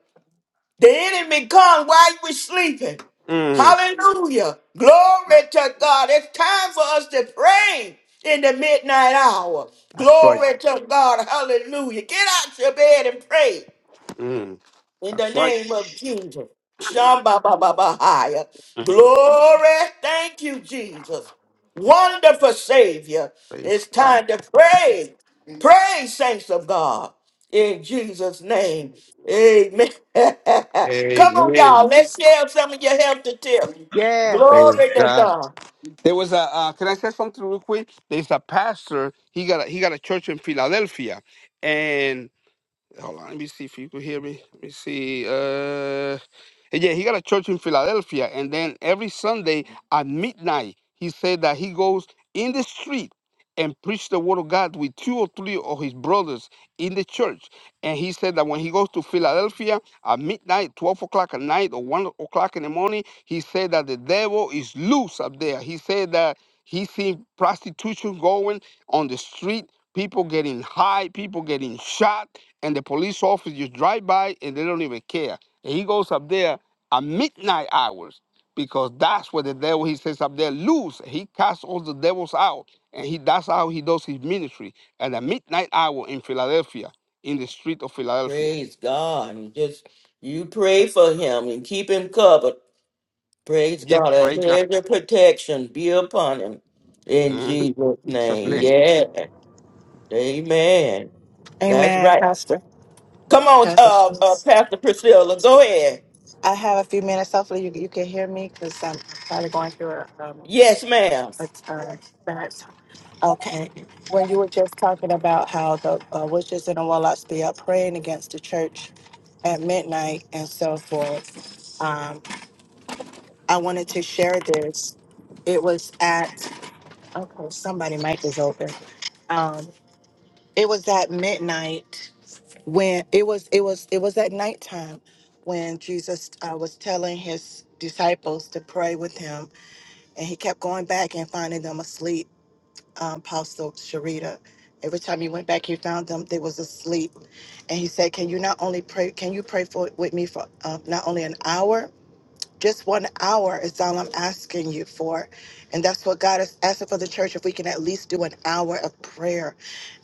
[SPEAKER 1] The enemy come while you were sleeping.
[SPEAKER 12] Mm.
[SPEAKER 1] Hallelujah. Glory to God. It's time for us to pray in the midnight hour.
[SPEAKER 12] That's right.
[SPEAKER 1] Glory to God. Hallelujah. Get out your bed and pray
[SPEAKER 12] Mm.
[SPEAKER 1] in the
[SPEAKER 12] That's right.
[SPEAKER 1] name of Jesus. Shamba Baba Bahaya.
[SPEAKER 12] Mm.
[SPEAKER 1] Glory. Thank you, Jesus. Wonderful Savior.
[SPEAKER 12] Praise
[SPEAKER 1] It's
[SPEAKER 12] God.
[SPEAKER 1] time to pray. Pray, saints of God. In Jesus' name. Amen.
[SPEAKER 12] Eh,
[SPEAKER 1] Come on, y'all. Let's share some of your healthy tips.
[SPEAKER 12] Praise
[SPEAKER 1] Glory to
[SPEAKER 12] God.
[SPEAKER 1] God.
[SPEAKER 12] There was a. Uh, can I say something real quick? There's a pastor. He got a, he got a church in Philadelphia, and hold on. Let me see if you could hear me. Let me see. Uh. Yeah, he got a church in Philadelphia, and then every Sunday at midnight, he said that he goes in the street and preach the word of God with two or three of his brothers in the church. And he said that when he goes to Philadelphia at midnight, 12 o'clock at night or 1 o'clock in the morning, he said that the devil is loose up there. He said that he seen prostitution going on the street, people getting high, people getting shot, and the police officers drive by and they don't even care. And he goes up there at midnight hours because that's where the devil he says up there loose he casts all the devils out and he that's how he does his ministry at the midnight hour in philadelphia in the street of philadelphia
[SPEAKER 1] Praise God. And just you pray for him and keep him covered. Praise
[SPEAKER 12] yep
[SPEAKER 1] God. A
[SPEAKER 12] praise god
[SPEAKER 1] hedge of protection be upon him in
[SPEAKER 12] Mhm.
[SPEAKER 1] Jesus'
[SPEAKER 12] Jesus
[SPEAKER 1] name.
[SPEAKER 13] Amen.
[SPEAKER 12] name.
[SPEAKER 1] Yeah. Amen. That's
[SPEAKER 13] Amen,
[SPEAKER 1] right.
[SPEAKER 13] Pastor.
[SPEAKER 1] Come on,
[SPEAKER 13] Pastor
[SPEAKER 1] uh, uh,
[SPEAKER 13] Schultz.
[SPEAKER 1] Pastor Priscilla. Go ahead.
[SPEAKER 13] I have a few minutes. Hopefully, you, you can hear me because I'm probably going through a, um,
[SPEAKER 1] Yes, ma'am.
[SPEAKER 13] a, a bad time. Okay. When you were just talking about how the uh, witches and the warlocks be up praying against the church at midnight and so forth, um, I wanted to share this. It was at, okay, somebody mic is open. Um, it was at midnight when it was it was it was at nighttime when Jesus uh, was telling his disciples to pray with him, and he kept going back and finding them asleep. Um, Apostle Sharita, every time he went back, he found them they was asleep, and he said, "Can you not only pray? Can you pray for with me for uh, not only an hour?" Just one hour is all I'm asking you for. And that's what God is asking for the church if we can at least do an hour of prayer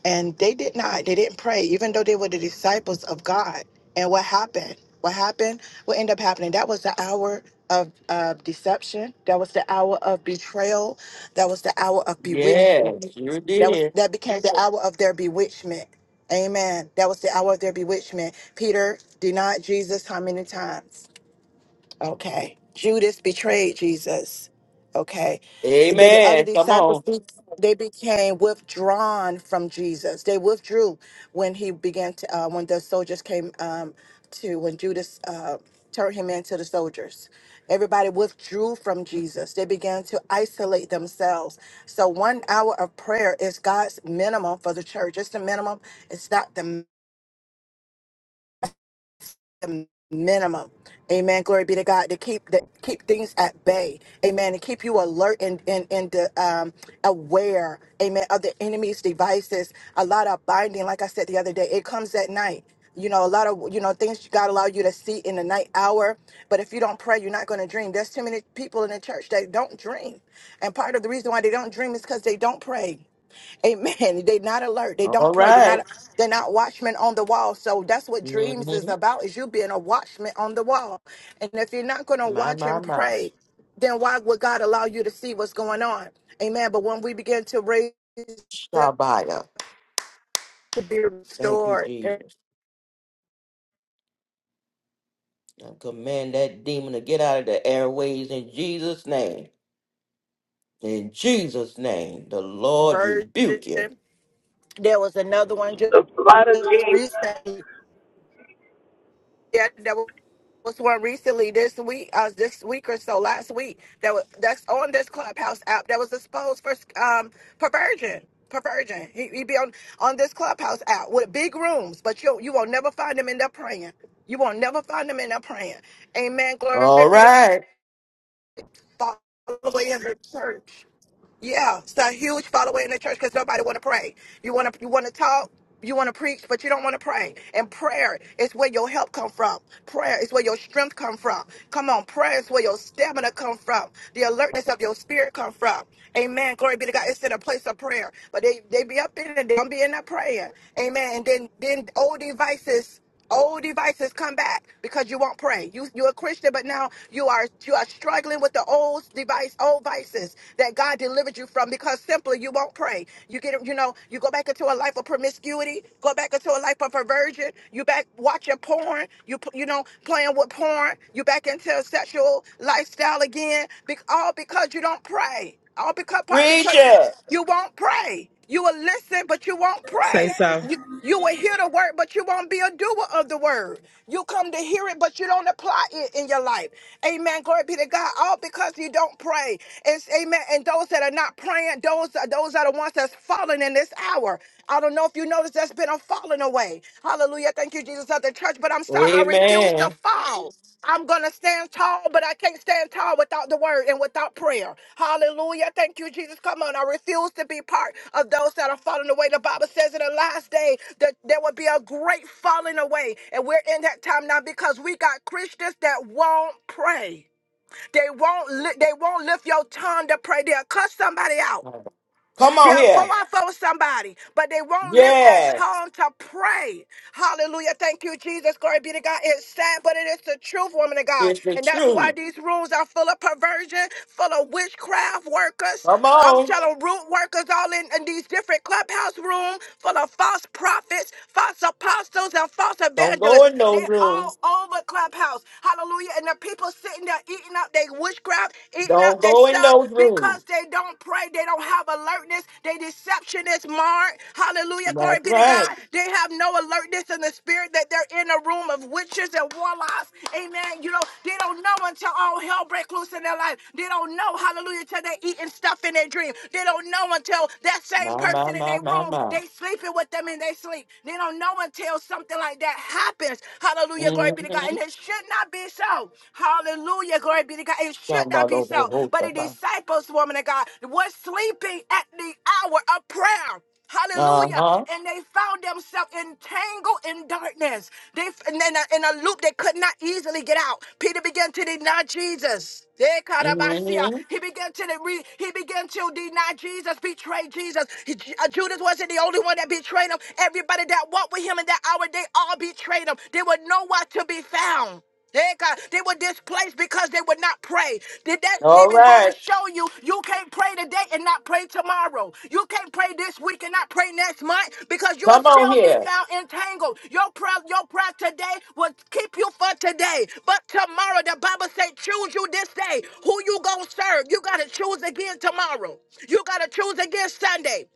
[SPEAKER 13] and they did not. They didn't pray, even though they were the disciples of God. And what happened? What happened? What ended up happening? That was the hour of uh, deception. That was the hour of betrayal. That was the hour of
[SPEAKER 1] Yes,
[SPEAKER 13] bewitchment.
[SPEAKER 1] you
[SPEAKER 13] That was
[SPEAKER 1] did.
[SPEAKER 13] that became the hour of their bewitchment. Amen. That was the hour of their bewitchment. Peter denied Jesus how many times? Okay. Judas betrayed Jesus. Okay. The, the other
[SPEAKER 1] Amen. Come
[SPEAKER 13] disciples,
[SPEAKER 1] on.
[SPEAKER 13] be- they became withdrawn from Jesus. They withdrew when he began to, uh, when the soldiers came um, to, when Judas uh, turned him into the soldiers. Everybody withdrew from Jesus. They began to isolate themselves. So one hour of prayer is God's minimum for the church. It's the minimum. It's not the the minimum. Amen. Glory be to God to keep the keep things at bay. Amen. And keep you alert and and and the, um, aware. Amen. Of the enemy's devices. A lot of binding. Like I said the other day, it comes at night. You know, a lot of you know things God allow you to see in the night hour. But if you don't pray, you're not going to dream. There's too many people in the church that don't dream, and part of the reason why they don't dream is because they don't pray. Amen. They're not alert. They don't
[SPEAKER 1] All
[SPEAKER 13] pray. They're not
[SPEAKER 1] right.
[SPEAKER 13] they're not watchmen on the wall. So that's what dreams is
[SPEAKER 1] Mm-hmm.
[SPEAKER 13] about, is you being a watchman on the wall. And if you're not gonna
[SPEAKER 1] My,
[SPEAKER 13] watch
[SPEAKER 1] my,
[SPEAKER 13] and
[SPEAKER 1] my.
[SPEAKER 13] pray, then why would God allow you to see what's going on? Amen. But when we begin to raise up
[SPEAKER 1] Shabbat.
[SPEAKER 13] to be
[SPEAKER 1] Thank you,
[SPEAKER 13] restored in
[SPEAKER 1] Jesus. I command that demon to get out of the airways in Jesus' name. In Jesus' name, the Lord
[SPEAKER 13] virgin,
[SPEAKER 1] rebuke you.
[SPEAKER 13] there was another one just
[SPEAKER 8] The blood of Jesus.
[SPEAKER 13] recently Yeah, there was one recently this week, uh, this week or so, last week. That was that's on this Clubhouse app. That was exposed for um perversion. Perversion. He, he be on on this Clubhouse app with big rooms, but you you won't never find him in there praying. You won't never find him in there praying. Amen. Glory
[SPEAKER 1] All
[SPEAKER 13] be to
[SPEAKER 1] right.
[SPEAKER 13] God. All the way in the church. Yeah, it's a huge following in the church because nobody want to pray. You want to you want to talk, you want to preach, but you don't want to pray. And prayer is where your help come from. Prayer is where your strength come from. Come on, prayer is where your stamina come from. The alertness of your spirit come from. Amen. Glory be to God. It's in a place of prayer, but they they be up in it. They don't be in there praying. Amen. And then then old devices. Old devices come back because you won't pray. You you're a Christian, but now you are you are struggling with the old device, old vices that God delivered you from because simply you won't pray. You get you know you go back into a life of promiscuity, go back into a life of perversion. You back watching porn. You p- you know playing with porn. You back into a sexual lifestyle again. Be, all because you don't pray. All because partly
[SPEAKER 1] Preach
[SPEAKER 13] because
[SPEAKER 1] it.
[SPEAKER 13] you won't pray. You will listen, but you won't
[SPEAKER 10] Say
[SPEAKER 13] pray.
[SPEAKER 10] so.
[SPEAKER 13] You you will hear the word, but you won't be a doer of the word. You come to hear it, but you don't apply it in your life. Amen. Glory be to God. All because you don't pray. It's amen. And those that are not praying, those are those are the ones that's falling in this hour. I don't know if you noticed, that's been a falling away. Hallelujah. Thank you, Jesus, of the church. But I'm sorry, I refuse to
[SPEAKER 1] Amen.
[SPEAKER 13] fall. I'm going to stand tall, but I can't stand tall without the word and without prayer. Hallelujah. Thank you, Jesus. Come on. I refuse to be part of those that are falling away. The Bible says in the last day that there will be a great falling away. And we're in that time now because we got Christians that won't pray. They won't li- they won't lift your tongue to pray. They'll cuss somebody out.
[SPEAKER 1] Come on
[SPEAKER 13] They'll go
[SPEAKER 1] here.
[SPEAKER 13] out for somebody, but they won't lift that
[SPEAKER 1] Yes,
[SPEAKER 13] tone to pray. Hallelujah. Thank you, Jesus. Glory be to God. It's sad, but it is the truth, woman of God.
[SPEAKER 1] It's the
[SPEAKER 13] And that's why
[SPEAKER 1] truth.
[SPEAKER 13] these rooms are full of perversion, full of witchcraft workers.
[SPEAKER 1] Come
[SPEAKER 13] I'm
[SPEAKER 1] on.
[SPEAKER 13] telling root workers all in, in these different clubhouse rooms, full of false prophets, false apostles, and false
[SPEAKER 1] Don't go
[SPEAKER 13] evangelists.
[SPEAKER 1] in
[SPEAKER 13] They're
[SPEAKER 1] those
[SPEAKER 13] all
[SPEAKER 1] rooms.
[SPEAKER 13] over clubhouse. Hallelujah. And the people sitting there eating up their witchcraft, eating eating up
[SPEAKER 1] Don't
[SPEAKER 13] their
[SPEAKER 1] go in
[SPEAKER 13] stuff
[SPEAKER 1] those rooms.
[SPEAKER 13] because they don't pray. They don't have alertness. Their deception is marred. Hallelujah. Glory
[SPEAKER 1] That's
[SPEAKER 13] be to
[SPEAKER 1] right.
[SPEAKER 13] God. They have no alertness in the spirit that they're in a room of witches and warlocks. Amen. You know, they don't know until all hell breaks loose in their life. They don't know, hallelujah, till they're eating stuff in their dream. They don't know until that same
[SPEAKER 1] My, my,
[SPEAKER 13] person in
[SPEAKER 1] my,
[SPEAKER 13] their
[SPEAKER 1] my,
[SPEAKER 13] room,
[SPEAKER 1] my.
[SPEAKER 13] they sleeping with them in their sleep. They don't know until something like that happens. Hallelujah. Glory be to
[SPEAKER 1] Mm-hmm.
[SPEAKER 13] God. And it shouldn't should not be so. Hallelujah. Glory be to God. It should not
[SPEAKER 1] Uh-huh.
[SPEAKER 13] be so. But the disciples, woman of God, were sleeping at the hour of prayer. Hallelujah. And they found themselves entangled in darkness. They in a, in a loop they could not easily get out. Peter began to deny Jesus. They caught up,
[SPEAKER 1] Mm-hmm.
[SPEAKER 13] He began to re, he began to deny Jesus, betray Jesus. He- uh, Judas wasn't the only one that betrayed him. Everybody that walked with him in that hour, they all betrayed him. They were nowhere to be found. Hey, God, They were displaced because they would not pray. Did that
[SPEAKER 1] All
[SPEAKER 13] even go
[SPEAKER 1] right.
[SPEAKER 13] to show you you can't pray today and not pray tomorrow? You can't pray this week and not pray next month because you will
[SPEAKER 1] Come on
[SPEAKER 13] still be
[SPEAKER 1] here.
[SPEAKER 13] found entangled. Your prayer, your prayer today will keep you for today. But tomorrow, the Bible says, choose you this day. Who you gonna serve? You gotta choose again tomorrow. You gotta choose again Sunday.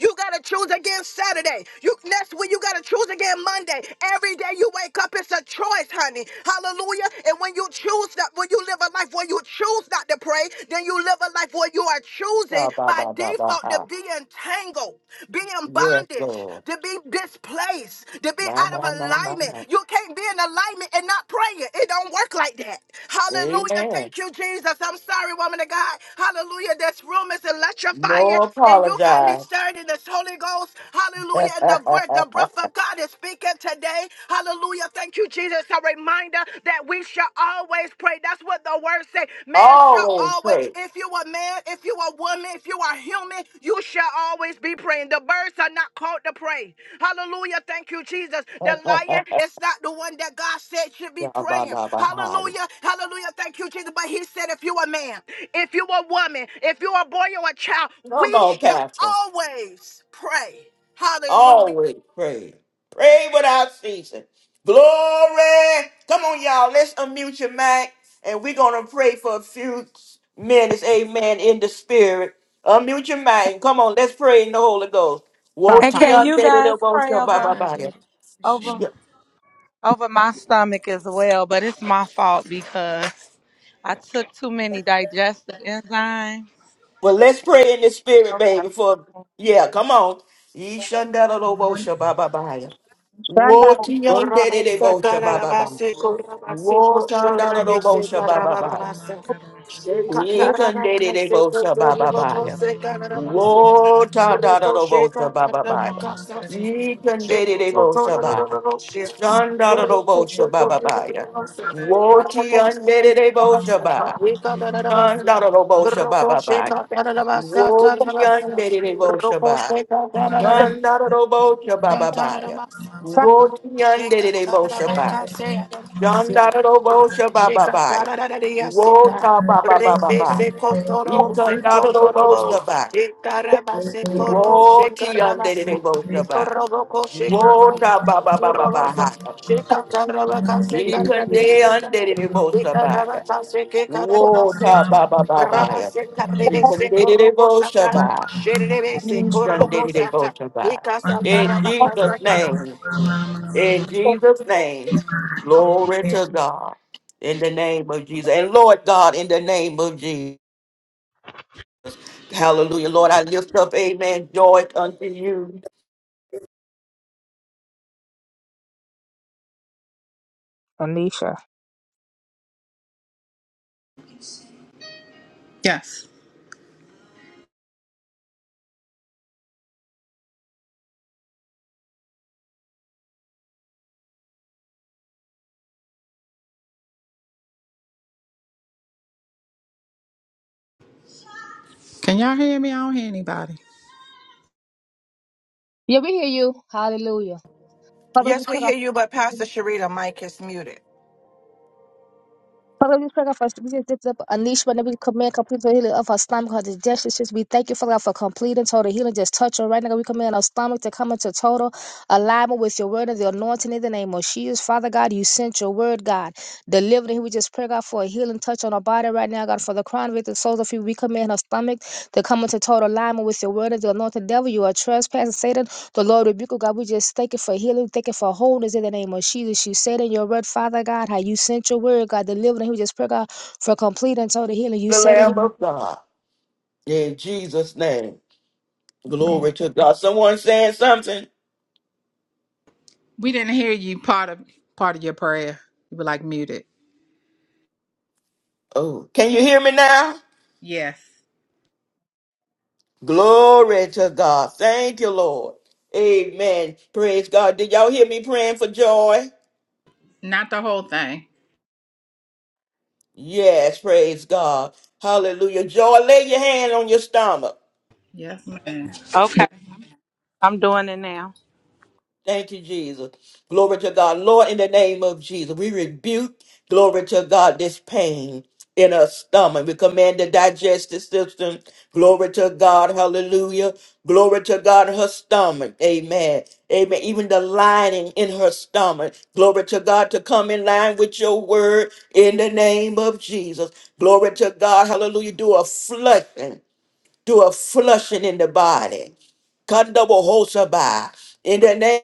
[SPEAKER 13] You gotta choose again Saturday. You next week you gotta choose again Monday. Every day you wake up, it's a choice, honey. Hallelujah. And when you choose that, when you live a life where you choose not to pray, then you live a life where you are choosing
[SPEAKER 1] Ba, ba,
[SPEAKER 13] by
[SPEAKER 1] ba, ba, ba,
[SPEAKER 13] default to
[SPEAKER 1] ha.
[SPEAKER 13] be entangled, be in
[SPEAKER 1] Yes,
[SPEAKER 13] bondage,
[SPEAKER 1] Lord.
[SPEAKER 13] to be displaced, to be
[SPEAKER 1] My,
[SPEAKER 13] out of
[SPEAKER 1] my, my, my,
[SPEAKER 13] alignment.
[SPEAKER 1] my.
[SPEAKER 13] You can't be in alignment alignment and not praying. It don't work like that. Hallelujah.
[SPEAKER 1] Amen.
[SPEAKER 13] Thank you, Jesus. I'm sorry, woman of God. Hallelujah. This room is electrifying
[SPEAKER 1] No
[SPEAKER 13] and you got me
[SPEAKER 1] apologize.
[SPEAKER 13] stirred in this Holy Ghost. Hallelujah. And the, ver- the breath of God is speaking today. Hallelujah. Thank you, Jesus. A reminder that we shall always pray. That's what the word say. Man shall
[SPEAKER 1] Always
[SPEAKER 13] always,
[SPEAKER 1] pray.
[SPEAKER 13] if you you a man, if you a woman, if you are human, you shall always be praying. The birds are not called to pray. Hallelujah. Thank you, Jesus. The lion is not the one that God said should be praying.
[SPEAKER 1] Yabba-dabba-hi.
[SPEAKER 13] Hallelujah. Hallelujah. Thank you, Jesus. But he said, if you a man, if you a woman, if you a boy or a child,
[SPEAKER 1] Come
[SPEAKER 13] we
[SPEAKER 1] on,
[SPEAKER 13] shall
[SPEAKER 1] Pastor.
[SPEAKER 13] always pray. Hallelujah.
[SPEAKER 1] Always pray. Pray without ceasing. Glory. Come on, y'all. Let's unmute your mic and we're going to pray for a few minutes. Amen. In the spirit. Unmute your mic and come on. Let's pray in the Holy Ghost. wo
[SPEAKER 8] And
[SPEAKER 7] Papa.
[SPEAKER 1] ti
[SPEAKER 8] can
[SPEAKER 1] an
[SPEAKER 8] you
[SPEAKER 1] de de
[SPEAKER 8] guys
[SPEAKER 1] de ba
[SPEAKER 8] pray
[SPEAKER 1] ba
[SPEAKER 8] over
[SPEAKER 1] ba ya
[SPEAKER 8] over?
[SPEAKER 1] Yeah.
[SPEAKER 8] over my stomach as well, but it's my fault because I took too many digestive enzymes.
[SPEAKER 1] But let's pray in the spirit,
[SPEAKER 8] Okay.
[SPEAKER 1] baby. For yeah, come on. yee shun da da ba ba ba ya
[SPEAKER 7] Shanda,
[SPEAKER 1] Woti
[SPEAKER 13] Shake
[SPEAKER 1] yonder de bosha baba ba. Wotanda do bosha baba ba.
[SPEAKER 7] oh,
[SPEAKER 1] Ikande de bosha baba ba. Wotanda do bosha baba ba. Ikande de bosha ba. Shanda do bosha baba ba. Woti yonder de bosha ba. Shanda do bosha baba ba. Woti yonder de bosha ba. Yandaroboshabababaya.
[SPEAKER 7] Papa,
[SPEAKER 13] Tatarabasata. Sheka
[SPEAKER 1] Wotiyanderedeboshabaya.
[SPEAKER 13] tatarabaka se adabasi. Ruku sheka
[SPEAKER 1] Yandaroboshabababaya.
[SPEAKER 13] tararariyasika. Rebe
[SPEAKER 1] Wotabababababaya.
[SPEAKER 13] se kotoro se kotorobo.
[SPEAKER 1] Ikandaroboshabaya.
[SPEAKER 13] Ikaraba se koro sheka rabasa.
[SPEAKER 1] Wotiyanderedeboshabaya.
[SPEAKER 13] Ikoroboko sheko robo sotorobosa.
[SPEAKER 1] Wotabababababaya.
[SPEAKER 13] Sheka tarabaka se tarabisi. Yes,
[SPEAKER 1] Ikandeyanderedeboshabaya. Wotababababaya. Ikanderedeboshabaya. Inshanderedeboshabaya. In
[SPEAKER 7] oh,
[SPEAKER 1] Jesus' name. In
[SPEAKER 7] oh.
[SPEAKER 1] Jesus' name, glory to God. In the name of Jesus. And Lord God, in the name of Jesus. Hallelujah. Lord, I lift up, amen, joy unto you,
[SPEAKER 7] Anisha.
[SPEAKER 10] Yes. Can y'all hear me? I don't hear anybody.
[SPEAKER 7] Yeah, we hear you. Hallelujah. Father, we just
[SPEAKER 13] we hear you,
[SPEAKER 7] thank
[SPEAKER 13] but
[SPEAKER 7] you.
[SPEAKER 13] Pastor Sharita, mic is muted.
[SPEAKER 7] Father, we pray God for us. we just lift up Anish whenever we command complete total healing of her stomach, her digestion. Just we thank you, Father, God, for complete and total healing. Just touch her right now. God. We command our stomach to come into total alignment with your word and the anointing in the name of Jesus. Father God, you sent your word, God. Delivered and we just pray God for a healing touch on her body right now, God, for the crown of it, the souls of you. We command her stomach to come into total alignment with your word and the anointing. Devil, you are trespassing. Satan. The Lord rebuke, oh God. We just thank you for healing. Thank you for wholeness in the name of Jesus. You said in your word, Father God, how you sent your word, God, delivering. We just pray, God, for complete and total healing. You
[SPEAKER 1] the
[SPEAKER 7] said in your
[SPEAKER 1] Lamb of God. In Jesus' name. Glory
[SPEAKER 7] Amen.
[SPEAKER 1] to God. Someone saying something?
[SPEAKER 10] We didn't hear you part of part of your prayer. You were like muted.
[SPEAKER 1] Oh, can you hear me now?
[SPEAKER 10] Yes.
[SPEAKER 1] Glory to God. Thank you, Lord. Amen. Praise God. Did y'all hear me praying for joy?
[SPEAKER 10] Not the whole thing.
[SPEAKER 1] Yes, praise God. Hallelujah. Joy, lay your hand on your stomach.
[SPEAKER 10] Yes, ma'am.
[SPEAKER 8] Okay, I'm doing it now.
[SPEAKER 1] Thank you, Jesus. Glory to God. Lord, in the name of Jesus, we rebuke, glory to God, this pain in our stomach. We command the digestive system, glory to God, hallelujah. Glory to God, her stomach, amen. Amen. Even the lining in her stomach, glory to God, to come in line with your word in the name of Jesus. Glory to God, hallelujah. Do a flushing, do a flushing in the body. Kandabohosabai. In the name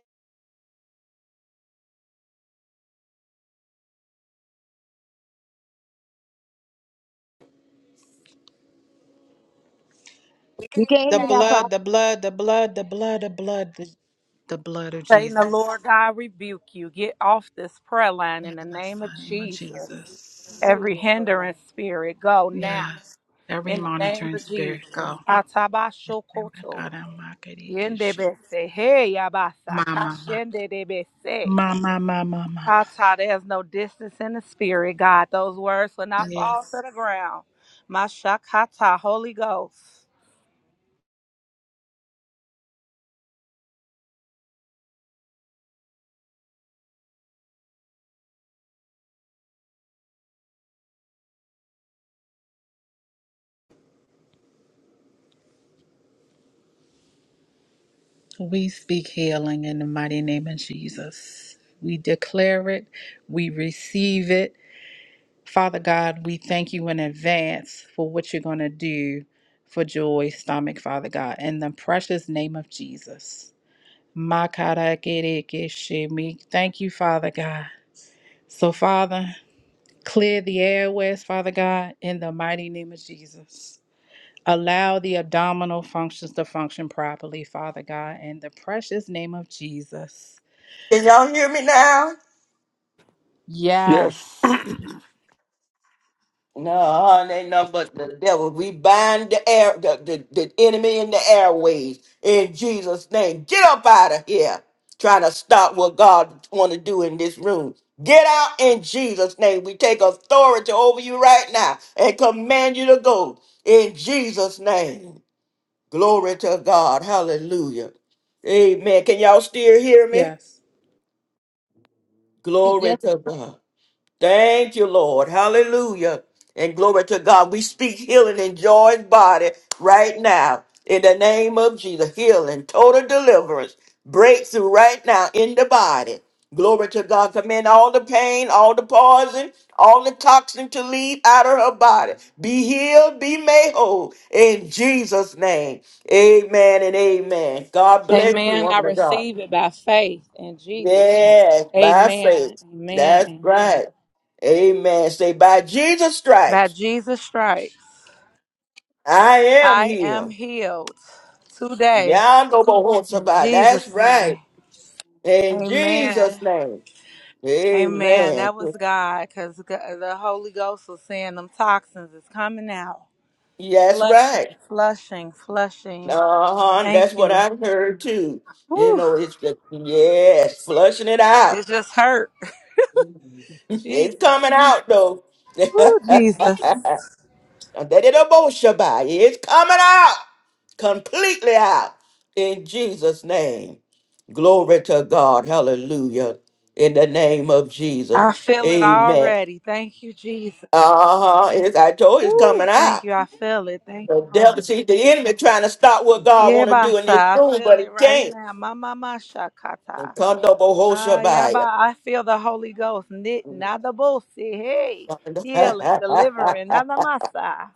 [SPEAKER 7] we can't hear
[SPEAKER 10] The
[SPEAKER 7] you now, Prophet.
[SPEAKER 10] blood, the blood, the blood, the blood, the blood, the, the blood of
[SPEAKER 8] Satan,
[SPEAKER 10] Jesus.
[SPEAKER 8] the
[SPEAKER 10] Yes,
[SPEAKER 8] Lord God rebuke you. Get off this prayer line
[SPEAKER 10] in
[SPEAKER 8] in the name of
[SPEAKER 10] the name of
[SPEAKER 8] Jesus.
[SPEAKER 10] Jesus.
[SPEAKER 8] Every hindrance spirit, go now
[SPEAKER 10] Yes. Every
[SPEAKER 8] in the name
[SPEAKER 10] monitoring
[SPEAKER 8] of
[SPEAKER 10] spirit
[SPEAKER 8] Jesus.
[SPEAKER 10] go. Oh my
[SPEAKER 8] Atabashokoto.
[SPEAKER 10] God, I'm not gonna get shit.
[SPEAKER 8] Yendebese. Hey, yabasa.
[SPEAKER 10] My, my, my.
[SPEAKER 8] Kashendebese.
[SPEAKER 10] My, my, my, my, my, my.
[SPEAKER 8] Tata, there's no distance in the spirit, God. Those words will not fall
[SPEAKER 10] Yes.
[SPEAKER 8] to the ground. My Shakata, Holy Ghost.
[SPEAKER 10] We speak healing in the mighty name of Jesus. We declare it. We receive it. Father God, we thank you in advance for what you're going to do for Joy's stomach, Father God, in the precious name of Jesus. Makarakerekeshimi. Thank you, Father God. So, Father, clear the airways, Father God, in the mighty name of Jesus. Allow the abdominal functions to function properly, Father God, in the precious name of Jesus.
[SPEAKER 1] Can y'all hear me now?
[SPEAKER 12] yes
[SPEAKER 10] Yes.
[SPEAKER 1] No, hardly ain't nothing but the devil. We bind the air, the, the, the enemy in the airways in Jesus' name. Get up out of here, trying to stop what God want to do in this room. Get out in Jesus' name. We take authority over you right now and command you to go in Jesus' name. Glory to God. Hallelujah. Amen. Can y'all still hear me?
[SPEAKER 10] Yes.
[SPEAKER 1] Glory to God. Thank you, Lord. Hallelujah. And glory to God. We speak healing in Joy's body right now. In the name of Jesus. Healing, total deliverance, breakthrough right now in the body. Glory to God. Command all the pain, all the poison, all the toxin to leave out of her body. Be healed, be made whole. In Jesus' name. Amen and amen. God bless you,
[SPEAKER 8] Amen. I
[SPEAKER 1] woman of God.
[SPEAKER 8] receive it by faith in Jesus' name.
[SPEAKER 1] Yes, by
[SPEAKER 8] Amen.
[SPEAKER 1] faith.
[SPEAKER 8] Amen.
[SPEAKER 1] That's
[SPEAKER 8] Amen.
[SPEAKER 1] right. Amen. Say, by Jesus'
[SPEAKER 8] By
[SPEAKER 1] stripes,
[SPEAKER 8] Jesus' stripes,
[SPEAKER 1] I am
[SPEAKER 8] I am
[SPEAKER 1] healed.
[SPEAKER 8] healed today
[SPEAKER 1] Yando
[SPEAKER 8] in
[SPEAKER 1] Bohonsaba. That's
[SPEAKER 8] Jesus'
[SPEAKER 1] right.
[SPEAKER 8] name.
[SPEAKER 1] In
[SPEAKER 8] Amen.
[SPEAKER 1] Jesus' name.
[SPEAKER 8] Amen.
[SPEAKER 1] Amen.
[SPEAKER 8] That was God because the Holy Ghost was saying them toxins is coming out.
[SPEAKER 1] That's
[SPEAKER 8] Flushing,
[SPEAKER 1] right.
[SPEAKER 8] flushing, flushing.
[SPEAKER 1] Uh-huh. That's
[SPEAKER 8] Thank
[SPEAKER 1] what
[SPEAKER 8] you.
[SPEAKER 1] I've heard too. You
[SPEAKER 8] Whew,
[SPEAKER 1] know, it's just, yes, flushing it out.
[SPEAKER 8] it just hurt.
[SPEAKER 1] It's
[SPEAKER 8] Jesus.
[SPEAKER 1] coming out though. It's
[SPEAKER 8] Whew, Jesus.
[SPEAKER 1] coming out. completely out in Jesus' name. Glory to God. Hallelujah. In the name of Jesus.
[SPEAKER 8] I feel it
[SPEAKER 1] Amen.
[SPEAKER 8] already. Thank you, Jesus.
[SPEAKER 1] Uh-huh. It's- I told you it's coming
[SPEAKER 8] Whew, thank
[SPEAKER 1] out.
[SPEAKER 8] you. I feel it. Thank you,
[SPEAKER 1] The
[SPEAKER 8] Lord.
[SPEAKER 1] devil, see, the enemy trying to stop what God
[SPEAKER 8] Yeah,
[SPEAKER 1] want to do in
[SPEAKER 8] Basa.
[SPEAKER 1] this
[SPEAKER 8] I
[SPEAKER 1] room,
[SPEAKER 8] feel
[SPEAKER 1] but he
[SPEAKER 8] it right
[SPEAKER 1] can't.
[SPEAKER 8] now. Mama, ma shakata. Ah, yeah, ba.
[SPEAKER 1] Kondobohoshabaya.
[SPEAKER 8] I feel the Holy Ghost knitting. Adabosi. Hey, healing, delivering. Nadamasa.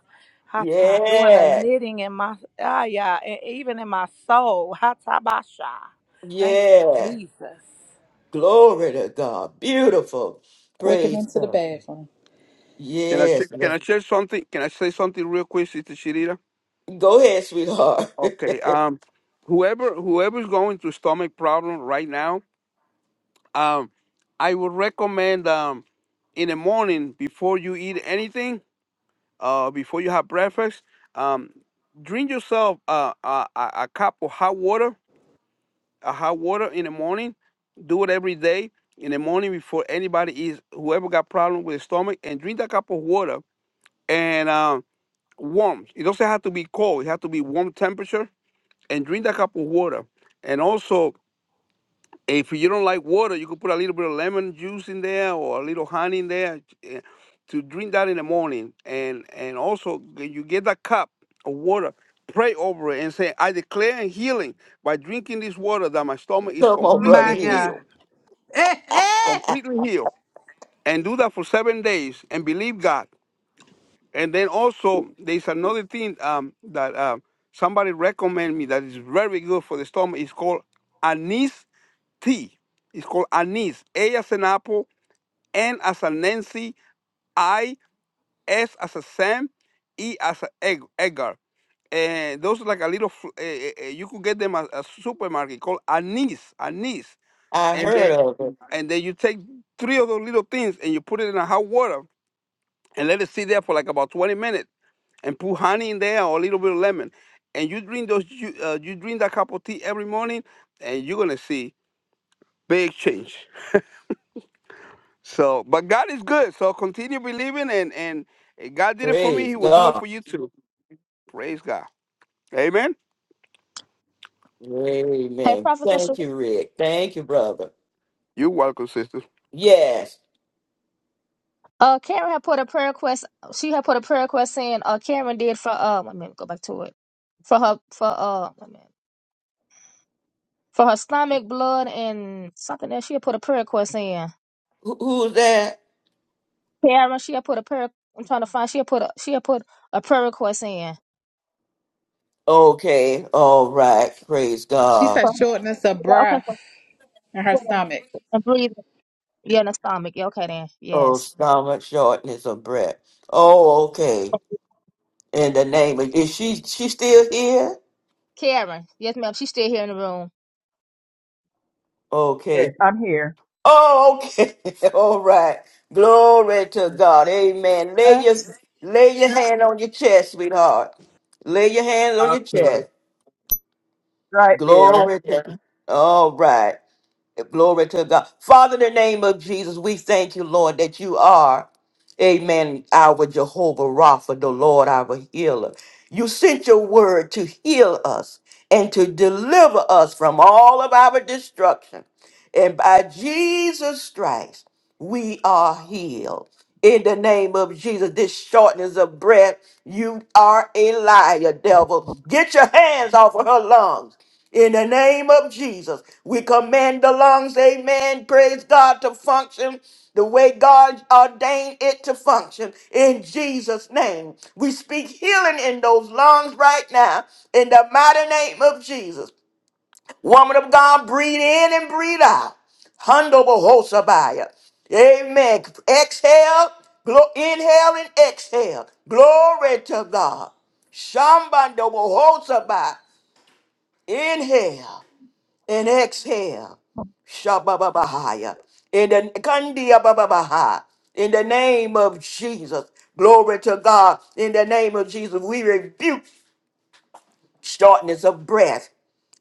[SPEAKER 8] Hata. Doing the
[SPEAKER 1] yeah.
[SPEAKER 8] knitting in my, ah, yeah, and even in my soul. Hata basha. Thank you,
[SPEAKER 1] Yeah.
[SPEAKER 8] Jesus.
[SPEAKER 1] Glory to God. Beautiful.
[SPEAKER 10] Quicken
[SPEAKER 1] Praise
[SPEAKER 10] into the
[SPEAKER 1] God.
[SPEAKER 10] bathroom.
[SPEAKER 12] can i say,
[SPEAKER 1] Yes.
[SPEAKER 12] can
[SPEAKER 1] Lord.
[SPEAKER 12] i share something can i say something real quick sister shirita
[SPEAKER 1] Go ahead, sweetheart.
[SPEAKER 12] okay um whoever whoever's going through stomach problem right now um i would recommend um in the morning before you eat anything uh, before you have breakfast, um, drink yourself uh, a, a, a cup of hot water, a hot water in the morning. Do it every day in the morning before anybody eats, whoever got problem with the stomach, and drink that cup of water and um, warm. It doesn't have to be cold. It has to be warm temperature and drink that cup of water. And also if you don't like water, you could put a little bit of lemon juice in there or a little honey in there eh, to drink that in the morning. And and also when you get that cup of water, pray over it and say, I declare and healing by drinking this water that my stomach is
[SPEAKER 1] Come on,
[SPEAKER 10] My
[SPEAKER 1] brother
[SPEAKER 12] completely
[SPEAKER 1] here.
[SPEAKER 10] God.
[SPEAKER 12] healed, completely healed. And do that for seven days and believe God. And then also there's another thing um, that um, somebody recommended me that is very good for the stomach. It's called anise T is called anise. A as an apple, N as a Nancy, I, S as a Sam, E as a egg, Edgar. And those are like a little, fl- eh, eh, eh, you could get them at a supermarket called anise, anise.
[SPEAKER 1] I
[SPEAKER 12] And
[SPEAKER 1] heard
[SPEAKER 12] then,
[SPEAKER 1] of it.
[SPEAKER 12] and then you take three of those little things and you put it in a hot water and let it sit there for like about 20 minutes and put honey in there or a little bit of lemon. And you drink those, you, uh, you drink that cup of tea every morning and you're going to see big change. So, but God is good. So continue believing, and and God did it for me.
[SPEAKER 1] Praise
[SPEAKER 12] He will do it
[SPEAKER 1] God.
[SPEAKER 12] for you too. Praise God. Amen.
[SPEAKER 7] Hey,
[SPEAKER 1] Amen.
[SPEAKER 7] Prophet, Tasha,
[SPEAKER 1] Thank you, Rick. Thank you, brother.
[SPEAKER 12] You're welcome, sister.
[SPEAKER 1] Yes.
[SPEAKER 7] uh, Karen had put a prayer request. She had put a prayer request saying, uh, Karen did for uh, let me go back to it for her for uh, wait a minute. for her stomach, blood, and something else. She had put a prayer request in.
[SPEAKER 1] Who, who's that?
[SPEAKER 7] Karen, she had put a prayer. I'm trying to find. She had put a she had put a prayer request in.
[SPEAKER 1] Okay. All right. Praise
[SPEAKER 10] She
[SPEAKER 1] God.
[SPEAKER 10] said
[SPEAKER 7] For-
[SPEAKER 10] shortness of
[SPEAKER 7] Okay,
[SPEAKER 10] breath
[SPEAKER 7] for-
[SPEAKER 10] in her stomach.
[SPEAKER 7] and breathing. Yeah, in the stomach. Yeah, okay then.
[SPEAKER 1] Oh,
[SPEAKER 7] Yes.
[SPEAKER 1] stomach shortness of breath. Oh, okay. In the name of is she she still here?
[SPEAKER 7] Karen. Yes, ma'am. She's still here in the room.
[SPEAKER 11] Yes,
[SPEAKER 1] Okay.
[SPEAKER 11] I'm here.
[SPEAKER 1] Oh, okay. All right. Glory
[SPEAKER 10] Put
[SPEAKER 1] to
[SPEAKER 10] your
[SPEAKER 1] God.
[SPEAKER 10] hands on
[SPEAKER 1] Amen. Lay
[SPEAKER 10] your
[SPEAKER 1] your
[SPEAKER 10] chest.
[SPEAKER 1] lay your hand on your chest, sweetheart. Lay your hands on your
[SPEAKER 11] Okay.
[SPEAKER 1] chest.
[SPEAKER 11] Right there.
[SPEAKER 1] Glory to all right. Glory to God. Father, in the name of Jesus, we thank you, Lord, that you are, amen, our Jehovah Rapha, the Lord, our healer. You sent your word to heal us and to deliver us from all of our destruction. And by Jesus Christ, we are healed. In the name of Jesus, this shortness of breath, you are a liar, devil. Get your hands off of her lungs. In the name of Jesus, we command the lungs, amen, praise God, to function the way God ordained it to function. In Jesus' name, we speak healing in those lungs right now, in the mighty name of Jesus. Woman of God, breathe in and breathe out. Hundo bohosabaya. Amen. Exhale, glo- inhale and exhale. Glory to God. Shambando bohosabaya. Inhale and exhale. Shabababahaya. In the Kandia Bababaha. In the name of Jesus. Glory to God. In the name of Jesus, we rebuke shortness of breath.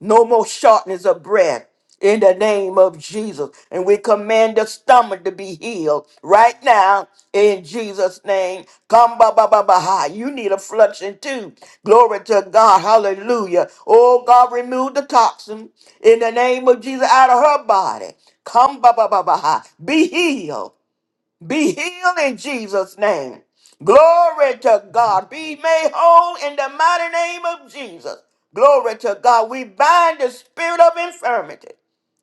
[SPEAKER 1] No more shortness of bread in the name of Jesus. And we command the stomach to be healed right now in Jesus' name. Come, ba, ba, ba, ba, ha. You need a flushing too. Glory to God. Hallelujah. Oh, God, remove the toxin in the name of Jesus out of her body. Come, ba, ba, ba, ba, ha. Be healed be healed in Jesus' name. Glory to God. Be made whole in the mighty name of Jesus. Glory to God. We bind the spirit of infirmity.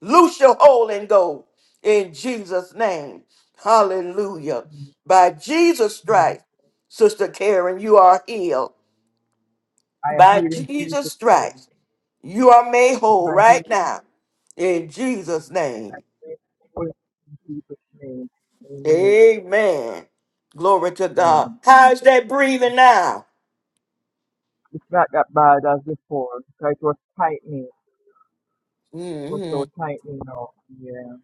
[SPEAKER 1] Loose your hold and go in Jesus' name. Hallelujah. By Jesus' stripes, Sister Karen, you are healed.
[SPEAKER 11] I am
[SPEAKER 1] By
[SPEAKER 11] here in
[SPEAKER 1] Jesus'
[SPEAKER 11] Jesus' name.
[SPEAKER 1] stripes, you are made
[SPEAKER 11] It is
[SPEAKER 1] whole
[SPEAKER 11] my healing.
[SPEAKER 1] right now in Jesus' name.
[SPEAKER 11] I pray for you in Jesus' name. Amen.
[SPEAKER 1] Amen. Glory to God.
[SPEAKER 11] Mm.
[SPEAKER 1] How's that breathing now?
[SPEAKER 11] It's not that bad as before because it was tightening. It was
[SPEAKER 1] hmm
[SPEAKER 11] so tightening now. Yeah.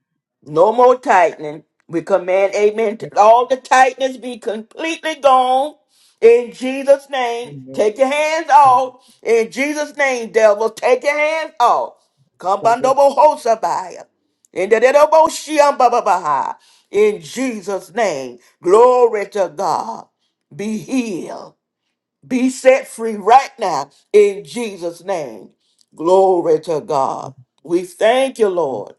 [SPEAKER 1] No more tightening. We command, amen. to All the tightness be completely gone in Jesus' name.
[SPEAKER 11] Amen.
[SPEAKER 1] Take your hands off. In Jesus' name, devil, take your hands off. Come
[SPEAKER 11] God bless
[SPEAKER 1] bandobo hosabaya. In the dedo bo shiam ba ba ba ha. In Jesus' name. Glory to God. Be healed. Be set free right now in Jesus' name. Glory to
[SPEAKER 11] you.
[SPEAKER 1] God. We thank you, Lord.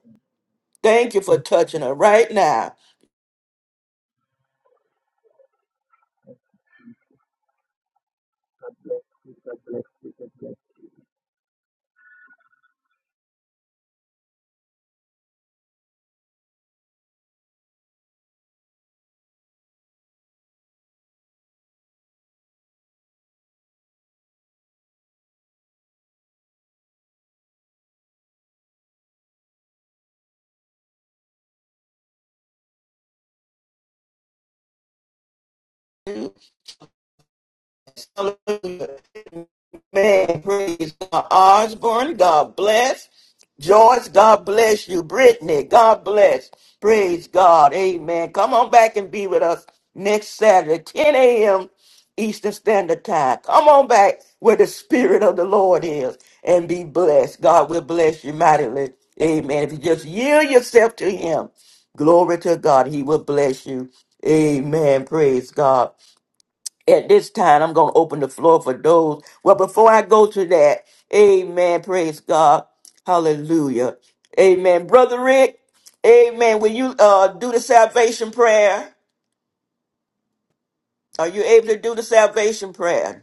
[SPEAKER 1] Thank you for
[SPEAKER 11] Thank you.
[SPEAKER 1] touching her right now.
[SPEAKER 11] Bless you. God bless you. God bless you.
[SPEAKER 1] Hallelujah. Man, praise God. Osborne, God bless. George, God bless you. Brittany, God bless. Praise God. Amen. Come on back and be with us next Saturday, 10 a.m. Eastern Standard Time. Come on back where the Spirit of the Lord is and be blessed. God will bless you mightily. Amen. If you just yield yourself to Him, glory to God, He will bless you. Amen. Praise God at this time, I'm going to open the floor for those. Well, before I go to that, amen. Praise God. Hallelujah. Amen. Brother Rick, amen. Will you uh, do the salvation prayer? Are you able to do the salvation prayer?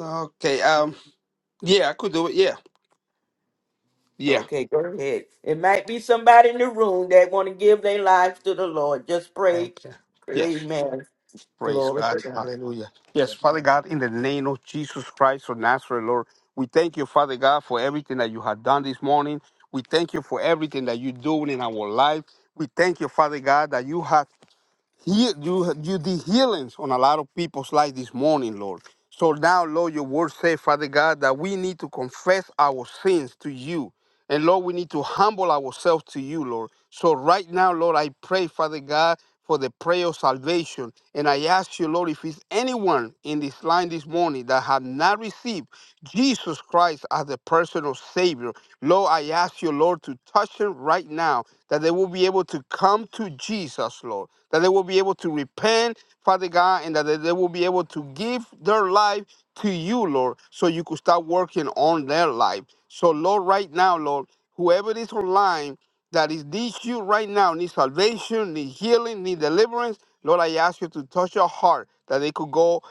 [SPEAKER 12] Okay. Um. Yeah, I could do it. Yeah. Yeah.
[SPEAKER 1] Okay, go ahead. It might be somebody in the room that want to give their lives to the Lord. Just pray.
[SPEAKER 12] Okay. Yes.
[SPEAKER 1] Amen.
[SPEAKER 12] Praise
[SPEAKER 1] Glory
[SPEAKER 12] God.
[SPEAKER 1] to God.
[SPEAKER 12] Hallelujah. Yes, Father God, in the name of Jesus Christ of Nazareth, Lord, we thank you, Father God, for everything that you have done this morning. We thank you for everything that you're doing in our life. We thank you, Father God, that you have heal you you did healings on a lot of people's life this morning, Lord. So now, Lord, your word says, Father God, that we need to confess our sins to you. And Lord, we need to humble ourselves to you, Lord. So right now, Lord, I pray, Father God, for the prayer of salvation. And I ask you, Lord, if it's anyone in this line this morning that have not received Jesus Christ as the personal Savior, Lord, I ask you, Lord, to touch them right now that they will be able to come to Jesus, Lord, that they will be able to repent, Father God, and that they they will be able to give their life to you, Lord, so you could start working on their life. So, Lord, right now, Lord, whoever is online that is needs you right now, need salvation, need healing, need deliverance, Lord, I ask you to touch your heart that they could go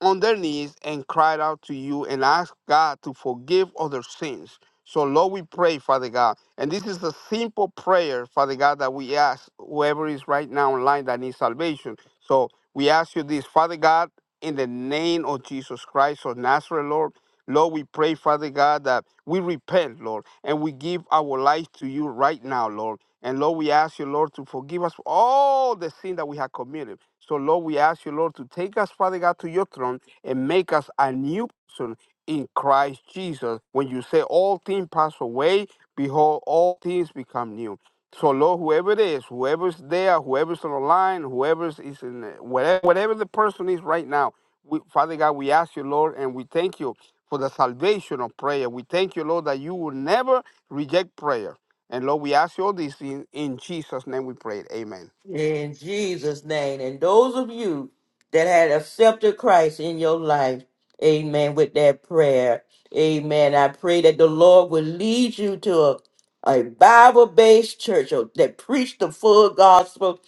[SPEAKER 12] on their knees and cried out to you and asked God to forgive other sins. So, Lord, we pray, Father God. And this is a simple prayer, Father God, that we ask whoever is right now online that needs salvation. So, we ask you this, Father God, in the name of Jesus Christ of Nazareth, Lord. Lord, we pray, Father God, that we repent, Lord, and we give our life to you right now, Lord. And Lord, we ask you, Lord, to forgive us for all the sin that we have committed. So, Lord, we ask you, Lord, to take us, Father God, to your throne and make us a new person in Christ Jesus. When you say all things pass away, behold, all things become new. So, Lord, whoever it is, whoever's there, whoever's on the line, whoever's is in the- whatever, whatever the person is right now, we, Father God, we ask you, Lord, and we thank you for the salvation of prayer. We thank you, Lord, that you will never reject prayer. And Lord, we ask you all this in, in Jesus' name we pray. Amen.
[SPEAKER 1] In Jesus' name. And those of you that had accepted Christ in your life, amen, with that prayer, amen. I pray that the Lord will lead you to a, a Bible based church uh, that preach the full gospel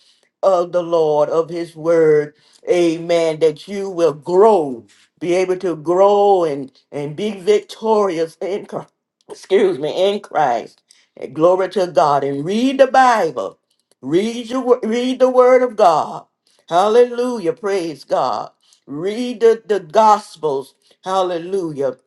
[SPEAKER 1] of the Lord, of His Word, amen, that you will grow, be able to grow and, and be victorious in Christ. Excuse me, in Christ. And glory to God. And read the Bible Read your wo- read the word of God. Hallelujah. Praise God. Read the, the gospels. Hallelujah.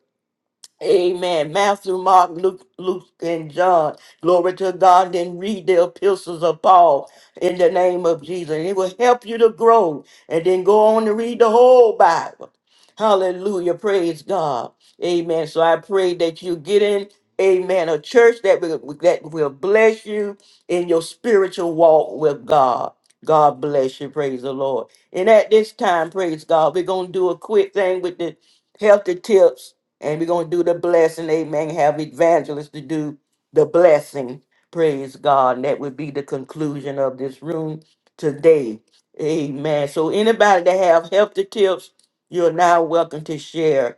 [SPEAKER 1] Amen. Matthew, Mark, Luke, Luke, and John. Glory to God. Then read the epistles of Paul in the name of Jesus. And it will help you to grow. And then go on to read the whole Bible. Hallelujah. Praise God. Amen. So I pray that you get in, amen, a church that will, that will bless you in your spiritual walk with God. God bless you. Praise the Lord. And at this time, praise God, we're going to do a quick thing with the healthy tips and we're going to do the blessing. Amen. Have evangelists to do the blessing. Praise God. And that would be the conclusion of this room today. Amen. So anybody that have healthy tips, you're now welcome to share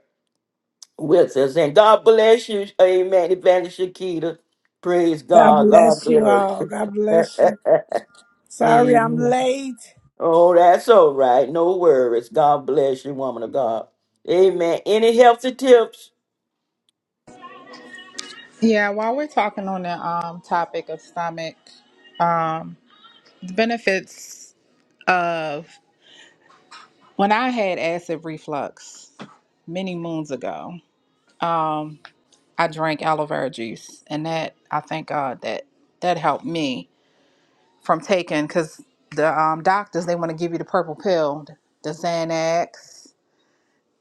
[SPEAKER 1] with us. And God bless you. Amen. Evangelist Shakita. Praise
[SPEAKER 14] God
[SPEAKER 1] God. God
[SPEAKER 14] bless you
[SPEAKER 1] bless.
[SPEAKER 14] all. God bless you.
[SPEAKER 1] you,
[SPEAKER 14] Sorry I'm
[SPEAKER 1] Amen.
[SPEAKER 14] late.
[SPEAKER 1] Oh, that's all right. No worries. God bless you, woman of God. Amen. Any healthy tips?
[SPEAKER 10] Yeah, while we're talking on the um, topic of stomach, the benefits of when I had acid reflux many moons ago, um, I drank aloe vera juice, and that I thank God that that helped me from taking because the um, doctors they want to give you the purple pill, the Xanax,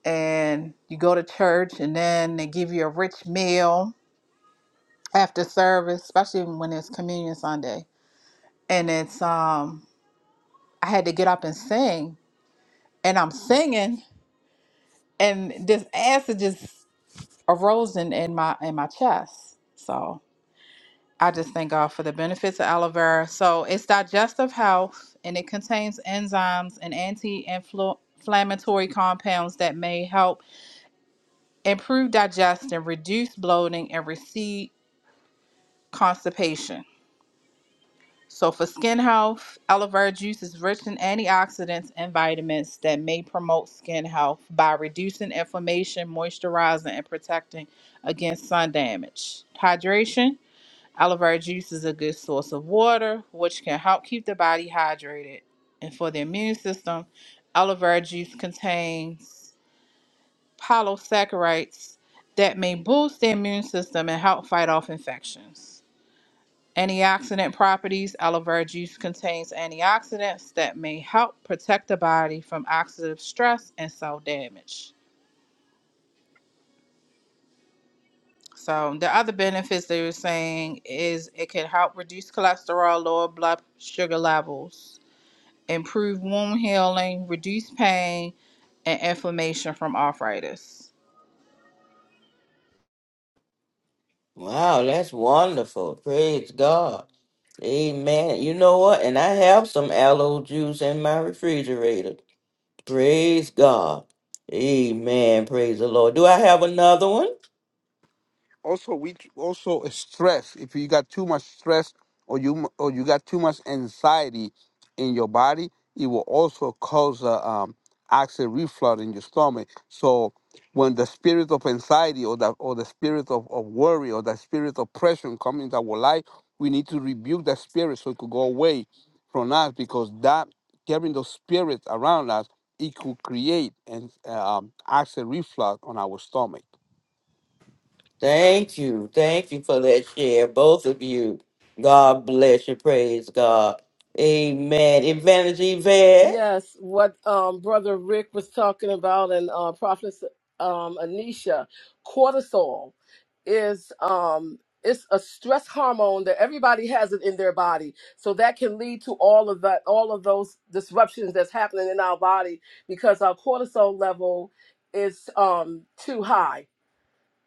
[SPEAKER 10] and you go to church, and then they give you a rich meal after service, especially when it's communion Sunday. And it's um I had to get up and sing and I'm singing and this acid just arose in, in my in my chest. So I just thank God for the benefits of aloe vera. So it's digestive health and it contains enzymes and anti-inflammatory compounds that may help improve digestion, reduce bloating, and recede constipation. So, for skin health, aloe vera juice is rich in antioxidants and vitamins that may promote skin health by reducing inflammation, moisturizing, and protecting against sun damage. Hydration aloe vera juice is a good source of water, which can help keep the body hydrated. And for the immune system, aloe vera juice contains polysaccharides that may boost the immune system and help fight off infections. Antioxidant properties. Aloe vera juice contains antioxidants that may help protect the body from oxidative stress and cell damage. So, the other benefits they were saying is it can help reduce cholesterol, lower blood sugar levels, improve wound healing, reduce pain and inflammation from arthritis.
[SPEAKER 1] Wow, that's wonderful. Praise God. Amen. You know what? And I have some aloe juice in my refrigerator. Praise God. Amen. Praise the Lord. Do I have another one?
[SPEAKER 12] also we also stress if you got too much stress or you or you got too much anxiety in your body it will also cause a um, acid reflux in your stomach so when the spirit of anxiety or the or the spirit of, of worry or the spirit of pressure comes into our life we need to rebuke that spirit so it could go away from us because that carrying those spirits around us it could create an um, acid reflux on our stomach
[SPEAKER 1] Thank you. Thank you for that share, both of you. God bless you. Praise God. Amen. Advantage Yvette?
[SPEAKER 6] Yes, what um, Brother Rick was talking about and uh, Prophet um, Anisha, cortisol is um, it's a stress hormone that everybody has it in their body, so that can lead to all of that, all of those disruptions that's happening in our body because our cortisol level is um, too high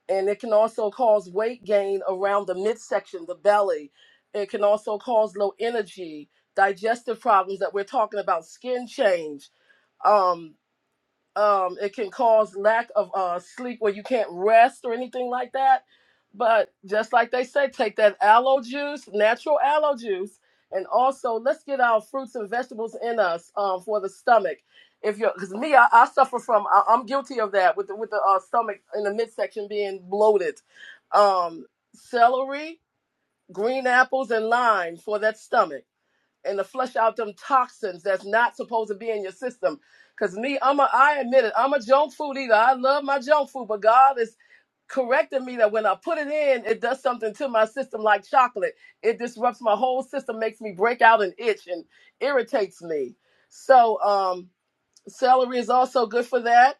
[SPEAKER 6] and it can also cause weight gain around the midsection, the belly. It can also cause low energy, digestive problems that we're talking about, skin change. Um, um, it can cause lack of uh, sleep where you can't rest or anything like that. But just like they say, take that aloe juice, natural aloe juice, and also let's get our fruits and vegetables in us um, for the stomach. If you're, because me, I, I suffer from, I, I'm guilty of that with the, with the uh, stomach in the midsection being bloated. Um, celery, green apples, and lime for that stomach and to flush out them toxins that's not supposed to be in your system. Cause me, I'm a I admit it, I'm a junk food eater. I love my junk food, but God is correcting me that when I put it in, it does something to my system like chocolate. It disrupts my whole system, makes me break out and itch and irritates me. So um Celery is also good for that.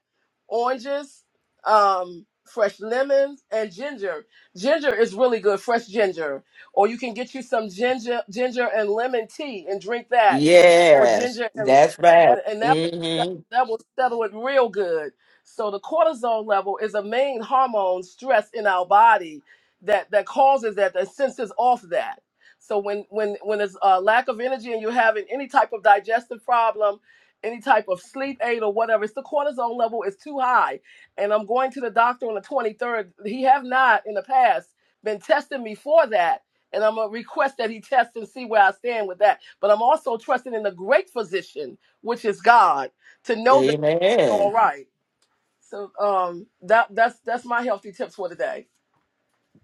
[SPEAKER 6] Oranges, um, fresh lemons, and ginger. Ginger is really good, fresh ginger. Or you can get you some ginger, ginger and lemon tea and drink that. Or
[SPEAKER 1] Yes,
[SPEAKER 6] ginger and
[SPEAKER 1] that's right.
[SPEAKER 6] and that that
[SPEAKER 1] Mm-hmm.
[SPEAKER 6] that will settle it real good. So the cortisol level is a main hormone stress in our body that that causes that that senses off that. So when when when there's a lack of energy and you're having any type of digestive problem any type of sleep aid or whatever. It's the cortisol level is too high. And I'm going to the doctor on the 23rd. He have not in the past been testing me for that. And I'm gonna request that he test and see where I stand with that. But I'm also trusting in the great physician, which is God, to know that you're
[SPEAKER 1] Amen.
[SPEAKER 6] all right. So um that that's that's my healthy tips for today.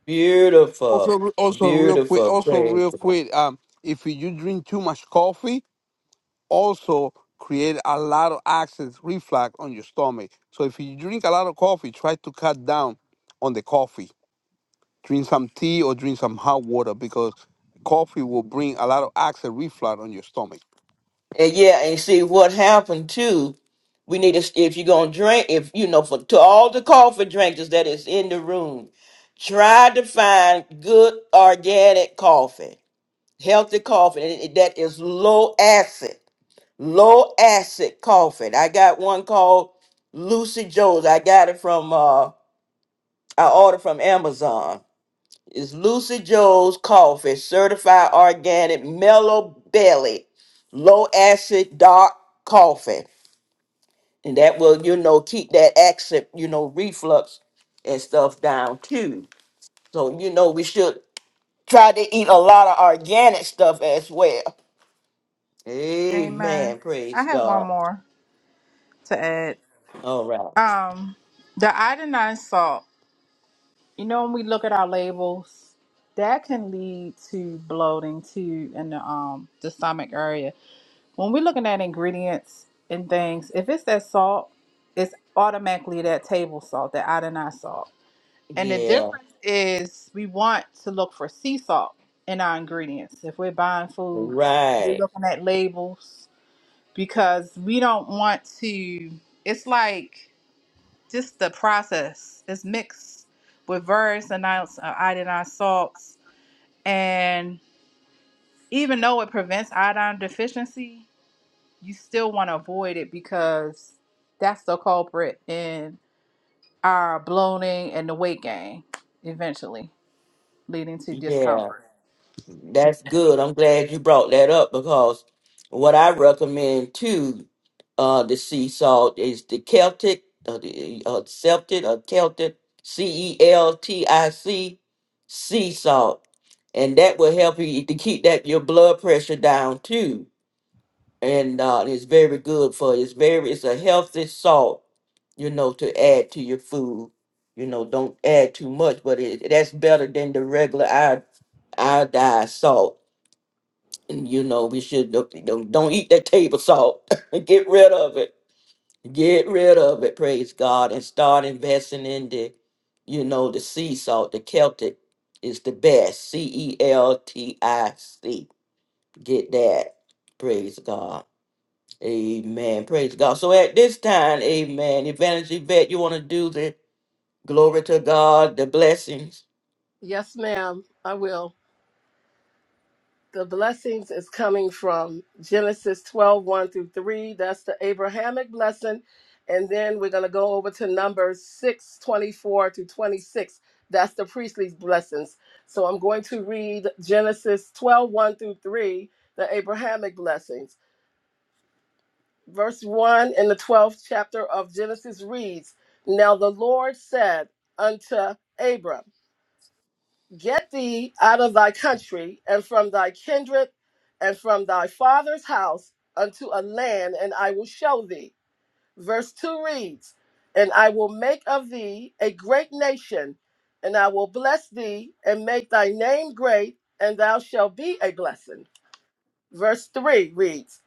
[SPEAKER 1] Beautiful.
[SPEAKER 12] Also, also real quick,
[SPEAKER 1] Beautiful.
[SPEAKER 12] also
[SPEAKER 1] Praise
[SPEAKER 12] real
[SPEAKER 1] God.
[SPEAKER 12] quick. Um, if you drink too much coffee, also create a lot of acid reflux on your stomach. So if you drink a lot of coffee, try to cut down on the coffee. Drink some tea or drink some hot water because coffee will bring a lot of acid reflux on your stomach.
[SPEAKER 1] And yeah, and see what happened too. We need to if you're gonna drink, if you know for to all the coffee drinkers that is in the room, try to find good organic coffee, healthy coffee and it- that is low acid, low acid coffee. I got one called Lucy Joe's. I got it from uh I ordered from Amazon it's Lucy Joe's Coffee, certified organic, mellow belly, low acid, dark coffee. And that will, you know, keep that acid, you know, reflux and stuff down too. So, you know, we should try to eat a lot of organic stuff as well.
[SPEAKER 10] Amen.
[SPEAKER 1] Amen.
[SPEAKER 10] I
[SPEAKER 1] Praise
[SPEAKER 10] have one
[SPEAKER 1] God.
[SPEAKER 10] more to add.
[SPEAKER 1] All right.
[SPEAKER 10] Um, the iodine salt. You know, when we look at our labels, that can lead to bloating too in the um the stomach area. When we're looking at ingredients and things, if it's that salt, it's automatically that table salt, that iodinized salt. And the
[SPEAKER 1] Yeah.
[SPEAKER 10] difference is we want to look for sea salt in our ingredients. If we're buying foods, we're
[SPEAKER 1] Right.
[SPEAKER 10] looking at labels because we don't want to. It's like just the process is mixed with various amounts of iodine salts. And even though it prevents iodine deficiency, you still want to avoid it because that's the culprit in our bloating and the weight gain, eventually leading to
[SPEAKER 1] Yeah.
[SPEAKER 10] discomfort.
[SPEAKER 1] That's good. I'm glad you brought that up because what I recommend too, uh, the sea salt is the Celtic, uh, the uh, Celtic or Celtic, C E L T I C, sea salt, and that will help you to keep that your blood pressure down too. And uh, it's very good for it's very it's a healthy salt, you know, to add to your food. You know, don't add too much, but it, that's better than the regular iod- iodized salt and, you know, we should don't, don't don't eat that table salt. Get rid of it. Get rid of it. Praise God and start investing in the, you know, the sea salt. The Celtic is the best. C E L T I C. Get that. Praise God. Amen. Praise God. So at this time, Amen. Evangelist Yvette, you want to do the glory to God, the blessings.
[SPEAKER 6] Yes, ma'am. I will. The blessings is coming from Genesis twelve one through 3. That's the Abrahamic blessing. And then we're going to go over to Numbers 6 24 to 26. That's the priestly blessings. So I'm going to read Genesis twelve one through 3, the Abrahamic blessings. Verse 1 in the 12th chapter of Genesis reads Now the Lord said unto Abram, Get thee out of thy country and from thy kindred and from thy father's house unto a land, and I will show thee. Verse 2 reads, And I will make of thee a great nation, and I will bless thee and make thy name great, and thou shalt be a blessing. Verse 3 reads,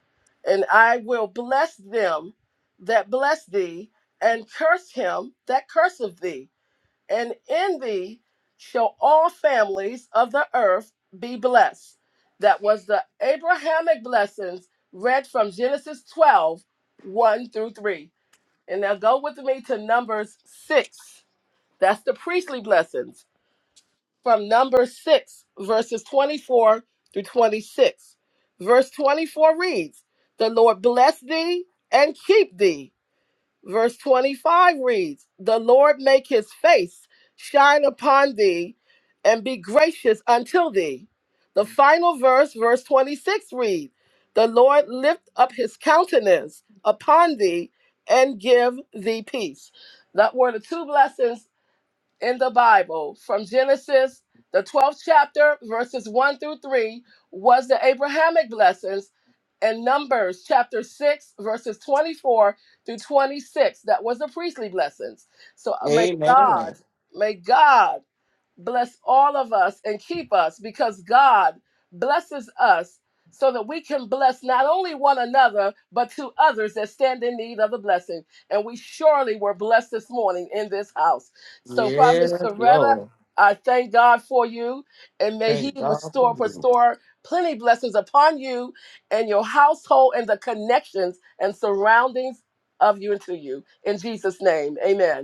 [SPEAKER 6] And I will bless them that bless thee, and curse him that curseth thee and in thee shall all families of the earth be blessed. That was the Abrahamic blessings read from Genesis 12, one through 3. And now go with me to Numbers 6. That's the priestly blessings from Numbers 6, verses 24 through 26. Verse 24 reads, The Lord bless thee and keep thee. Verse 25 reads, The Lord make his face shine upon thee and be gracious until thee. The final verse, verse 26 reads, The Lord lift up his countenance upon thee and give thee peace. That were the two blessings in the Bible from Genesis, the 12th chapter, verses 1 through 3, was the Abrahamic blessings, and Numbers chapter 6, verses 24 through 26, that was the priestly blessings. So uh, may God,
[SPEAKER 1] Amen.
[SPEAKER 6] may God bless all of us and keep us because God blesses us so that we can bless not only one another, but to others that stand in need of the blessing. And we surely were blessed this morning in this house. So, Prophet
[SPEAKER 1] Yes,
[SPEAKER 6] Soretta,
[SPEAKER 1] Lord.
[SPEAKER 6] I thank God for you, and may He
[SPEAKER 1] Thank God for
[SPEAKER 6] restore,
[SPEAKER 1] you.
[SPEAKER 6] restore plenty blessings upon you and your household and the connections and surroundings of you and to you. In Jesus' name, amen.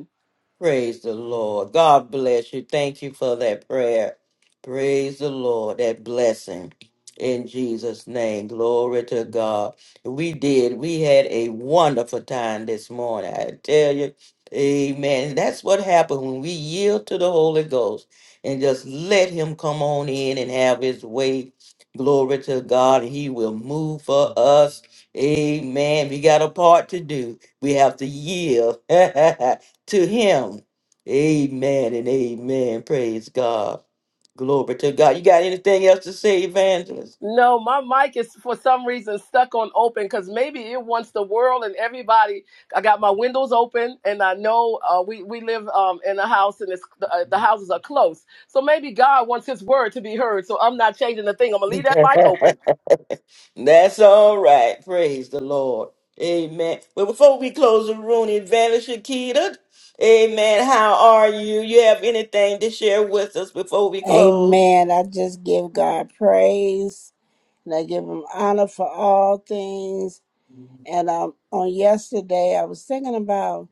[SPEAKER 1] Praise the Lord. God bless you. Thank you for that prayer. Praise the Lord. That blessing in Jesus' name. Glory to God. We did. We had a wonderful time this morning. I tell you. Amen. That's what happened when we yield to the Holy Ghost and just let Him come on in and have His way. Glory to God. He will move for us. Amen. We got a part to do. We have to yield. to him. Amen and amen. Praise God. Glory to God. You got anything else to say, evangelist?
[SPEAKER 6] No, my mic is for some reason stuck on open because maybe it wants the world and everybody. I got my windows open, and I know uh, we we live um, in a house, and it's, uh, the houses are close. So maybe God wants His word to be heard. So I'm not changing the thing. I'm gonna leave that mic open.
[SPEAKER 1] That's all right. Praise the Lord. Amen. Well, before we close the room, Evangelist Shakita, amen. How are you? You have anything to share with us before we close?
[SPEAKER 14] Amen. I just give God praise and I give him honor for all things. And um, on yesterday, I was thinking about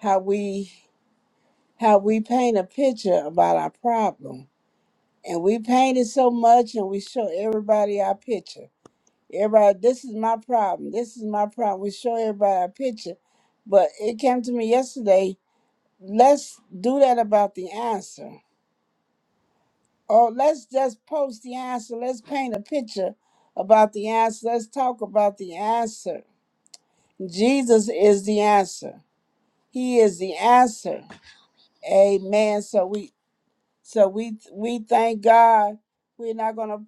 [SPEAKER 14] how we how we paint a picture about our problem. And we paint it so much and we show everybody our picture. Everybody, this is my problem. This is my problem. We show everybody our picture. But it came to me yesterday let's do that about the answer. Or let's just post the answer. Let's paint a picture about the answer. Let's talk about the answer. Jesus is the answer. He is the answer. Amen. So we so we we thank God. We're not gonna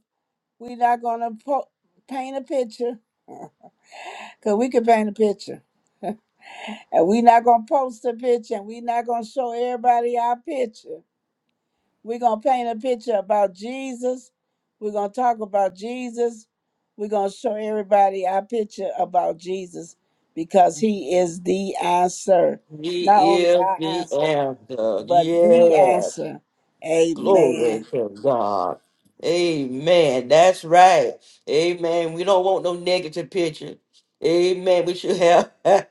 [SPEAKER 14] we're not gonna po- paint a picture because we can paint a picture, and we're not gonna post a picture, and we're not gonna show everybody our picture We're going to paint a picture about Jesus. We're going to talk about Jesus. We're going to show everybody our picture about Jesus because he is the answer. Not
[SPEAKER 1] He
[SPEAKER 14] only
[SPEAKER 1] is
[SPEAKER 14] our
[SPEAKER 1] the
[SPEAKER 14] answer,
[SPEAKER 1] answer.
[SPEAKER 14] but the
[SPEAKER 1] Yes.
[SPEAKER 14] answer. Amen.
[SPEAKER 1] Glory to God. Amen. That's right. Amen. We don't want no negative picture. Amen. We should have,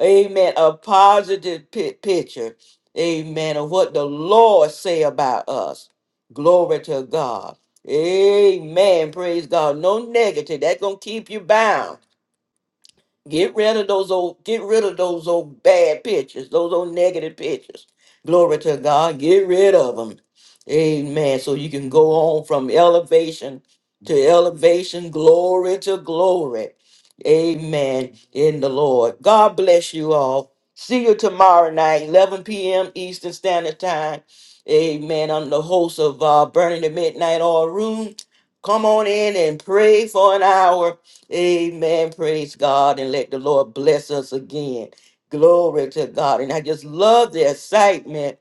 [SPEAKER 1] amen, a positive pi- picture. Amen. Of what the Lord say about us. Glory to God. Amen. Praise God. No negative. That's going to keep you bound. Get rid of those old, get rid of those old bad pictures, those old negative pictures. Glory to God. Get rid of them. Amen. So you can go on from elevation to elevation, glory to glory. Amen. In the Lord. God bless you all. See you tomorrow night, 11 p.m. Eastern Standard Time. Amen. I'm the host of uh, Burning the Midnight Oil Room. Come on in and pray for an hour Amen. Praise God. And let the Lord bless us again. Glory to God. And I just love the excitement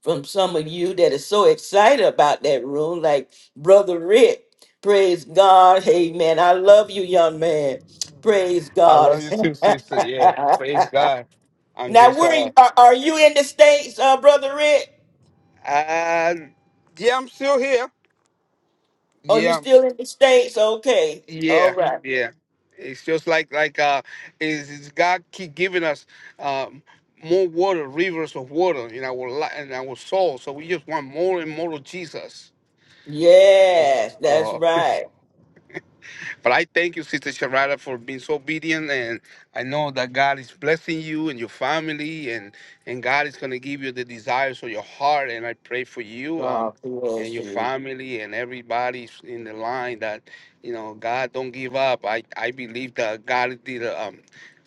[SPEAKER 1] from some of you that is so excited about that room, like Brother Rick. Praise God. Amen. I love you, young man. Praise
[SPEAKER 12] I
[SPEAKER 1] God.
[SPEAKER 12] love you too,
[SPEAKER 1] now,
[SPEAKER 12] sister. Yeah, praise God. I'm just
[SPEAKER 1] where are
[SPEAKER 12] uh,
[SPEAKER 1] you, are, are you in the States, uh, Brother Rick?
[SPEAKER 12] uh yeah, I'm still here.
[SPEAKER 1] Are you
[SPEAKER 12] Yeah,
[SPEAKER 1] still in the States? Okay. All
[SPEAKER 12] Yeah,
[SPEAKER 1] right.
[SPEAKER 12] yeah. It's just like like uh, is, is God keep giving us um, more water, rivers of water in our li- in our soul. So we just want more and more of Jesus.
[SPEAKER 1] Yes, that's
[SPEAKER 12] So
[SPEAKER 1] right.
[SPEAKER 12] but I thank you, Sister Sharada, for being so obedient. And I know that God is blessing you and your family, and, and God is going to give you the desires of your heart. And I pray for you. Um,
[SPEAKER 1] God
[SPEAKER 12] and
[SPEAKER 1] bless
[SPEAKER 12] your
[SPEAKER 1] you.
[SPEAKER 12] family and everybody in the line that you know god don't give up i i believe that god did a, um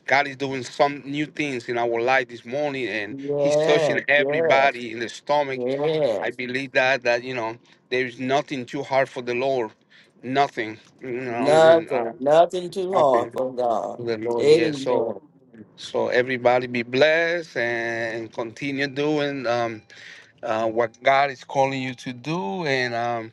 [SPEAKER 12] god is doing some new things in our life this morning and he's touching
[SPEAKER 1] Yes, yes,
[SPEAKER 12] everybody in the stomach I
[SPEAKER 1] yes.
[SPEAKER 12] believe that that you know there is nothing too hard for the Lord, nothing, you know, and uh,
[SPEAKER 1] Nothing, nothing too hard
[SPEAKER 12] nothing
[SPEAKER 1] for God.
[SPEAKER 12] for the Lord. Yeah.
[SPEAKER 1] Amen.
[SPEAKER 12] So so everybody be blessed and continue doing um, uh, what God is calling you to do, and um,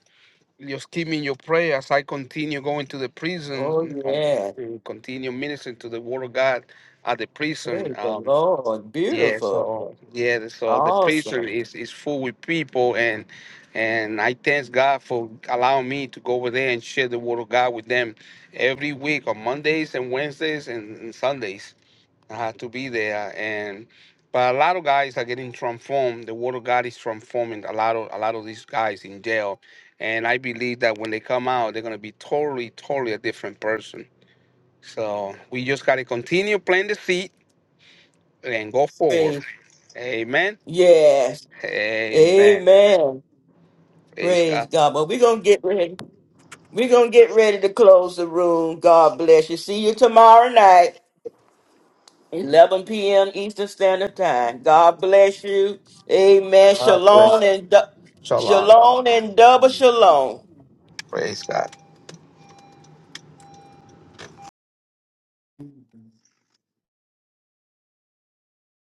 [SPEAKER 12] just keep me in your prayer as I continue going to the prison
[SPEAKER 1] Oh,
[SPEAKER 12] um,
[SPEAKER 1] yes.
[SPEAKER 12] and continue ministering to the Word of God at the prison.
[SPEAKER 1] Praise the
[SPEAKER 12] Um,
[SPEAKER 1] Lord.
[SPEAKER 12] yeah,
[SPEAKER 1] Beautiful.
[SPEAKER 12] so yeah, so the prison
[SPEAKER 1] Awesome.
[SPEAKER 12] is is full with people, and and I thank God for allowing me to go over there and share the word of God with them every week on Mondays and Wednesdays and, and Sundays. I have to be there, and but a lot of guys are getting transformed. The word of God is transforming a lot of a lot of these guys in jail, and I believe that when they come out, they're gonna be totally, totally a different person. So we just gotta continue planting the seed and go forward.
[SPEAKER 1] Praise.
[SPEAKER 12] Amen.
[SPEAKER 1] Yes.
[SPEAKER 12] Amen.
[SPEAKER 1] Amen.
[SPEAKER 12] Praise
[SPEAKER 1] Praise
[SPEAKER 12] God.
[SPEAKER 1] God. But we're going to get ready. We're going to get ready to close the room. God bless you. See you tomorrow night. 11 p.m. Eastern Standard Time. God bless you. Amen.
[SPEAKER 12] Ah, praise-
[SPEAKER 1] Shalom and du-
[SPEAKER 12] Shalom.
[SPEAKER 1] shalom and double shalom.
[SPEAKER 12] Praise God.